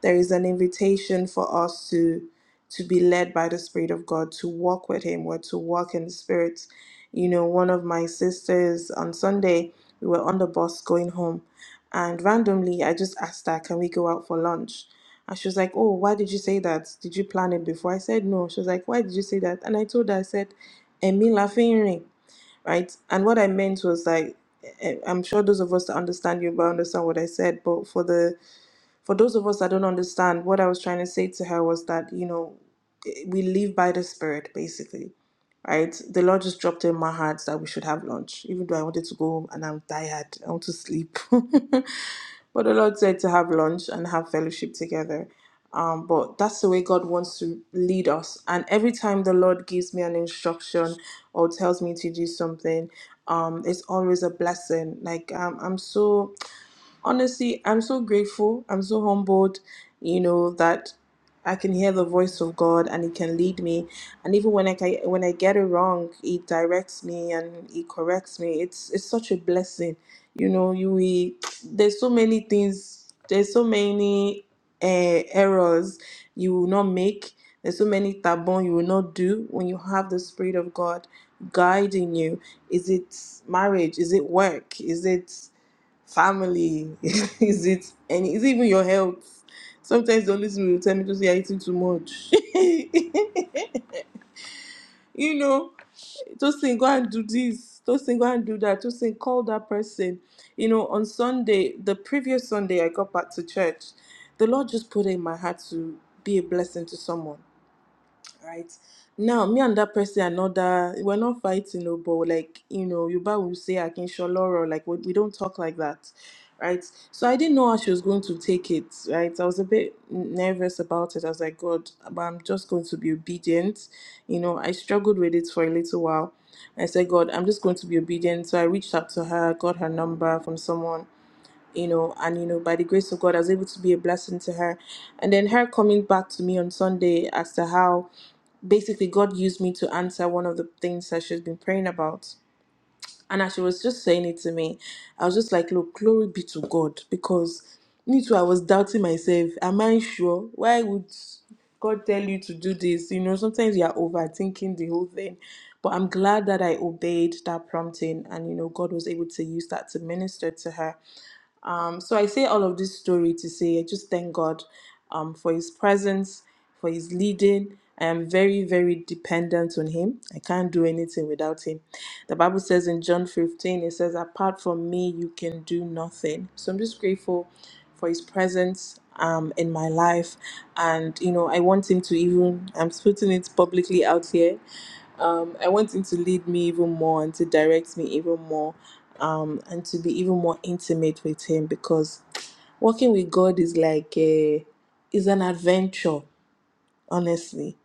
[SPEAKER 3] there is an invitation for us to to be led by the spirit of god to walk with him or to walk in the spirit you know one of my sisters on sunday we were on the bus going home and randomly i just asked her can we go out for lunch and she was like oh why did you say that did you plan it before i said no she was like why did you say that and i told her i said emi laughing right and what i meant was like eh, eh, i'm sure those of us that understand you will understand what i said but for the for those of us that don't understand, what I was trying to say to her was that, you know, we live by the spirit, basically. Right? The Lord just dropped in my heart that we should have lunch, even though I wanted to go home and I'm tired. I want to sleep. but the Lord said to have lunch and have fellowship together. Um, but that's the way God wants to lead us. And every time the Lord gives me an instruction or tells me to do something, um, it's always a blessing. Like um, I'm so honestly, I'm so grateful. I'm so humbled, you know, that I can hear the voice of God and He can lead me. And even when I ca- when I get it wrong, He directs me and He corrects me. It's it's such a blessing, you know. You we, there's so many things. There's so many uh, errors you will not make. There's so many tabon you will not do when you have the Spirit of God guiding you. Is it marriage? Is it work? Is it family? is it any? Is it even your health? Sometimes the only thing you tell me to say you're eating too much. you know, just think go and do this. Just think go and do that. Just think call that person. You know, on Sunday, the previous Sunday, I got back to church. The Lord just put it in my heart to be a blessing to someone right? Now, me and that person are not that we're not fighting, no, but like you know, Yoruba will say I can't Akinsoloro, like we, we don't talk like that, right? So I didn't know how she was going to take it, right? I was a bit nervous about it. I was like, God, but I'm just going to be obedient, you know. I struggled with it for a little while. I said, God, I'm just going to be obedient. So I reached out to her, got her number from someone you know, and you know, by the grace of God, I was able to be a blessing to her. And then her coming back to me on Sunday as to how basically God used me to answer one of the things that she's been praying about. And as she was just saying it to me, I was just like, look, glory be to God. Because me too, I was doubting myself. Am I sure? Why would God tell you to do this? You know, sometimes you are overthinking the whole thing. But I'm glad that I obeyed that prompting and, you know, God was able to use that to minister to her. Um, so I say all of this story to say I just thank God um, for His presence, for His leading. I am very, very dependent on Him. I can't do anything without Him. The Bible says in John 15, it says, Apart from me, you can do nothing. So I'm just grateful for His presence um, in my life. And, you know, I want Him to even, I'm putting it publicly out here um, I want him to lead me even more and to direct me even more um, and to be even more intimate with him because working with God is like a, is an adventure honestly,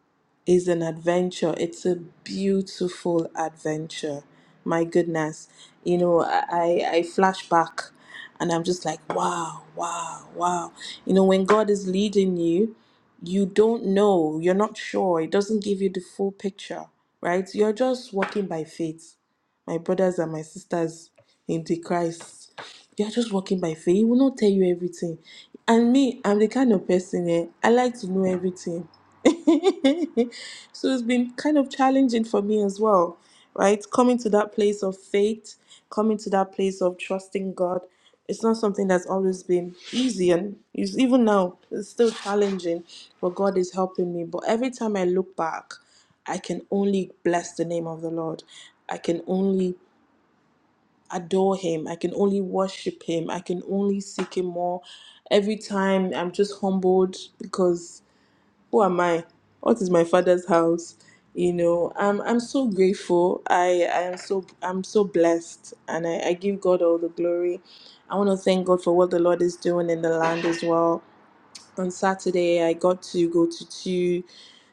[SPEAKER 3] is an adventure. It's a beautiful adventure. My goodness. You know, I, I I flash back and I'm just like, wow, wow, wow. You know, when God is leading you, you don't know, you're not sure, it doesn't give you the full picture, right? You're just walking by faith. My brothers and my sisters in the Christ, you're just walking by faith. He will not tell you everything. And me, I'm the kind of person eh, I like to know everything. so it's been kind of challenging for me as well, right? Coming to that place of faith, coming to that place of trusting God. It's not something that's always been easy, and it's, even now, it's still challenging, but God is helping me. But every time I look back, I can only bless the name of the Lord. I can only adore Him. I can only worship Him. I can only seek Him more. Every time I'm just humbled because who am I? What is my father's house? You know, I'm I'm so grateful. I I am so I'm so blessed, and I, I give God all the glory. I want to thank God for what the Lord is doing in the land as well on Saturday, I got to go to two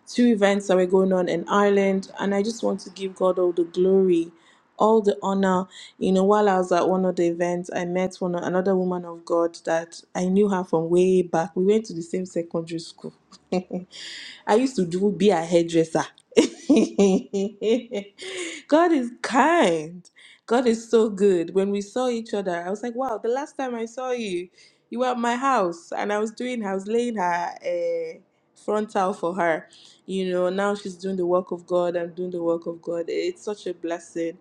[SPEAKER 3] two events that were going on in Ireland, and I just want to give God all the glory, all the honor. You know, while I was at one of the events, I met one another woman of God that I knew her from way back. We went to the same secondary school. I used to do be a hairdresser. God is kind. God is so good. When we saw each other, I was like, wow, the last time I saw you you were at my house and I was doing, I was laying her a frontal for her. You know, now she's doing the work of God. I'm doing the work of God. It's such a blessing.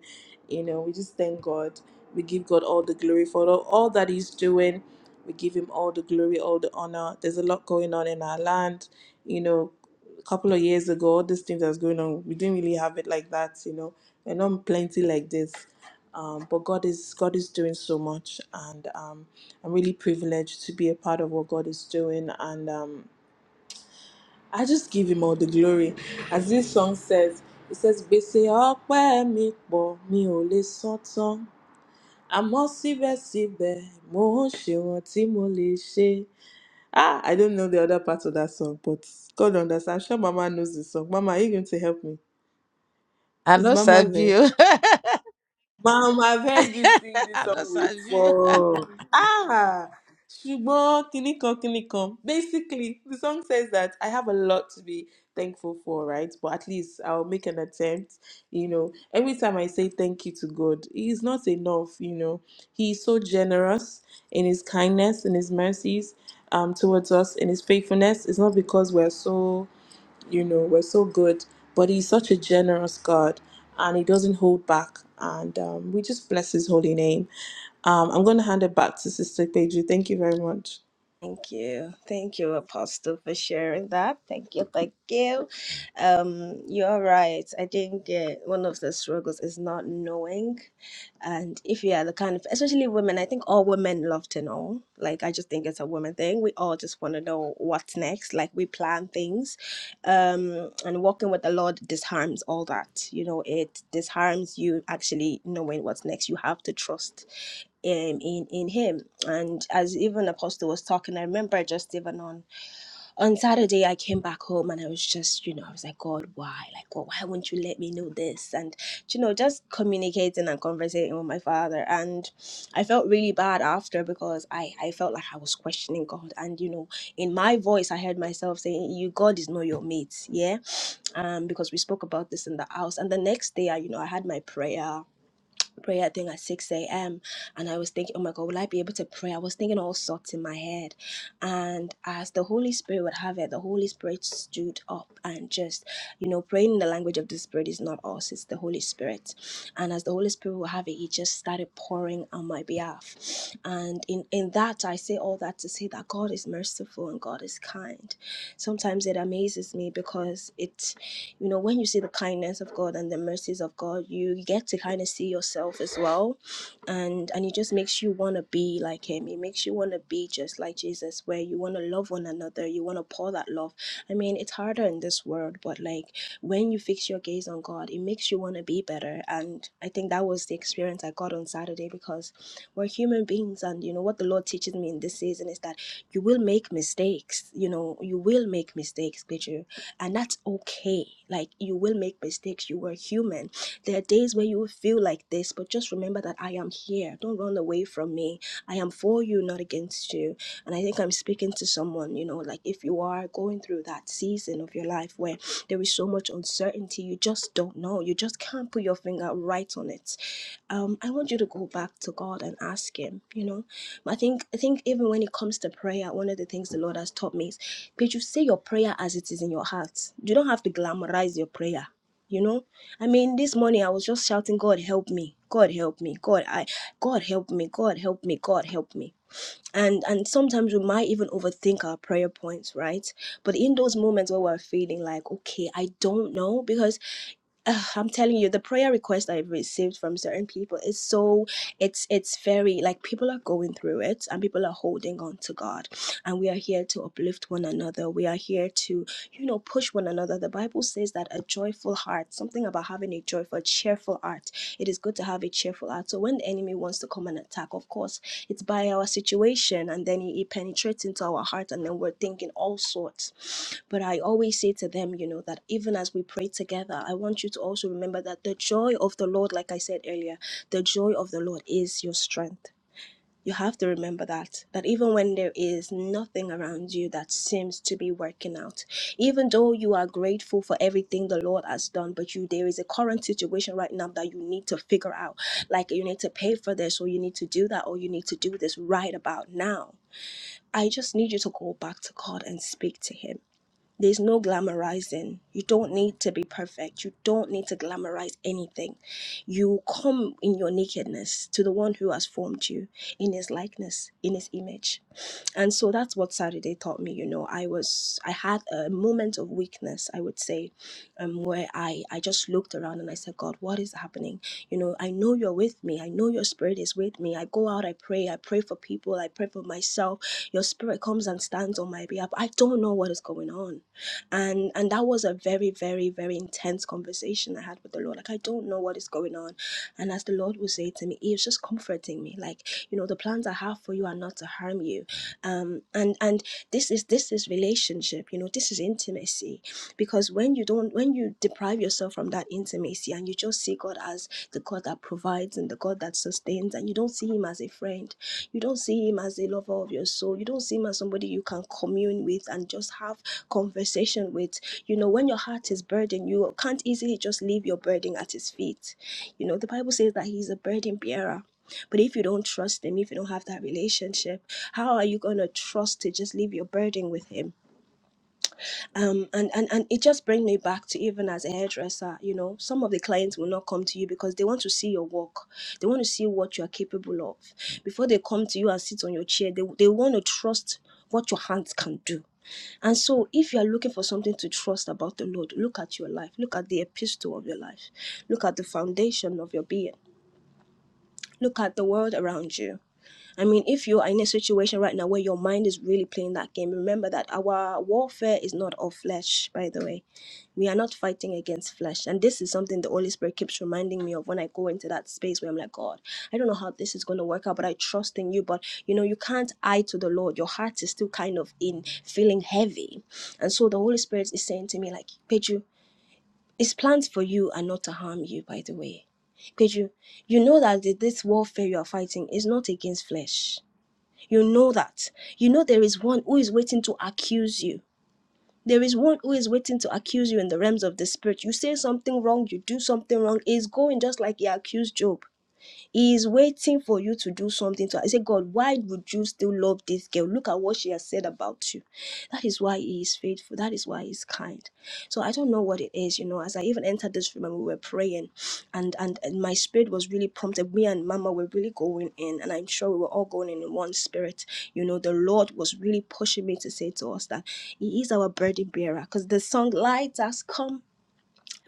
[SPEAKER 3] You know, we just thank God. We give God all the glory for all, all that He's doing. We give Him all the glory, all the honor. There's a lot going on in our land. You know, a couple of years ago, all these things that's going on, we didn't really have it like that. You know, and not plenty like this um, but God is God is doing so much, and um, I'm really privileged to be a part of what God is doing, and um, I just give Him all the glory. As this song says, it says, "Gbèsè ọpẹ́ mi pọ̀, mi ò lè san tán, àmọ́ síbẹ̀síbẹ̀ mo ń ṣe ohun tí mo lè ṣe." Ah, I don't know the other part of that song, but God understands. I'm sure Mama knows the song. Mama, are you going to help me?
[SPEAKER 2] I
[SPEAKER 3] Is
[SPEAKER 2] know
[SPEAKER 3] Mama there?
[SPEAKER 2] Sabio.
[SPEAKER 3] Mom, I've heard you sing this
[SPEAKER 2] I know
[SPEAKER 3] song
[SPEAKER 2] Sabio.
[SPEAKER 3] before. Ah, ṣùgbọ́n kinní kan kinní kan. Basically, the song says that I have a lot to be thankful for, right? But at least I'll make an attempt. You know, every time I say thank you to God, He's not enough. You know, He is so generous in His kindness and His mercies um, towards us in His faithfulness. It's not because we're so you know, we're so good, but He's such a generous God and He doesn't hold back. And um, we just bless His holy name. Um, I'm going to hand it back to Sister Peju. Thank you very much.
[SPEAKER 1] Thank you. Thank you, Apostle, for sharing that. Thank you. Thank you. Um, you're right. I think uh, one of the struggles is not knowing. And if you are the kind of, especially women, I think all women love to know. Like, I just think it's a woman thing. We all just want to know what's next. Like, we plan things. Um, and walking with the Lord disarms all that. You know, it disarms you actually knowing what's next. You have to trust um, in in him and as even apostle was talking i remember just even on on saturday i came back home and i was just you know i was like god why like god why won't you let me know this and you know just communicating and conversating with my father and i felt really bad after because i i felt like i was questioning god and you know in my voice i heard myself saying you god is not your mate yeah um because we spoke about this in the house and the next day i you know i had my prayer prayer thing at 6 a.m. and I was thinking, oh my God, will I be able to pray? I was thinking all sorts in my head. And as the Holy Spirit would have it, the Holy Spirit stood up and just, you know, praying in the language of the Spirit is not us, it's the Holy Spirit. And as the Holy Spirit would have it, he just started pouring on my behalf. And in, in that, I say all that to say that God is merciful and God is kind. Sometimes it amazes me because it you know when you see the kindness of god and the mercies of god you get to kind of see yourself as well and and it just makes you want to be like him it makes you want to be just like jesus where you want to love one another you want to pour that love i mean it's harder in this world but like when you fix your gaze on god it makes you want to be better and i think that was the experience i got on saturday because we're human beings and you know what the lord teaches me in this season is that you will make mistakes you know you will make mistakes Peter and that's okay like you will make mistakes you were human there are days where you will feel like this but just remember that i am here don't run away from me i am for you not against you and i think i'm speaking to someone you know like if you are going through that season of your life where there is so much uncertainty you just don't know you just can't put your finger right on it um, I want you to go back to God and ask Him. You know, I think I think even when it comes to prayer, one of the things the Lord has taught me is but you say your prayer as it is in your heart. You don't have to glamorize your prayer. You know, I mean, this morning I was just shouting, "God help me! God help me! God, I, God help me! God help me! God help me!" And and sometimes we might even overthink our prayer points, right? But in those moments where we're feeling like, "Okay, I don't know," because Ugh, I'm telling you, the prayer request I've received from certain people is so it's it's very like people are going through it and people are holding on to God. And we are here to uplift one another. We are here to you know, push one another. The Bible says that a joyful heart, something about having a joyful, a cheerful heart. It is good to have a cheerful heart. So when the enemy wants to come and attack, of course, it's by our situation and then he, he penetrates into our heart and then we're thinking all sorts. But I always say to them, you know, that even as we pray together, I want you to also remember that the joy of the Lord, like I said earlier, the joy of the Lord is your strength you have to remember that, that even when there is nothing around you that seems to be working out, even though you are grateful for everything the Lord has done, but you there is a current situation right now that you need to figure out. Like you need to pay for this, or you need to do that, or you need to do this right about now. I just need you to go back to God and speak to Him there's no glamorizing. You don't need to be perfect. You don't need to glamorize anything. You come in your nakedness to the one who has formed you in his likeness, in his image. And so that's what Saturday taught me. You know, I was, I had a moment of weakness, I would say, um, where I, I just looked around and I said, God, what is happening? You know, I know you're with me. I know your spirit is with me. I go out, I pray, I pray for people, I pray for myself. Your spirit comes and stands on my behalf. I don't know what is going on and and that was a very very very intense conversation i had with the lord like i don't know what is going on and as the lord would say to me he was just comforting me like you know the plans i have for you are not to harm you um and and this is this is relationship you know this is intimacy because when you don't when you deprive yourself from that intimacy and you just see god as the god that provides and the god that sustains and you don't see him as a friend you don't see him as a lover of your soul you don't see him as somebody you can commune with and just have conversation with you know when your heart is burdened you can't easily just leave your burden at his feet you know the bible says that he's a burden bearer but if you don't trust him, if you don't have that relationship, how are you going to trust to just leave your burden with him? um and and and it just brings me back to even as a hairdresser you know some of the clients will not come to you because they want to see your work they want to see what you are capable of before they come to you and sit on your chair they, they want to trust what your hands can do and so, if you are looking for something to trust about the Lord, look at your life, look at the epistle of your life, look at the foundation of your being. Look at the world around you. I mean, if you're in a situation right now where your mind is really playing that game, remember that our warfare is not of flesh, by the way. We are not fighting against flesh. And this is something the Holy Spirit keeps reminding me of when I go into that space where I'm like, God, I don't know how this is going to work out, but I trust in you. But, you know, you can't eye to the Lord. Your heart is still kind of in feeling heavy. And so the Holy Spirit is saying to me, like, Peju, it's planned for you and not to harm you, by the way. Because you, you know that the- this warfare you are fighting is not against flesh. You know that. You know there is one who is waiting to accuse you. There is one who is waiting to accuse you in the realms of the spirit. You say something wrong, you do something wrong, it's going just like he accused Job. He is waiting for you to do something to her. He said, God, why would you still love this girl? Look at what she has said about you. That is why he is faithful. That is why he's kind. So I don't know what it is, you know. As I even entered this room and we were praying, and and, and my spirit was really prompted. Me and Mama were really going in, and I'm sure we were all going in in one spirit. You know, the Lord was really pushing me to say to us that He is our burden bearer. Because the song "Light Has Come."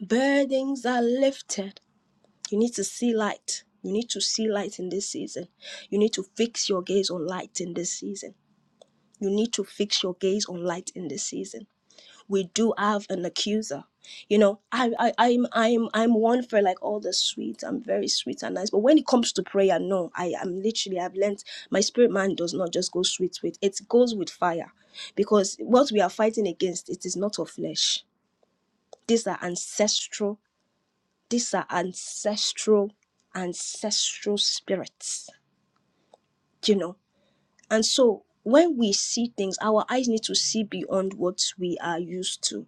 [SPEAKER 1] Burdens are lifted. You need to see light. You need to see light in this season. You need to fix your gaze on light in this season. You need to fix your gaze on light in this season. We do have an accuser. You know, I, I I'm I'm I'm one for like all the sweet. I'm very sweet and nice. But when it comes to prayer, no, I am literally I've learned my spirit man does not just go sweet with it goes with fire. Because what we are fighting against, it is not of flesh. These are ancestral these are ancestral, ancestral spirits, you know. And so when we see things, our eyes need to see beyond what we are used to.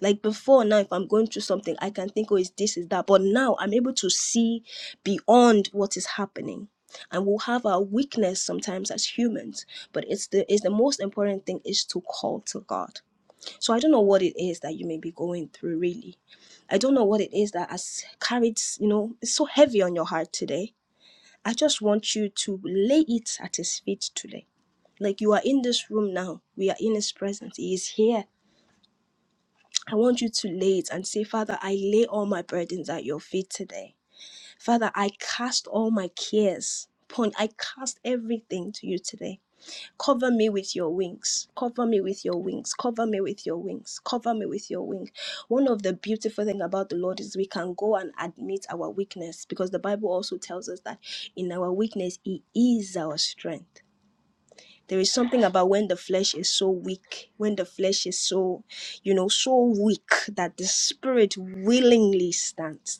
[SPEAKER 1] Like before now, if I'm going through something, I can think, oh, is this, is that. But now I'm able to see beyond what is happening. And we'll have our weakness sometimes as humans. But it's the it's the most important thing is to call to God so I don't know what it is that you may be going through, really. I don't know what it is that has carried, you know, it's so heavy on your heart today. I just want you to lay it at His feet today. Like you are in this room now, we are in His presence, He is here. I want you to lay it and say, Father, I lay all my burdens at your feet today. Father, I cast all my cares upon, I cast everything to you today. Cover me with your wings. Cover me with your wings. Cover me with your wings. Cover me with your wing. One of the beautiful thing about the Lord is we can go and admit our weakness because the Bible also tells us that in our weakness he is our strength. There is something about when the flesh is so weak, when the flesh is so, you know, so weak that the spirit willingly stands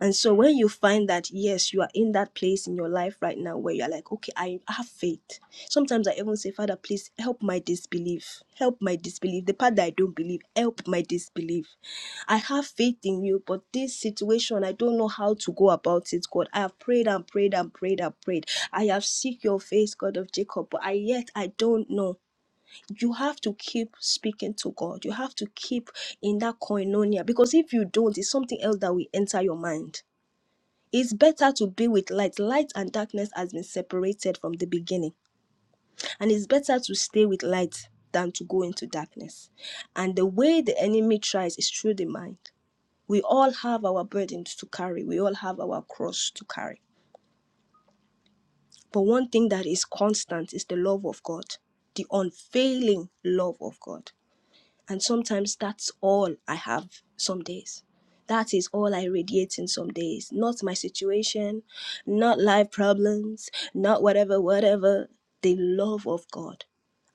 [SPEAKER 1] and so when you find that yes, you are in that place in your life right now where you're like, okay, I have faith. Sometimes I even say, Father, please help my disbelief. Help my disbelief. The part that I don't believe, help my disbelief. I have faith in you, but this situation, I don't know how to go about it, God. I have prayed and prayed and prayed and prayed. I have seek your face, God of Jacob, but I yet I don't know. You have to keep speaking to God. You have to keep in that koinonia because if you don't, it's something else that will enter your mind it's better to be with light. Light and darkness has been separated from the beginning. And it's better to stay with light than to go into darkness. And the way the enemy tries is through the mind. We all have our burdens to carry, we all have our cross to carry. But one thing that is constant is the love of God, the unfailing love of God. And sometimes that's all I have some days. That is all I radiate in some days. Not my situation, not life problems, not whatever, whatever. The love of God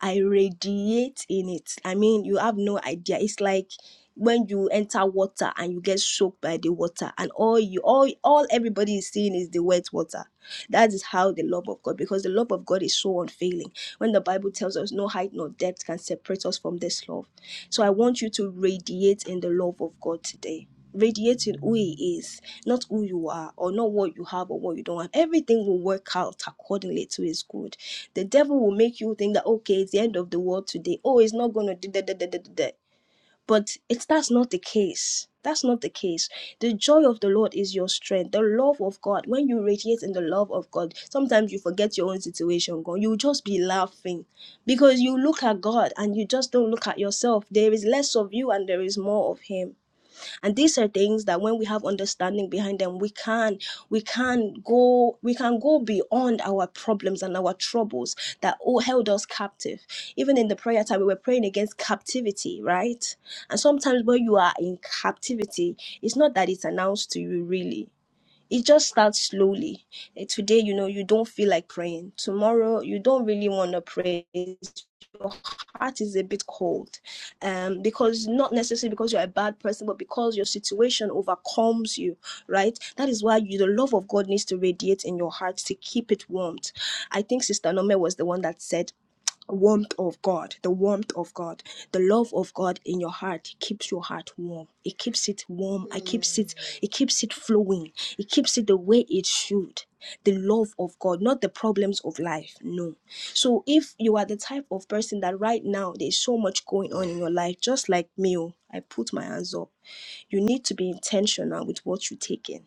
[SPEAKER 1] I radiate in it. I mean, you have no idea. It's like when you enter water and you get soaked by the water, and all you all all everybody is seeing is the wet water. That is how the love of God, because the love of God is so unfailing. When the Bible tells us no height nor depth can separate us from this love. So I want you to radiate in the love of God today radiating who he is, not who you are, or not what you have or what you don't have. Everything will work out accordingly to his good. The devil will make you think that okay, it's the end of the world today. Oh, it's not gonna do that, that, that, that, that. But it's that's not the case. That's not the case. The joy of the Lord is your strength. The love of God. When you radiate in the love of God, sometimes you forget your own situation. God, you will just be laughing because you look at God and you just don't look at yourself. There is less of you and there is more of Him and these are things that when we have understanding behind them we can we can go we can go beyond our problems and our troubles that all held us captive even in the prayer time we were praying against captivity right and sometimes when you are in captivity it's not that it's announced to you really it just starts slowly. Eh, Today, you know, you don't feel like praying. Tomorrow, you don't really want to pray. Your heart is a bit cold, um, because not necessarily because you're a bad person, but because your situation overcomes you, right? That is why you, the love of God needs to radiate in your heart to keep it warmed. I think Sister Nome was the one that said warmth of God, the warmth of God, the love of God in your heart keeps your heart warm. It keeps it warm. It keeps it. It keeps it flowing. It keeps it the way it should. The love of God, not the problems of life. No. So if you are the type of person that right now there's so much going on in your life, just like me, oh, I put my hands up. You need to be intentional with what you take in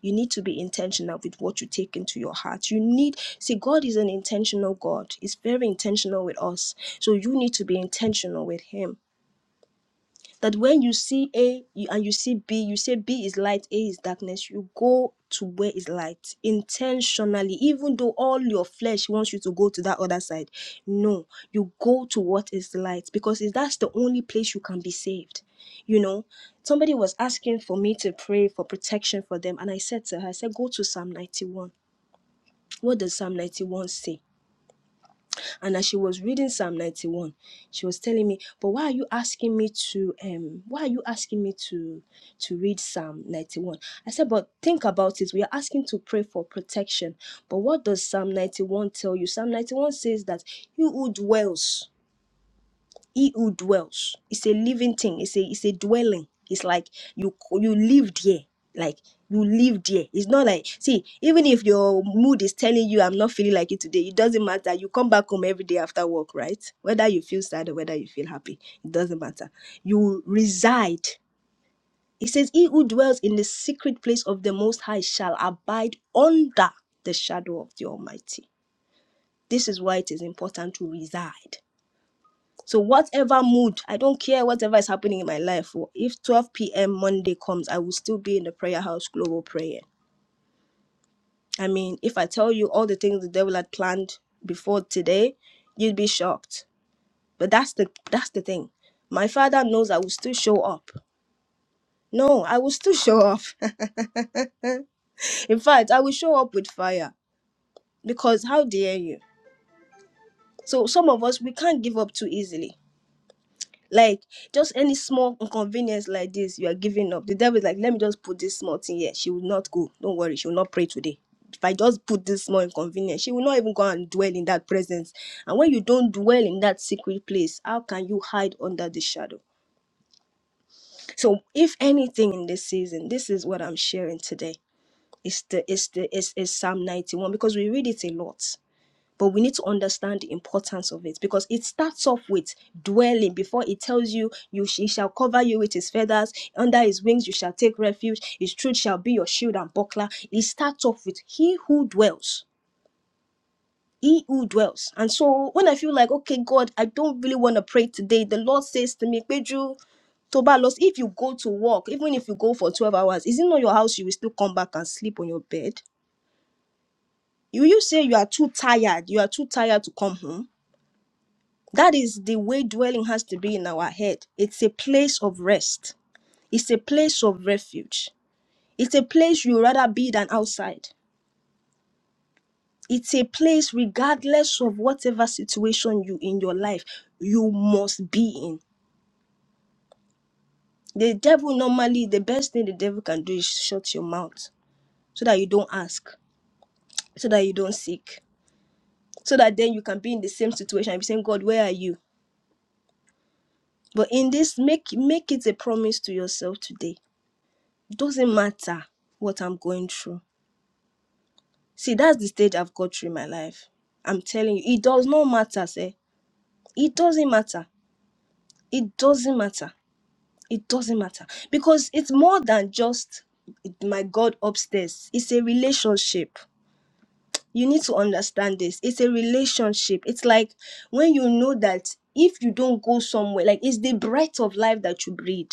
[SPEAKER 1] you need to be intentional with what you take into your heart. You need, see, God is an intentional God. He's very intentional with us. So you need to be intentional with Him that when you see A you, and you see B, you say B is light, A is darkness, you go to where is light intentionally, even though all your flesh wants you to go to that other side. No, you go to what is light because it- that's the only place you can be saved. You know, somebody was asking for me to pray for protection for them, and I said to her, I said, go to Psalm 91. What does Psalm 91 say? And as she was reading Psalm 91, she was telling me, but why are you asking me to um why are you asking me to to read Psalm 91? I said, but think about it. We are asking to pray for protection. But what does Psalm 91 tell you? Psalm 91 says that you who dwells he who dwells it's a living thing it's a it's a dwelling it's like you you live there like you live there it's not like see even if your mood is telling you i'm not feeling like it today it doesn't matter you come back home every day after work right whether you feel sad or whether you feel happy it doesn't matter you reside it says he who dwells in the secret place of the most high shall abide under the shadow of the almighty this is why it is important to reside so whatever mood, I don't care whatever is happening in my life. oh, If 12 p.m. Monday comes, I will still be in the prayer house global prayer. I mean, if I tell you all the things the devil had planned before today, you'd be shocked. But that's the that's the thing. My father knows I will still show up. No, I will still show up. in fact, I will show up with fire because how dare you? So some of us we can't give up too easily Like just any small inconvenience like this, you are giving up. The devil is like, let me just put this small thing here. She will not go. Don't worry, she will not pray today. If I just put this small inconvenience, she will not even go and dwell in that presence. And when you don't dwell in that secret place, how can you hide under the shadow? So, if anything in this season, this is what I'm sharing today. It's the it's the it's, it's Psalm 91 because we read it a lot but we need to understand the importance of it because it starts off with dwelling before it tells you you sh- he shall cover you with his feathers under his wings you shall take refuge his truth shall be your shield and buckler it starts off with he who dwells he who dwells and so when i feel like okay god i don't really want to pray today the lord says to me Pedro, Tobalos, if you go to work, even if you go for 12 hours, is it not your house you will still come back and sleep on your bed? Will you say you are too tired? You are too tired to come home? That is the way dwelling has to be in our head. It's a place of rest, it's a place of refuge, it's a place you rather be than outside. It's a place, regardless of whatever situation you in your life, you must be in. The devil normally, the best thing the devil can do is shut your mouth so that you don't ask, so that you don't seek, so that then you can be in the same situation and be saying, God, where are you? But in this, make make it a promise to yourself today doesn't matter what I'm going through. See, that's the stage I've got through in my life. I'm telling you, it does not matter, say. It doesn't matter. It doesn't matter. It doesn't matter. Because it's more than just my God upstairs. It's a relationship. you need to understand this it's a relationship it's like when you know that if you don't go somewhere like it's the breath of life that you breathe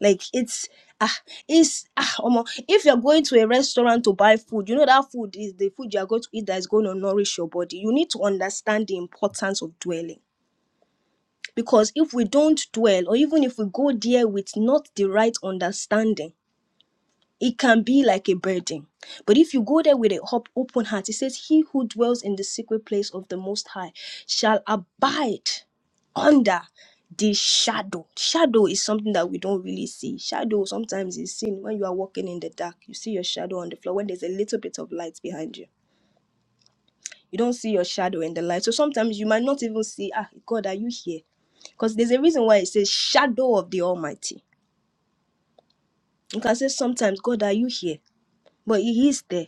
[SPEAKER 1] like it's ah it's ah omo if you're going to a restaurant to buy food you know that food is the food you are going to eat that is going to nourish your body you need to understand the importance of dwelling because if we don't dwell or even if we go there with not the right understanding it can be like a burden. But if you go there with a hop, open heart, it says, He who dwells in the secret place of the Most High shall abide under the shadow. Shadow is something that we don't really see. Shadow sometimes is seen when you are walking in the dark. You see your shadow on the floor when there's a little bit of light behind you. You don't see your shadow in the light. So sometimes you might not even see, Ah, God, are you here? Because there's a reason why it says shadow of the Almighty. You can say sometimes, God, are you here? But He is there.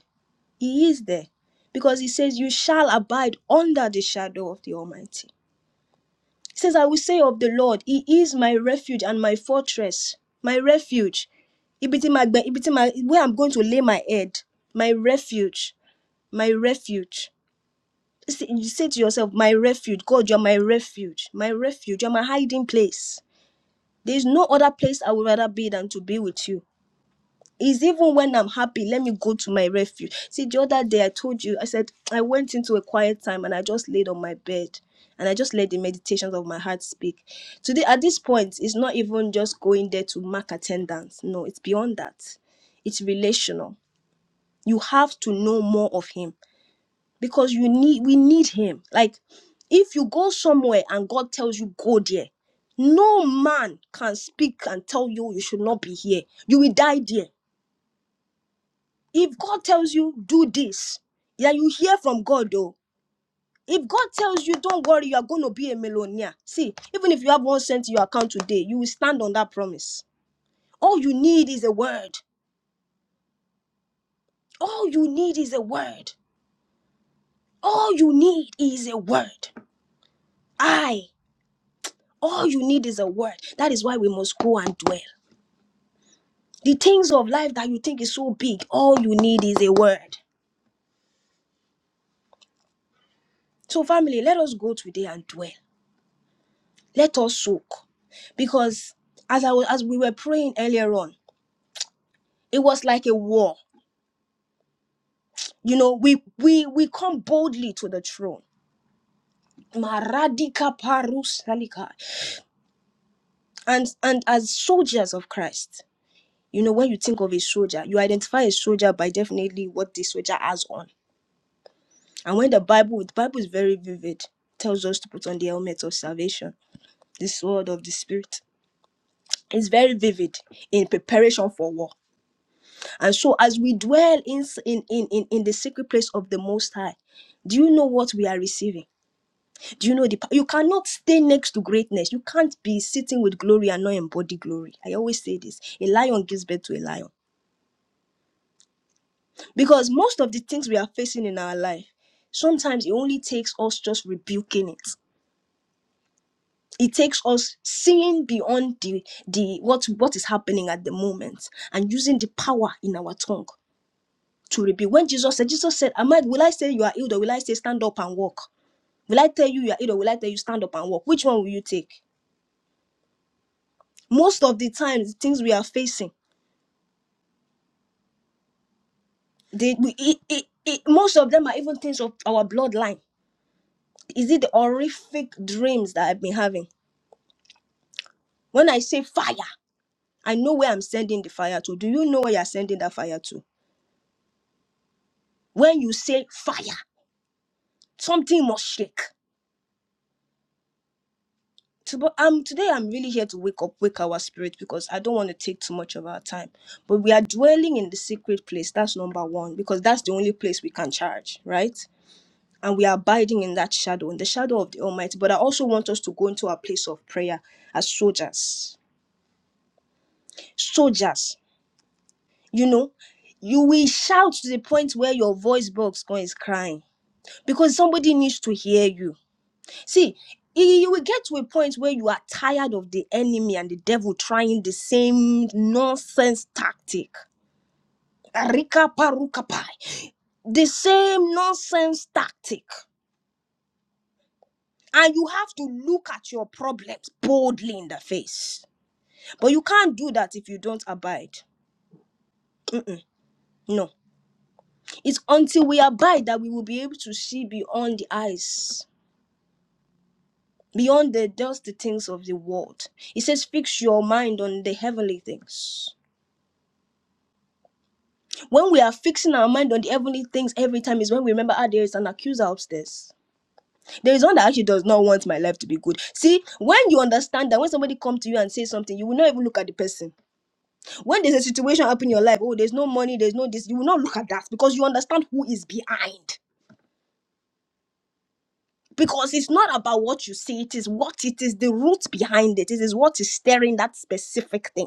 [SPEAKER 1] He is there because he says, You shall abide under the shadow of the Almighty. He says, I will say of the Lord, He is my refuge and my fortress, my refuge. Ibi tí màá gbẹ- ibi tí Where I'm going to lay my head, my refuge, my refuge. Say- You say to yourself, My refuge, God, you're my refuge, my refuge, you're my hiding place. There is no other place I would rather be than to be with you. Is even when I'm happy, let me go to my refuge. See, the other day I told you, I said, I went into a quiet time and I just laid on my bed and I just let the meditations of my heart speak. Today, at this point, it's not even just going there to mark attendance. No, it's beyond that. It's relational. You have to know more of Him because you need, we need Him. Like, if you go somewhere and God tells you, go there, no man can speak and tell you you should not be here. You will die there if God tells you do this, yeah, you hear from God though. If God tells you don't worry, you are going to be a millionaire. See, even if you have one cent in your account today, you will stand on that promise. All you need is a word. All you need is a word. All you need is a word. I. All you need is a word. That is why we must go and dwell. The things of life that you think is so big, all you need is a word. So, family, let us go today and dwell. Let us soak. Because as I was, as we were praying earlier on, it was like a war. You know, we we we come boldly to the throne. Maradika parusalika. And and as soldiers of Christ, you know, when you think of a soldier, you identify a soldier by definitely what the soldier has on. And when the Bible, the Bible is very vivid, tells us to put on the helmet of salvation, the sword of the spirit. It's very vivid in preparation for war. And so as we dwell in, in, in, in, in the secret place of the Most High, do you know what we are receiving? Do you know the, pa- you cannot stay next to greatness. You can't be sitting with glory and not embody glory. I always say this. A lion gives birth to a lion. Because most of the things we are facing in our life, sometimes it only takes us just rebuking it. It takes us seeing beyond the, the what what is happening at the moment and using the power in our tongue. to rebuild. When Jesus said, Jesus said, Am I, will I say you are healed or will I say stand up and walk? Will I tell you you are healed or will I tell you stand up and walk? Which one will you take? Most of the times, things we are facing, they, we, it, it, it, most of them are even things of our bloodline. Is it the horrific dreams that I've been having? When I say fire, I know where I'm sending the fire to. Do you know where you're sending that fire to? When you say fire, something must shake. to, but um, today I'm really here to wake up, wake our spirit because I don't want to take too much of our time. But we are dwelling in the secret place. That's number one because that's the only place we can charge, right? And we are abiding in that shadow, in the shadow of the Almighty. But I also want us to go into our place of prayer as soldiers. Soldiers, you know, you will shout to the point where your voice box is crying because somebody needs to hear you See, you you will get to a point where you are tired of the enemy and the devil trying the same nonsense tactic. Rika paruka pai. The same nonsense tactic. And you have to look at your problems boldly in the face. But you can't do that if you don't abide. Mm-mm, no. It's until we abide that we will be able to see beyond the eyes, beyond the dusty things of the world. It says, fix your mind on the heavenly things. When we are fixing our mind on the heavenly things every time is when we remember, ah, there is an accuser upstairs. There is one that actually does not want my life to be good. See, when you understand that when somebody comes to you and says something, you will not even look at the person. When there's a situation happen in your life, oh, there's no money, there's no this, you will not look at that because you understand who is behind. Because it's not about what you see, it is what it is, the root behind it. It is what is stirring that specific thing.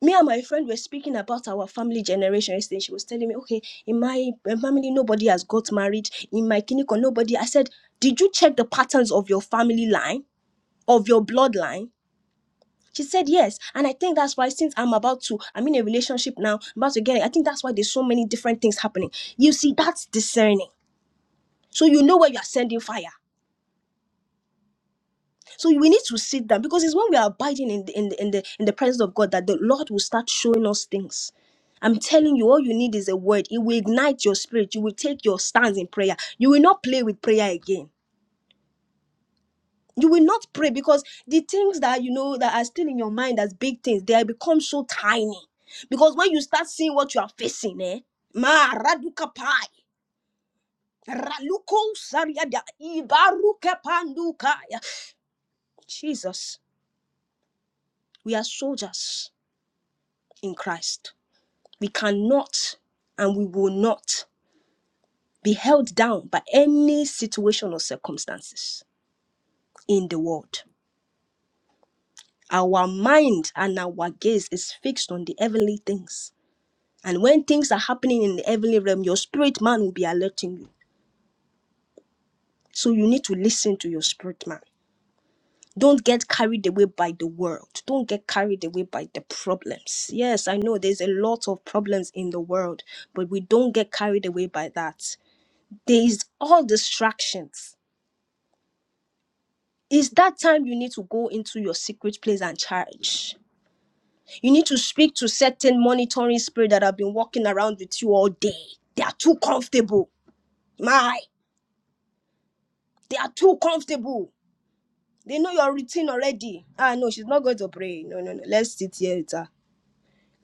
[SPEAKER 1] me and my friend were speaking about our family generation yesterday. She was telling me, okay, in my uh, family, nobody has got married. In my clinic, nobody. I said, did you check the patterns of your family line, of your bloodline? She said, yes. And I think that's why, since I'm about to, I'm in a relationship now, I'm about to get it. I think that's why there's so many different things happening. You see, that's discerning. So you know where you are sending fire. So we need to sit down because it's when we are abiding in the, in the, in the, in the presence of God that the Lord will start showing us things. I'm telling you, all you need is a word. It will ignite your spirit. You will take your stance in prayer. You will not play with prayer again. You will not pray because the things that you know that are still in your mind as big things, they have become so tiny. Because when you start seeing what you are facing, eh? Ma raduka pai. Raluko sariada ibaruka panduka. yeah. Jesus, we are soldiers in Christ. we cannot and we will not be held down by any situation or circumstances in the world. Our mind and our gaze is fixed on the heavenly things. And when things are happening in the heavenly realm, your spirit man will be alerting you. So you need to listen to your spirit man. Don't get carried away by the world. Don't get carried away by the problems. Yes, I know there's a lot of problems in the world, but we don't get carried away by that. There is all distractions It's that time you need to go into your secret place and charge. You need to speak to certain monitoring spirit that have been walking around with you all day. They are too comfortable. My, they are too comfortable. They know your routine already. Ah, no, she's not going to pray. No, no, no. Let's sit here with her.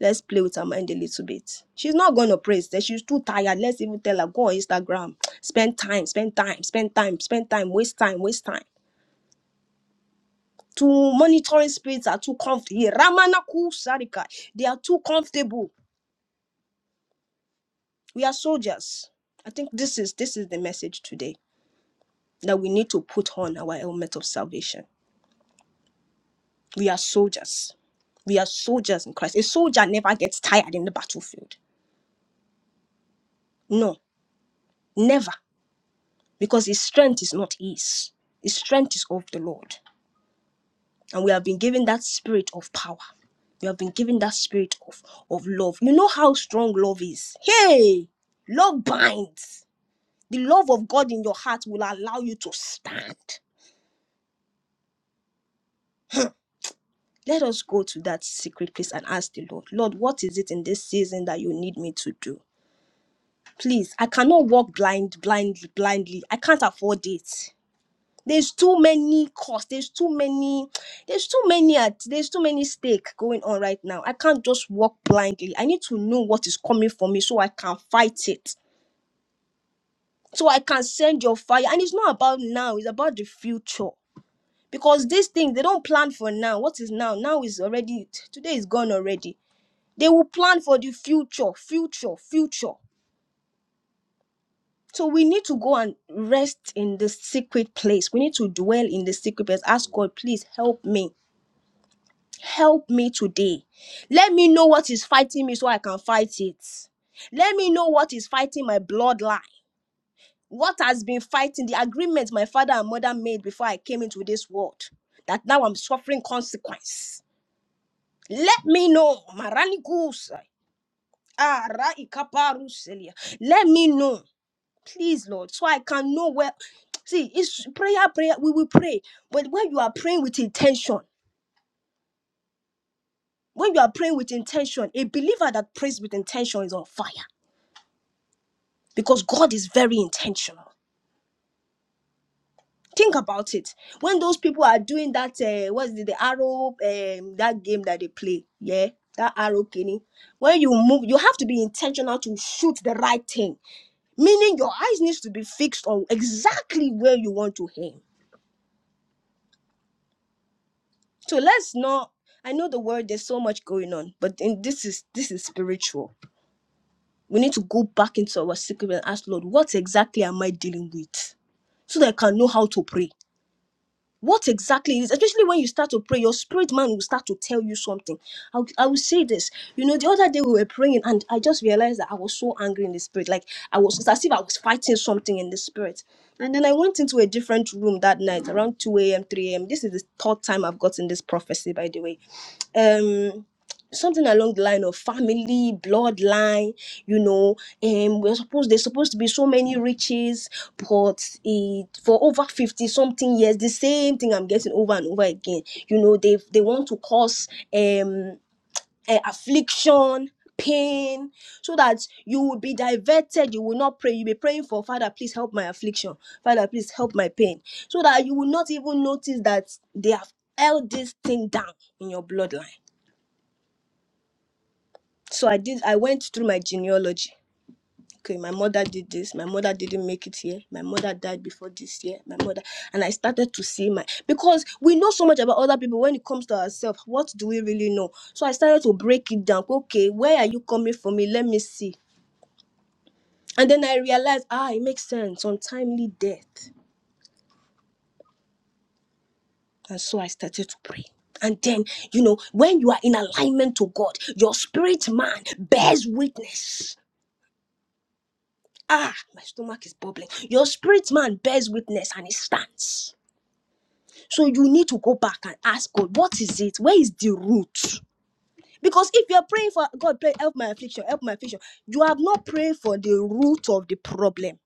[SPEAKER 1] Let's play with her mind a little bit. She's not going to pray. She- She's too tired. Let's even tell her, go on Instagram. Spend time, spend time, spend time, spend time, waste time, waste time. to monitoring spirits are too comfortable. Ramanaku Sarika, they are too comfortable. We are soldiers. I think this is this is the message today that we need to put on our helmet of salvation. We are soldiers. We are soldiers in Christ. A soldier never gets tired in the battlefield. No, never. Because his strength is not his. His strength is of the Lord. and we have been given that spirit of power we have been given that spirit of of love you know how strong love is hey love binds the love of god in your heart will allow you to stand let us go to that secret place and ask the lord lord what is it in this season that you need me to do please i cannot walk blind blind blindly i can't afford it There's too many costs. There's too many. There's too many at. There's too many stake going on right now. I can't just walk blindly. I need to know what is coming for me so I can fight it. So I can send your fire. And it's not about now. It's about the future. Because these things they don't plan for now. What is now? Now is already. Today is gone already. They will plan for the future, future, future. So we need to go and rest in the secret place. We need to dwell in the secret place. Ask God, please help me. Help me today. Let me know what is fighting me so I can fight it. Let me know what is fighting my bloodline. What has been fighting the agreement my father and mother made before I came into this world that now I'm suffering consequence. Let me know. Marani Kusa, Ara Ikaparu Celia. Let me know. Please, Lord, so I can know where. See, it's prayer, prayer. We will pray. But when you are praying with intention, When you are praying with intention, a believer that prays with intention is on fire because God is very intentional. Think about it. When those people are doing that, uh, what's the, the arrow, um, that game that they play, yeah, that arrow kenny. When you move, you have to be intentional to shoot the right thing. Meaning your eyes needs to be fixed on exactly where you want to aim. So let's not. I know the word. There's so much going on, but in, this is this is spiritual We need to go back into our secret and ask Lord, what exactly am I dealing with? So that I can know how to pray. What exactly is, especially when you start to pray, your spirit man will start to tell you something. I, will- I will say this. You know, the other day we were praying and I just realized that I was so angry in the spirit. Like I was, it's as if I was fighting something in the spirit. And then I went into a different room that night around 2 a.m., 3 a.m. This is the third time I've gotten this prophecy, by the way. Um, something along the line of family bloodline you know And we're supposed there's supposed to be so many riches but it for over 50 something years the same thing i'm getting over and over again you know they they want to cause um eh, affliction pain so that you will be diverted you will not pray you'll be praying for father please help my affliction father please help my pain so that you will not even notice that they have held this thing down in your bloodline so I did. I went through my genealogy. Okay, my mother did this. My mother didn't make it here. My mother died before this year. My mother and I started to see my because we know so much about other people. When it comes to ourselves, what do we really know? So I started to break it down. Okay, where are you coming from? Me, let me see. And then I realized, ah, it makes sense. Untimely death. And so I started to pray. And then, you know, when you are in alignment to God, your spirit man bears witness Ah, my stomach is bubbling. Your spirit man bears witness and it stands. So you need to go back and ask God, what is it? Where is the root? Because if you're praying for God, pray, help my affliction, help my affliction, you have not prayed for the root of the problem.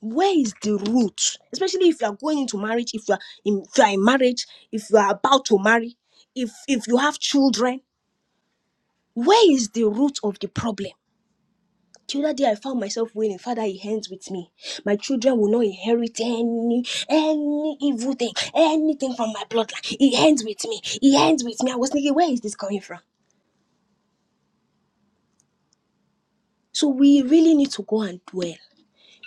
[SPEAKER 1] Where is the root? Especially if you are going into marriage, if you are in, if you are in marriage, if you are about to marry, if if you have children, where is the root of the problem? To that day, I found myself wailing, Father, it ends with me. My children will not inherit any any evil thing, anything from my bloodline. It ends with me. It ends with me. I was thinking, where is this coming from? So we really need to go and dwell.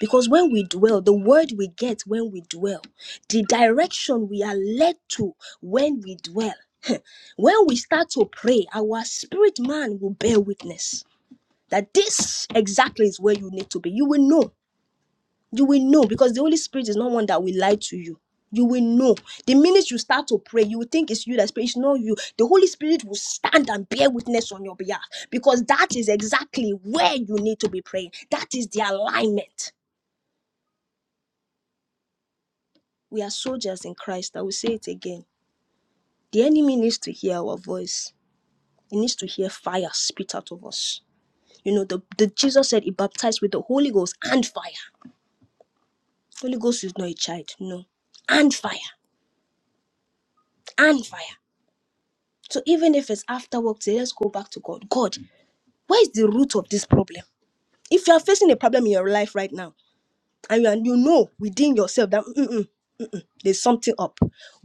[SPEAKER 1] Because when we dwell, the word we get when we dwell, the direction we are led to when we dwell. When we start to pray, our spirit man will bear witness that this exactly is where you need to be. You will know You will know because the Holy Spirit is not one that will lie to you. You will know. The minute you start to pray, you will think it's you that speaks, It's not you. The Holy Spirit will stand and bear witness on your behalf because that is exactly where you need to be praying. That is the alignment. We are soldiers in Christ. I will say it again. The enemy needs to hear our voice. He needs to hear fire spit out of us. You know, the, the Jesus said he baptized with the Holy Ghost and fire. Holy Ghost is not a child, no. And fire, and fire. So even if it's after work today, let's go back to God. God, where is the root of this problem? If you are facing a problem in your life right now, and you, and you know within yourself that "Mm-mm, there's something up,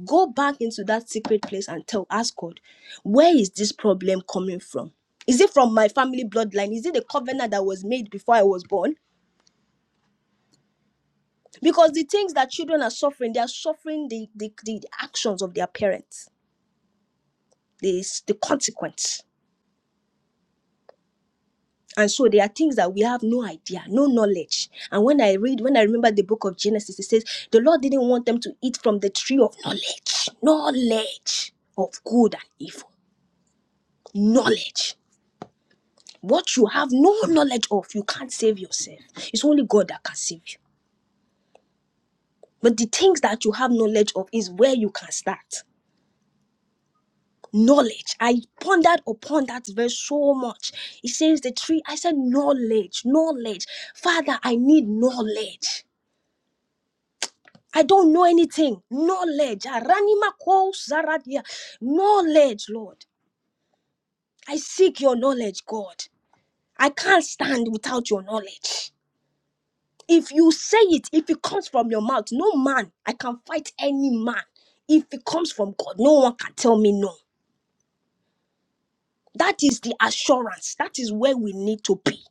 [SPEAKER 1] go back into that secret place and tell, ask God, where is this problem coming from? Is it from my family bloodline? Is it the covenant that was made before I was born? Because the things that children are suffering, they are suffering the, the, the actions of their parents, the, the consequence. And so there are things that we have no idea, no knowledge. And when I read, when I remember the book of Genesis, it says the Lord didn't want them to eat from the tree of knowledge, knowledge of good and evil, knowledge. What you have no knowledge of, you can't save yourself. It's only God that can save you. But the things that you have knowledge of is where you can start. Knowledge. I pondered upon that verse so much. It says the tree. I said, knowledge, knowledge. Father, I need knowledge. I don't know anything. Knowledge. Aranima ko zaradia. Knowledge, Lord. I seek your knowledge, God. I can't stand without your knowledge. If you say it, if it comes from your mouth, no man, I can fight any man. If it comes from God, no one can tell me no. That is the assurance. That is where we need to be.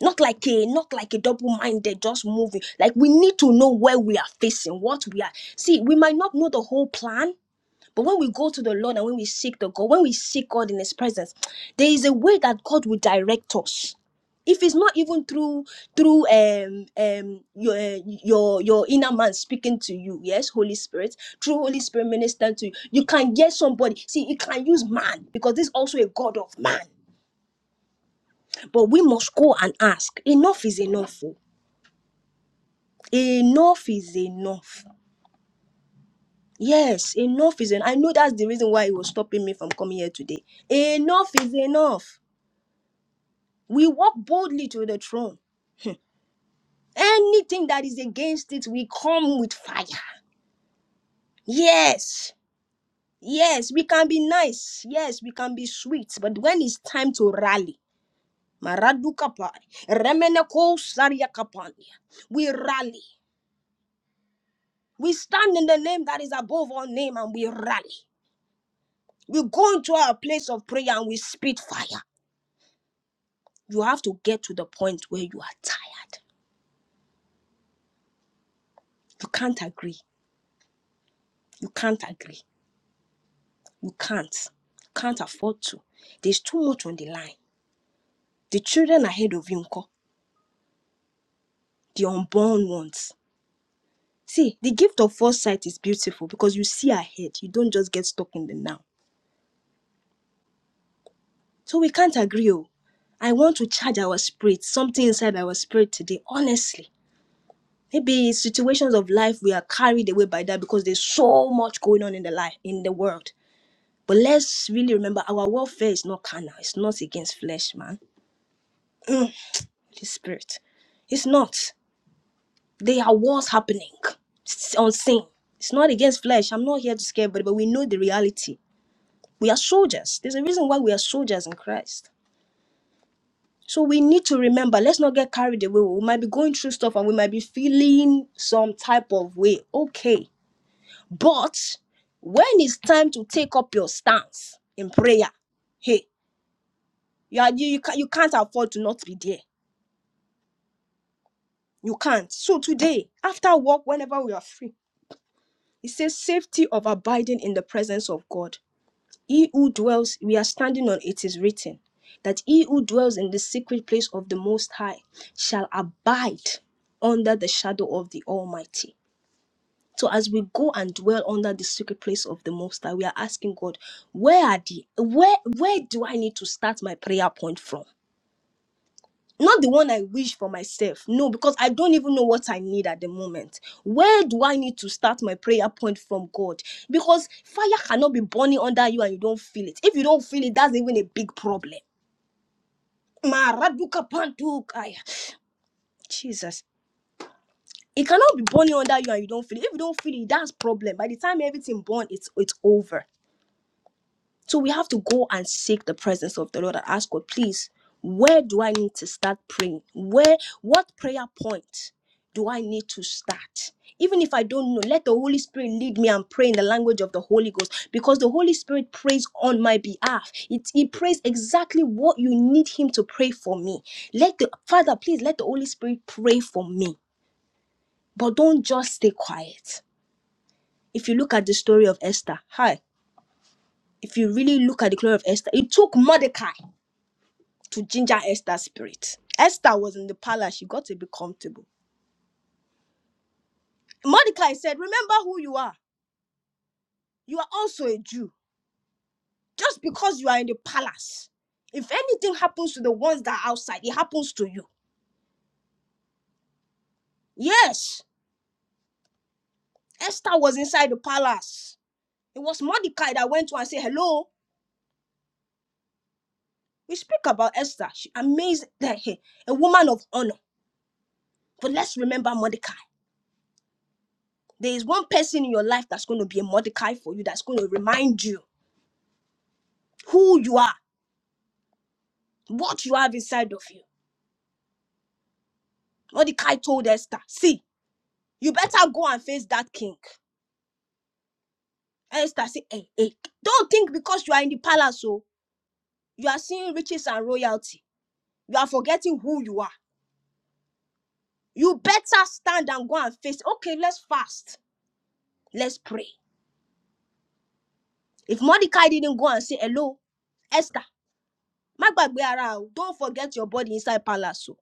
[SPEAKER 1] Not like a not like a double-minded, just moving. Like we need to know where we are facing, what we are. See, we might not know the whole plan, But when we go to the Lord and when we seek the God, when we seek God in His presence, there is a way that God will direct us. If it's not even through through um um your eh, your your inner man speaking to you, yes, Holy Spirit, through Holy Spirit minister to you, you can get somebody. See, you can use man because this is also a God of man. But we must go and ask. Enough is enough. oh. Enough is enough. Yes, enough is enough. I know that's the reason why it was stopping me from coming here today. Enough is enough. We walk boldly to the throne. Anything that is against it, we come with fire. Yes, yes, we can be nice. Yes, we can be sweet. But when it's time to rally, Maradukapai, Remeneko Sariakapania, we rally. We stand in the name that is above all name and we rally. We go into our place of prayer and we spit fire. You have to get to the point where you are tired. You can't agree. You can't agree. You can't. Can't afford to. There's too much on the line. The children ahead of you, nko, the unborn ones. See, the gift of foresight is beautiful because you see ahead. You don't just get stuck in the now. So we can't agree. Oh. I want to charge our spirit, something inside our spirit today, honestly. Maybe situations of life we are carried away by that because there's so much going on in the life in the world. But let's really remember our warfare is not carnal, it's not against flesh, man. It's spirit. It's not. There are wars happening s- unseen. It's not against flesh. I'm not here to scare everybody, but we know the reality. We are soldiers. There's a reason why we are soldiers in Christ. So we need to remember, let's not get carried away. We might be going through stuff and we might be feeling some type of way. Okay. But when it's time to take up your stance in prayer, hey, you, are, you, you, can, you can't afford to not be there. You can't. So today, after work, whenever we are free, it says safety of abiding in the presence of God. He who dwells, we are standing on it is written that he who dwells in the secret place of the Most High shall abide under the shadow of the Almighty. So as we go and dwell under the secret place of the Most High, we are asking God, where are the where where do I need to start my prayer point from? not the one I wish for myself. No, because I don't even know what I need at the moment. Where do I need to start my prayer point from God? Because fire cannot be burning under you and you don't feel it. If you don't feel it, that's even a big problem. Maraduka pantukaya. Jesus. It cannot be burning under you and you don't feel it. If you don't feel it, that's problem. By the time everything burn, it's it's over. So we have to go and seek the presence of the Lord and ask God, please, where do I need to start praying? Where, what prayer point do I need to start? Even if I don't know, let the Holy Spirit lead me and pray in the language of the Holy Ghost because the Holy Spirit prays on my behalf. It, he prays exactly what you need Him to pray for me. Let the Father, please, let the Holy Spirit pray for me, but don't just stay quiet. If you look at the story of Esther, hi, if you really look at the glory of Esther, it took Mordecai. to ginger Esther's spirit. Esther was in the palace. She got to be comfortable. Mordecai said, Remember who you are. You are also a Jew. Just because you are in the palace, if anything happens to the ones that are outside, it happens to you. Yes, Esther was inside the palace. It was Mordecai that went to her and said, Hello. We speak about Esther. She amazed that hey, a woman of honor. But let's remember Mordecai. There is one person in your life that's going to be a Mordecai for you, that's going to remind you who you are What you have inside of you. Mordecai told Esther, see, you better go and face that king. Esther said, hey, hey, don't think because you are in the palace, oh, you are seeing riches and royalty. You are forgetting who you are. You better stand and go and face. Okay, let's fast. Let's pray. If Mordecai didn't go and say hello, Esther, my don't forget your body inside palace. oh."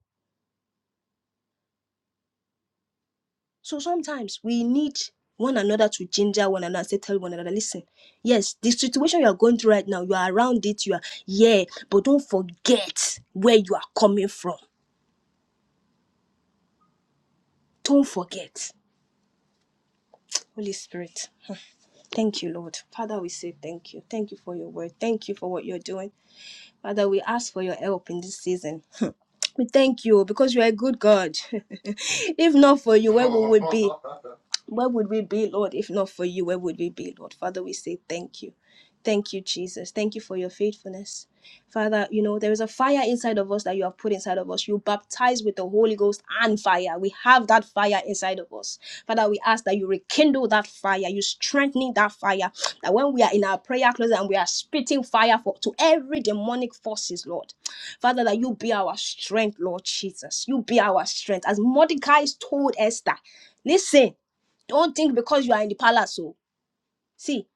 [SPEAKER 1] So sometimes we need one another to ginger one another, say tell one another, listen, yes, the situation you are going through right now, you are around it, you are yeah, but don't forget where you are coming from. Don't forget. Holy Spirit. Thank you, Lord. Father, we say thank you. Thank you for your word. Thank you for what you're doing. Father, we ask for your help in this season. We thank you because you are a good God. if not for you, where we would be? Where would we be, Lord, if not for you? Where would we be, Lord? Father, we say thank you. Thank you, Jesus. Thank you for your faithfulness. Father, you know, there is a fire inside of us that you have put inside of us. You baptize with the Holy Ghost and fire. We have that fire inside of us. Father, we ask that you rekindle that fire, you strengthening that fire. That when we are in our prayer closet and we are spitting fire for to every demonic forces, Lord. Father, that you be our strength, Lord Jesus. You be our strength. As Mordecai told Esther, listen. Don't think because you are in the palace. Oh, see,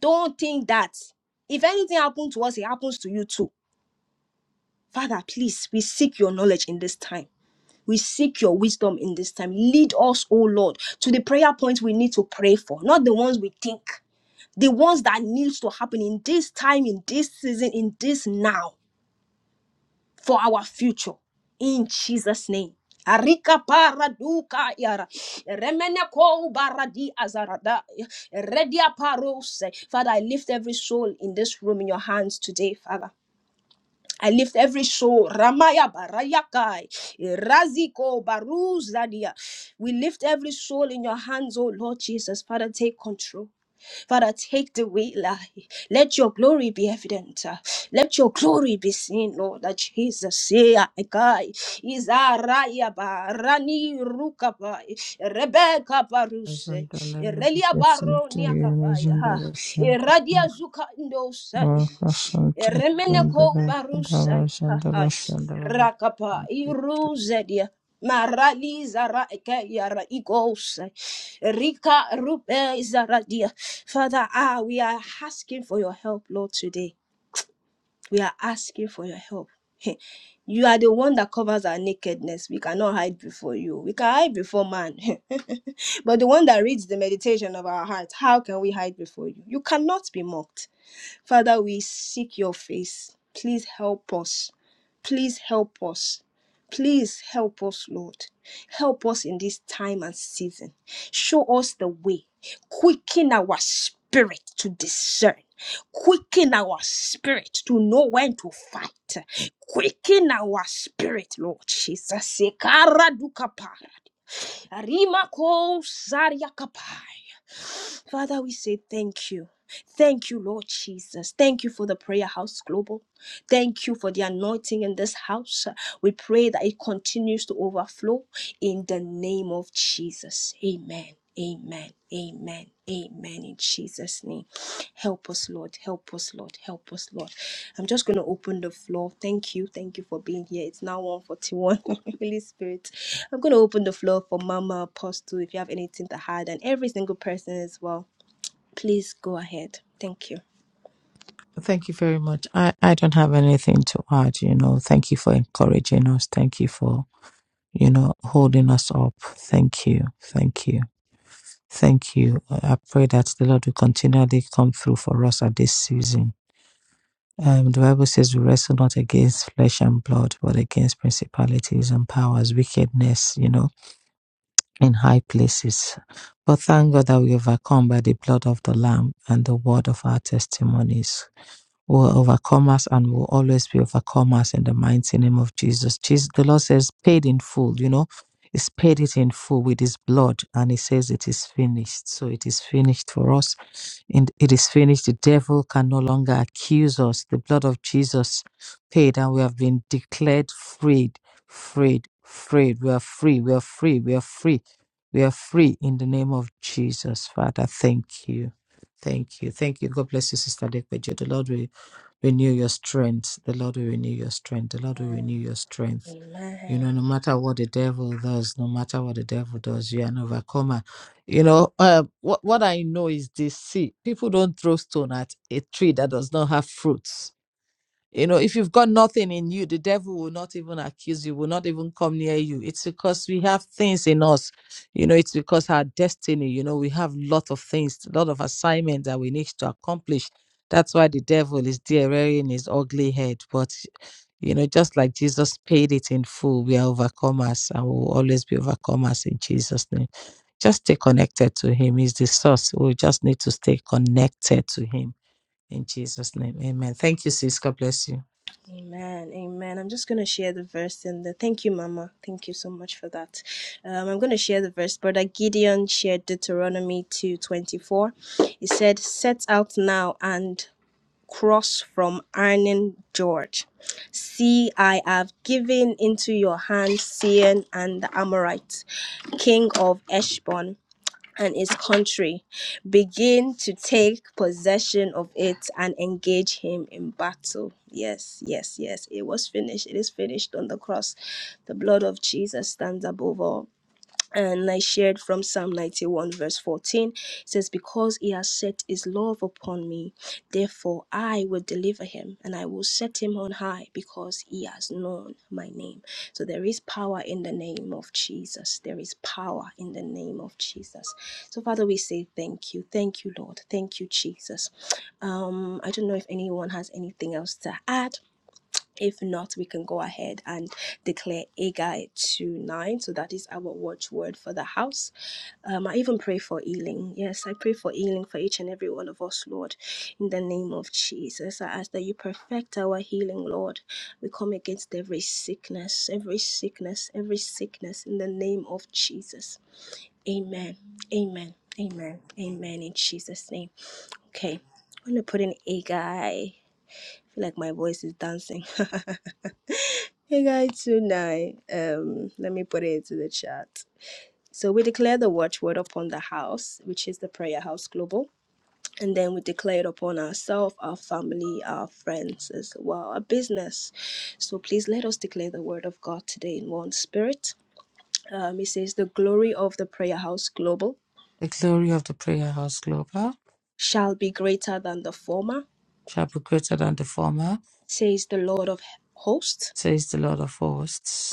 [SPEAKER 1] don't think that. If anything happens to us, it happens to you too. Father, please, we seek your knowledge in this time. We seek your wisdom in this time. Lead us, oh Lord, to the prayer points we need to pray for, not the ones we think, the ones that needs to happen in this time, in this season, in this now. for our future. In Jesus' name. Arika paraduka yara. Remene ko baradi azarada. Redia parose. Father, I lift every soul in this room in your hands today, Father. I lift every soul. Ramaya barayakai. Raziko baruzadia. We lift every soul in your hands, oh Lord Jesus. Father, take control. Father, take the weight, lie. Let your glory be evident. uh, Let your glory be seen, Lord. uh, Jesus, yeah, I guy. Izaraya ba rani ruka ba Rebecca baruse
[SPEAKER 2] Azandalele
[SPEAKER 1] Irelia baro
[SPEAKER 2] yesimtiye
[SPEAKER 1] niaka ba
[SPEAKER 2] mezimbarashanda
[SPEAKER 1] Iradia zuka indosai. Remeneko
[SPEAKER 2] wakashantakendele
[SPEAKER 1] barusha hai
[SPEAKER 2] kadarashandarashandara.
[SPEAKER 1] rakapa iruzedia marali zara eke yara igosai rika rupe zaradia. Father, ah, we are asking for your help, Lord, today. We are asking for your help. You are the one that covers our nakedness. We cannot hide before you. We can hide before man. but the one that reads the meditation of our hearts how can we hide before you? You cannot be mocked. Father, we seek your face. Please help us. Please help us. Please help us, Lord. Help us in this time and season. Show us the way. Quicken our spirit to discern. Quicken our spirit to know when to fight. Quicken our spirit, Lord Jesus. Sekara dukapa. Rima ko saria kapa. Father, we say thank you. Thank you, Lord Jesus. Thank you for the Prayer House Global. Thank you for the anointing in this house. We pray that it continues to overflow in the name of Jesus. Amen. Amen. Amen. Amen. In Jesus' name. Help us, Lord. Help us, Lord. Help us, Lord. I'm just going to open the floor. Thank you. Thank you for being here. It's now 141. Holy Spirit. I'm going to open the floor for Mama Apostle if you have anything to hide and every single person as well Please go ahead. Thank you.
[SPEAKER 2] Thank you very much. I, I don't have anything to add, you know. Thank you for encouraging us. Thank you for you know, holding us up. Thank you. Thank you. Thank you. I pray that the Lord will continually come through for us at this season. Um, the Bible says we wrestle not against flesh and blood, but against principalities and powers, wickedness, you know, in high places. But thank God that we overcome by the blood of the Lamb and the word of our testimonies. We're overcomers and we'll always be overcomers in the mighty name of Jesus. Jesus. The Lord says, paid in full, you know, He's paid it in full with His blood, and He says, it is finished. So it is finished for us. And it is finished. The devil can no longer accuse us. The blood of Jesus paid, and we have been declared freed, freed, freed. We are free, we are free, we are free. We are free in the name of Jesus. Father, thank you. Thank you. Thank you. God bless you, Sister Dekpejo. The Lord will Renew your strength. The Lord will renew your strength. The Lord will renew your strength. You know, no matter what the devil does, no matter what the devil does, you are an overcomer. You know, uh, what what I know is this: see, people don't throw stone at a tree that does not have fruits you know, if you've got nothing in you, the devil will not even accuse you, will not even come near you. It's because we have things in us. You know, it's because our destiny, you know, we have a lot of things, a lot of assignments that we need to accomplish. That's why the devil is there wearing his ugly head. But, you know, just like Jesus paid it in full, we are overcomers and we'll always be overcomers in Jesus' name. Just stay connected to him. He's the source. We just need to stay connected to him in Jesus' name. Amen. Thank you, sis. God bless you.
[SPEAKER 1] Amen. Amen. I'm just going to share the verse in the. Thank you, Mama. Thank you so much for that. Um, I'm going to share the verse. Brother Gideon shared Deuteronomy 2:24. He said, "Set out now and cross from Arnon George. See, I have given into your hand Sihon and the Amorites, king of Eshbon. and his country. Begin to take possession of it and engage him in battle. Yes, yes, yes. It was finished. It is finished on the cross. The blood of Jesus stands above all and I shared from Psalm 91, verse 14. It says, Because he has set his love upon me, therefore I will deliver him, and I will set him on high, because he has known my name. So there is power in the name of Jesus. There is power in the name of Jesus. So, Father, we say thank you. Thank you, Lord. Thank you, Jesus. Um, I don't know if anyone has anything else to add if not, we can go ahead and declare Agai to nine. So that is our watchword for the house. Um, I even pray for healing. Yes, I pray for healing for each and every one of us, Lord, in the name of Jesus. I ask that you perfect our healing, Lord. We come against every sickness, every sickness, every sickness in the name of Jesus. Amen. Amen. Amen. Amen. In Jesus' name. Okay. I'm gonna put in Agai. I feel like my voice is dancing. Hey guys, tonight, um, let me put it into the chat. So we declare the watchword upon the house, which is the Prayer House Global, and then we declare it upon ourselves, our family, our friends as well, our business. So please let us declare the word of God today in one spirit. Um, it says, "The glory of the Prayer House Global
[SPEAKER 2] The glory of the Prayer House Global
[SPEAKER 1] shall be greater than the former,"
[SPEAKER 2] shall be greater than the former,
[SPEAKER 1] says the Lord of Hosts.
[SPEAKER 2] says the Lord of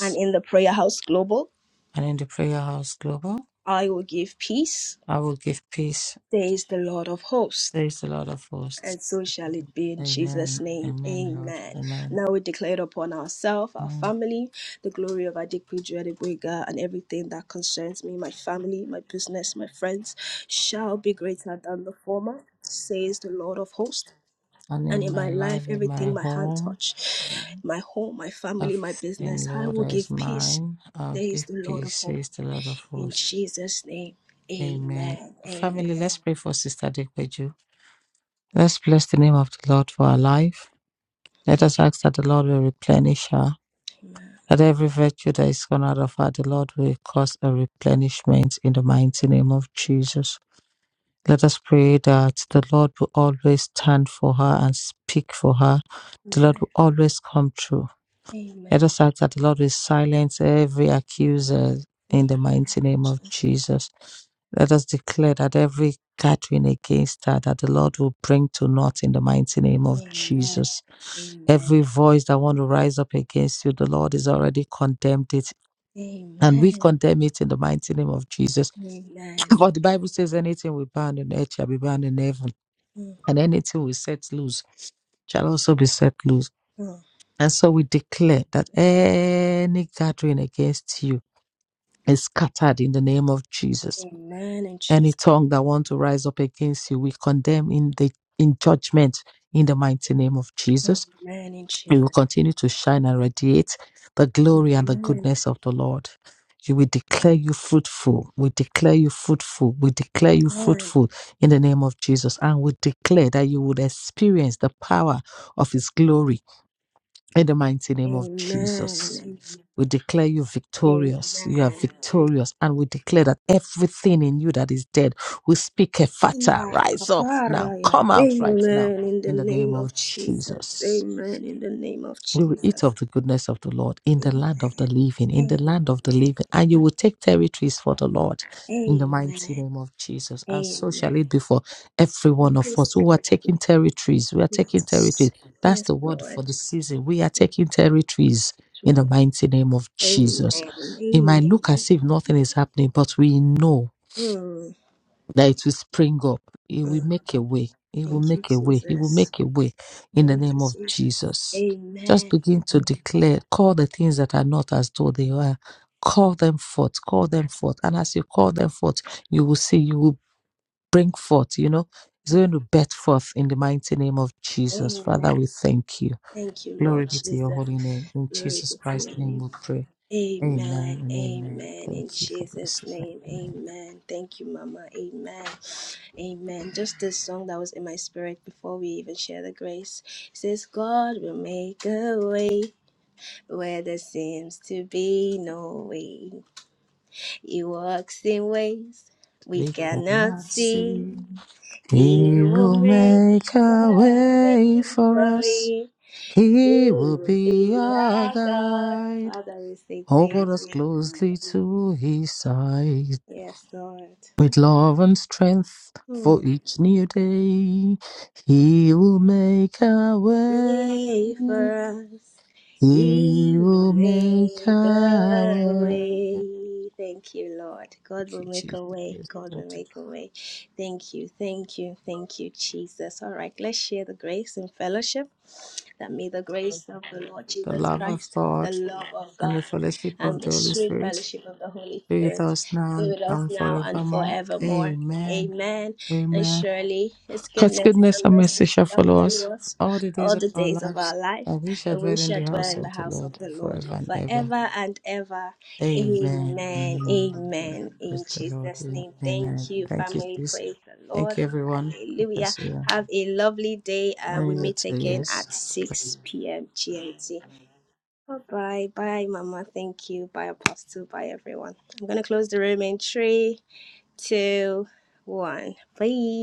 [SPEAKER 1] And in the Prayer House Global,
[SPEAKER 2] And in the Prayer House Global,
[SPEAKER 1] I will give peace,
[SPEAKER 2] I will give peace,
[SPEAKER 1] says the Lord of Hosts.
[SPEAKER 2] says the Lord of hosts.
[SPEAKER 1] and so shall it be in Jesus'
[SPEAKER 2] Amen.
[SPEAKER 1] name.
[SPEAKER 2] Amen, Lord.
[SPEAKER 1] Amen.
[SPEAKER 2] Amen.
[SPEAKER 1] Now we declare it upon ourselves, our
[SPEAKER 2] amen.
[SPEAKER 1] family, the glory of Adikwi Juadibwega, and everything that concerns me, my family, my business, my friends, shall be greater than the former, says the Lord of hosts.
[SPEAKER 2] And
[SPEAKER 1] And
[SPEAKER 2] in
[SPEAKER 1] in
[SPEAKER 2] my
[SPEAKER 1] my life,
[SPEAKER 2] life, in my
[SPEAKER 1] everything my hand
[SPEAKER 2] home,
[SPEAKER 1] touch, my home, my family, my
[SPEAKER 2] everything,
[SPEAKER 1] business, I
[SPEAKER 2] Lord,
[SPEAKER 1] will
[SPEAKER 2] that is
[SPEAKER 1] give peace,
[SPEAKER 2] mine, I'll
[SPEAKER 1] says
[SPEAKER 2] give
[SPEAKER 1] the Lord of
[SPEAKER 2] peace,
[SPEAKER 1] hosts.
[SPEAKER 2] says the Lord of
[SPEAKER 1] In
[SPEAKER 2] hosts.
[SPEAKER 1] Jesus' name,
[SPEAKER 2] Amen.
[SPEAKER 1] amen. Amen.
[SPEAKER 2] Family, let's pray for Sister Dekweju. Let's bless the name of the Lord for her life. Let us ask that the Lord will replenish her
[SPEAKER 1] Amen.
[SPEAKER 2] that every virtue that is honored of our, the Lord will cause a replenishment in the mighty name of Jesus. Let us pray that the Lord will always stand for her and speak for her. The Lord
[SPEAKER 1] Amen.
[SPEAKER 2] will always come true. Let
[SPEAKER 1] Amen.
[SPEAKER 2] us ask that the Lord will silence every accuser in the
[SPEAKER 1] Amen.
[SPEAKER 2] mighty name of
[SPEAKER 1] Jesus.
[SPEAKER 2] Jesus. Let us declare that every gathering against her, that the Lord will bring to naught in the mighty name of
[SPEAKER 1] Amen.
[SPEAKER 2] Jesus
[SPEAKER 1] Amen.
[SPEAKER 2] every voice that want to rise up against you the lord is already condemned it and we
[SPEAKER 1] Amen.
[SPEAKER 2] condemn it in the mighty name of Jesus.
[SPEAKER 1] Amen.
[SPEAKER 2] For the Bible says, anything we bind on earth shall be bound in heaven,
[SPEAKER 1] Mm,
[SPEAKER 2] and anything we set loose shall also be set loose.
[SPEAKER 1] mm.
[SPEAKER 2] And so we declare that any gathering against you is scattered in the name of Jesus.
[SPEAKER 1] Amen in
[SPEAKER 2] Any
[SPEAKER 1] Jesus.
[SPEAKER 2] tongue that want to rise up against you, we condemn in the in judgment in the mighty name of Jesus
[SPEAKER 1] Amen in
[SPEAKER 2] You will
[SPEAKER 1] Jesus.
[SPEAKER 2] continue to shine and radiate the glory and the
[SPEAKER 1] Amen.
[SPEAKER 2] goodness of the Lord. You will declare you fruitful. We declare you fruitful. We declare you
[SPEAKER 1] Amen.
[SPEAKER 2] fruitful in the name of Jesus. And we declare that you would experience the power of his glory in the mighty name of Jesus.
[SPEAKER 1] Amen.
[SPEAKER 2] We declare you victorious. You are
[SPEAKER 1] Amen.
[SPEAKER 2] victorious. And we declare that everything in you that is dead, we speak a fata.
[SPEAKER 1] Yeah,
[SPEAKER 2] Rise up now.
[SPEAKER 1] kapara, yeah.
[SPEAKER 2] Come out right now
[SPEAKER 1] Amen. In the
[SPEAKER 2] in the name
[SPEAKER 1] name
[SPEAKER 2] of
[SPEAKER 1] of Jesus.
[SPEAKER 2] Jesus.
[SPEAKER 1] Amen. In the name of
[SPEAKER 2] You will eat of
[SPEAKER 1] Jesus.
[SPEAKER 2] the goodness of the Lord in the land of the
[SPEAKER 1] Amen.
[SPEAKER 2] living, in the
[SPEAKER 1] Amen.
[SPEAKER 2] land of the living, and you will take territories for the Lord in the mighty
[SPEAKER 1] Amen.
[SPEAKER 2] name of Jesus. And so shall
[SPEAKER 1] Amen.
[SPEAKER 2] it be for every one of
[SPEAKER 1] Yes,
[SPEAKER 2] us who are
[SPEAKER 1] Lord.
[SPEAKER 2] taking territories. We are
[SPEAKER 1] Yes,
[SPEAKER 2] taking territories. That's
[SPEAKER 1] Yes,
[SPEAKER 2] the word for the
[SPEAKER 1] Lord.
[SPEAKER 2] season. We are taking territories in the
[SPEAKER 1] Lord.
[SPEAKER 2] mighty name of
[SPEAKER 1] Amen.
[SPEAKER 2] Jesus. It might
[SPEAKER 1] Amen.
[SPEAKER 2] look as if nothing is happening, but we know
[SPEAKER 1] Mm.
[SPEAKER 2] that it will spring up. It will
[SPEAKER 1] Mm.
[SPEAKER 2] make a way. It will
[SPEAKER 1] Thank you,
[SPEAKER 2] make a way. It will
[SPEAKER 1] Jesus.
[SPEAKER 2] make a way in the
[SPEAKER 1] Thank you,
[SPEAKER 2] name of
[SPEAKER 1] Jesus.
[SPEAKER 2] Jesus. Just
[SPEAKER 1] Amen.
[SPEAKER 2] begin to declare, call the things that are not as though they are. Call them forth, call them forth. And as you call them forth, you will see, you will bring forth, you know, it's
[SPEAKER 1] Mm.
[SPEAKER 2] going to bet forth in the mighty name of Jesus. Father,
[SPEAKER 1] Amen.
[SPEAKER 2] we thank you.
[SPEAKER 1] Thank you, Lord
[SPEAKER 2] Glory be to your
[SPEAKER 1] Jesus.
[SPEAKER 2] holy name. In
[SPEAKER 1] Glory
[SPEAKER 2] Jesus
[SPEAKER 1] be to
[SPEAKER 2] Christ's
[SPEAKER 1] your
[SPEAKER 2] name
[SPEAKER 1] name.
[SPEAKER 2] we pray. Amen
[SPEAKER 1] Amen.
[SPEAKER 2] and amen.
[SPEAKER 1] Amen.
[SPEAKER 2] Thank
[SPEAKER 1] In
[SPEAKER 2] you for
[SPEAKER 1] Jesus'
[SPEAKER 2] blessing.
[SPEAKER 1] name.
[SPEAKER 2] Amen.
[SPEAKER 1] Amen. Thank you, Mama. Amen. Amen. Just this song that was in my spirit before we even share the grace. It says, God will make a way where there seems to be no way. He works in ways we
[SPEAKER 2] We
[SPEAKER 1] cannot
[SPEAKER 2] cannot see.
[SPEAKER 1] see. He
[SPEAKER 2] He
[SPEAKER 1] will
[SPEAKER 2] will
[SPEAKER 1] make
[SPEAKER 2] make a
[SPEAKER 1] the
[SPEAKER 2] way
[SPEAKER 1] way
[SPEAKER 2] for
[SPEAKER 1] for
[SPEAKER 2] us.
[SPEAKER 1] me. He
[SPEAKER 2] He will
[SPEAKER 1] will
[SPEAKER 2] be
[SPEAKER 1] be
[SPEAKER 2] our
[SPEAKER 1] our God.
[SPEAKER 2] guide.
[SPEAKER 1] Father, we say
[SPEAKER 2] Hold
[SPEAKER 1] thank
[SPEAKER 2] us
[SPEAKER 1] you.
[SPEAKER 2] closely to his side.
[SPEAKER 1] Yes, Lord.
[SPEAKER 2] With love and strength
[SPEAKER 1] Hmm.
[SPEAKER 2] for each new day. He will make a way.
[SPEAKER 1] Pray for us.
[SPEAKER 2] He
[SPEAKER 1] He will
[SPEAKER 2] will make
[SPEAKER 1] make
[SPEAKER 2] a
[SPEAKER 1] a
[SPEAKER 2] way.
[SPEAKER 1] way. Thank you, Lord. God
[SPEAKER 2] Thank
[SPEAKER 1] will
[SPEAKER 2] you,
[SPEAKER 1] make a way.
[SPEAKER 2] Jesus.
[SPEAKER 1] God will
[SPEAKER 2] Lord.
[SPEAKER 1] make a way. Thank you, thank you, thank you, Jesus. All right, let's share the grace and fellowship. That may the grace of the Lord
[SPEAKER 2] The
[SPEAKER 1] Jesus
[SPEAKER 2] love of
[SPEAKER 1] Christ, the
[SPEAKER 2] God
[SPEAKER 1] love of
[SPEAKER 2] and
[SPEAKER 1] God,
[SPEAKER 2] the fellowship of
[SPEAKER 1] and the
[SPEAKER 2] the Holy
[SPEAKER 1] sweet
[SPEAKER 2] Spirit
[SPEAKER 1] fellowship of the Holy
[SPEAKER 2] be with
[SPEAKER 1] Spirit
[SPEAKER 2] us now
[SPEAKER 1] be
[SPEAKER 2] and
[SPEAKER 1] with us now and
[SPEAKER 2] forevermore.
[SPEAKER 1] forevermore.
[SPEAKER 2] Amen.
[SPEAKER 1] Amen. And
[SPEAKER 2] Amen.
[SPEAKER 1] surely his
[SPEAKER 2] God's
[SPEAKER 1] goodness
[SPEAKER 2] goodness
[SPEAKER 1] and
[SPEAKER 2] and
[SPEAKER 1] mercy
[SPEAKER 2] mercy shall
[SPEAKER 1] shall
[SPEAKER 2] follow us
[SPEAKER 1] follow us
[SPEAKER 2] all the days
[SPEAKER 1] all
[SPEAKER 2] of
[SPEAKER 1] the
[SPEAKER 2] our
[SPEAKER 1] days of
[SPEAKER 2] lives,
[SPEAKER 1] our life,
[SPEAKER 2] and we shall
[SPEAKER 1] and we
[SPEAKER 2] dwell in
[SPEAKER 1] shall
[SPEAKER 2] the
[SPEAKER 1] dwell
[SPEAKER 2] house
[SPEAKER 1] in the
[SPEAKER 2] of the
[SPEAKER 1] house
[SPEAKER 2] Lord
[SPEAKER 1] of the Lord
[SPEAKER 2] forever and ever.
[SPEAKER 1] forever and ever.
[SPEAKER 2] Amen.
[SPEAKER 1] Amen.
[SPEAKER 2] Amen.
[SPEAKER 1] Amen. In
[SPEAKER 2] Praise the Lord.
[SPEAKER 1] Jesus'
[SPEAKER 2] Yeah.
[SPEAKER 1] name. Thank
[SPEAKER 2] Amen.
[SPEAKER 1] you,
[SPEAKER 2] Thank you,
[SPEAKER 1] family.
[SPEAKER 2] sis.
[SPEAKER 1] Praise the
[SPEAKER 2] Thank
[SPEAKER 1] Lord.
[SPEAKER 2] you, everyone. God
[SPEAKER 1] Hallelujah.
[SPEAKER 2] bless you.
[SPEAKER 1] Have a lovely day, and
[SPEAKER 2] And
[SPEAKER 1] we
[SPEAKER 2] you
[SPEAKER 1] meet
[SPEAKER 2] too,
[SPEAKER 1] again
[SPEAKER 2] yes.
[SPEAKER 1] at 6 p.m. GMT. Bye bye. Bye, Mama. Thank you. Bye, Apostle. Bye, everyone. I'm going to close the room in three, two, one. Bye.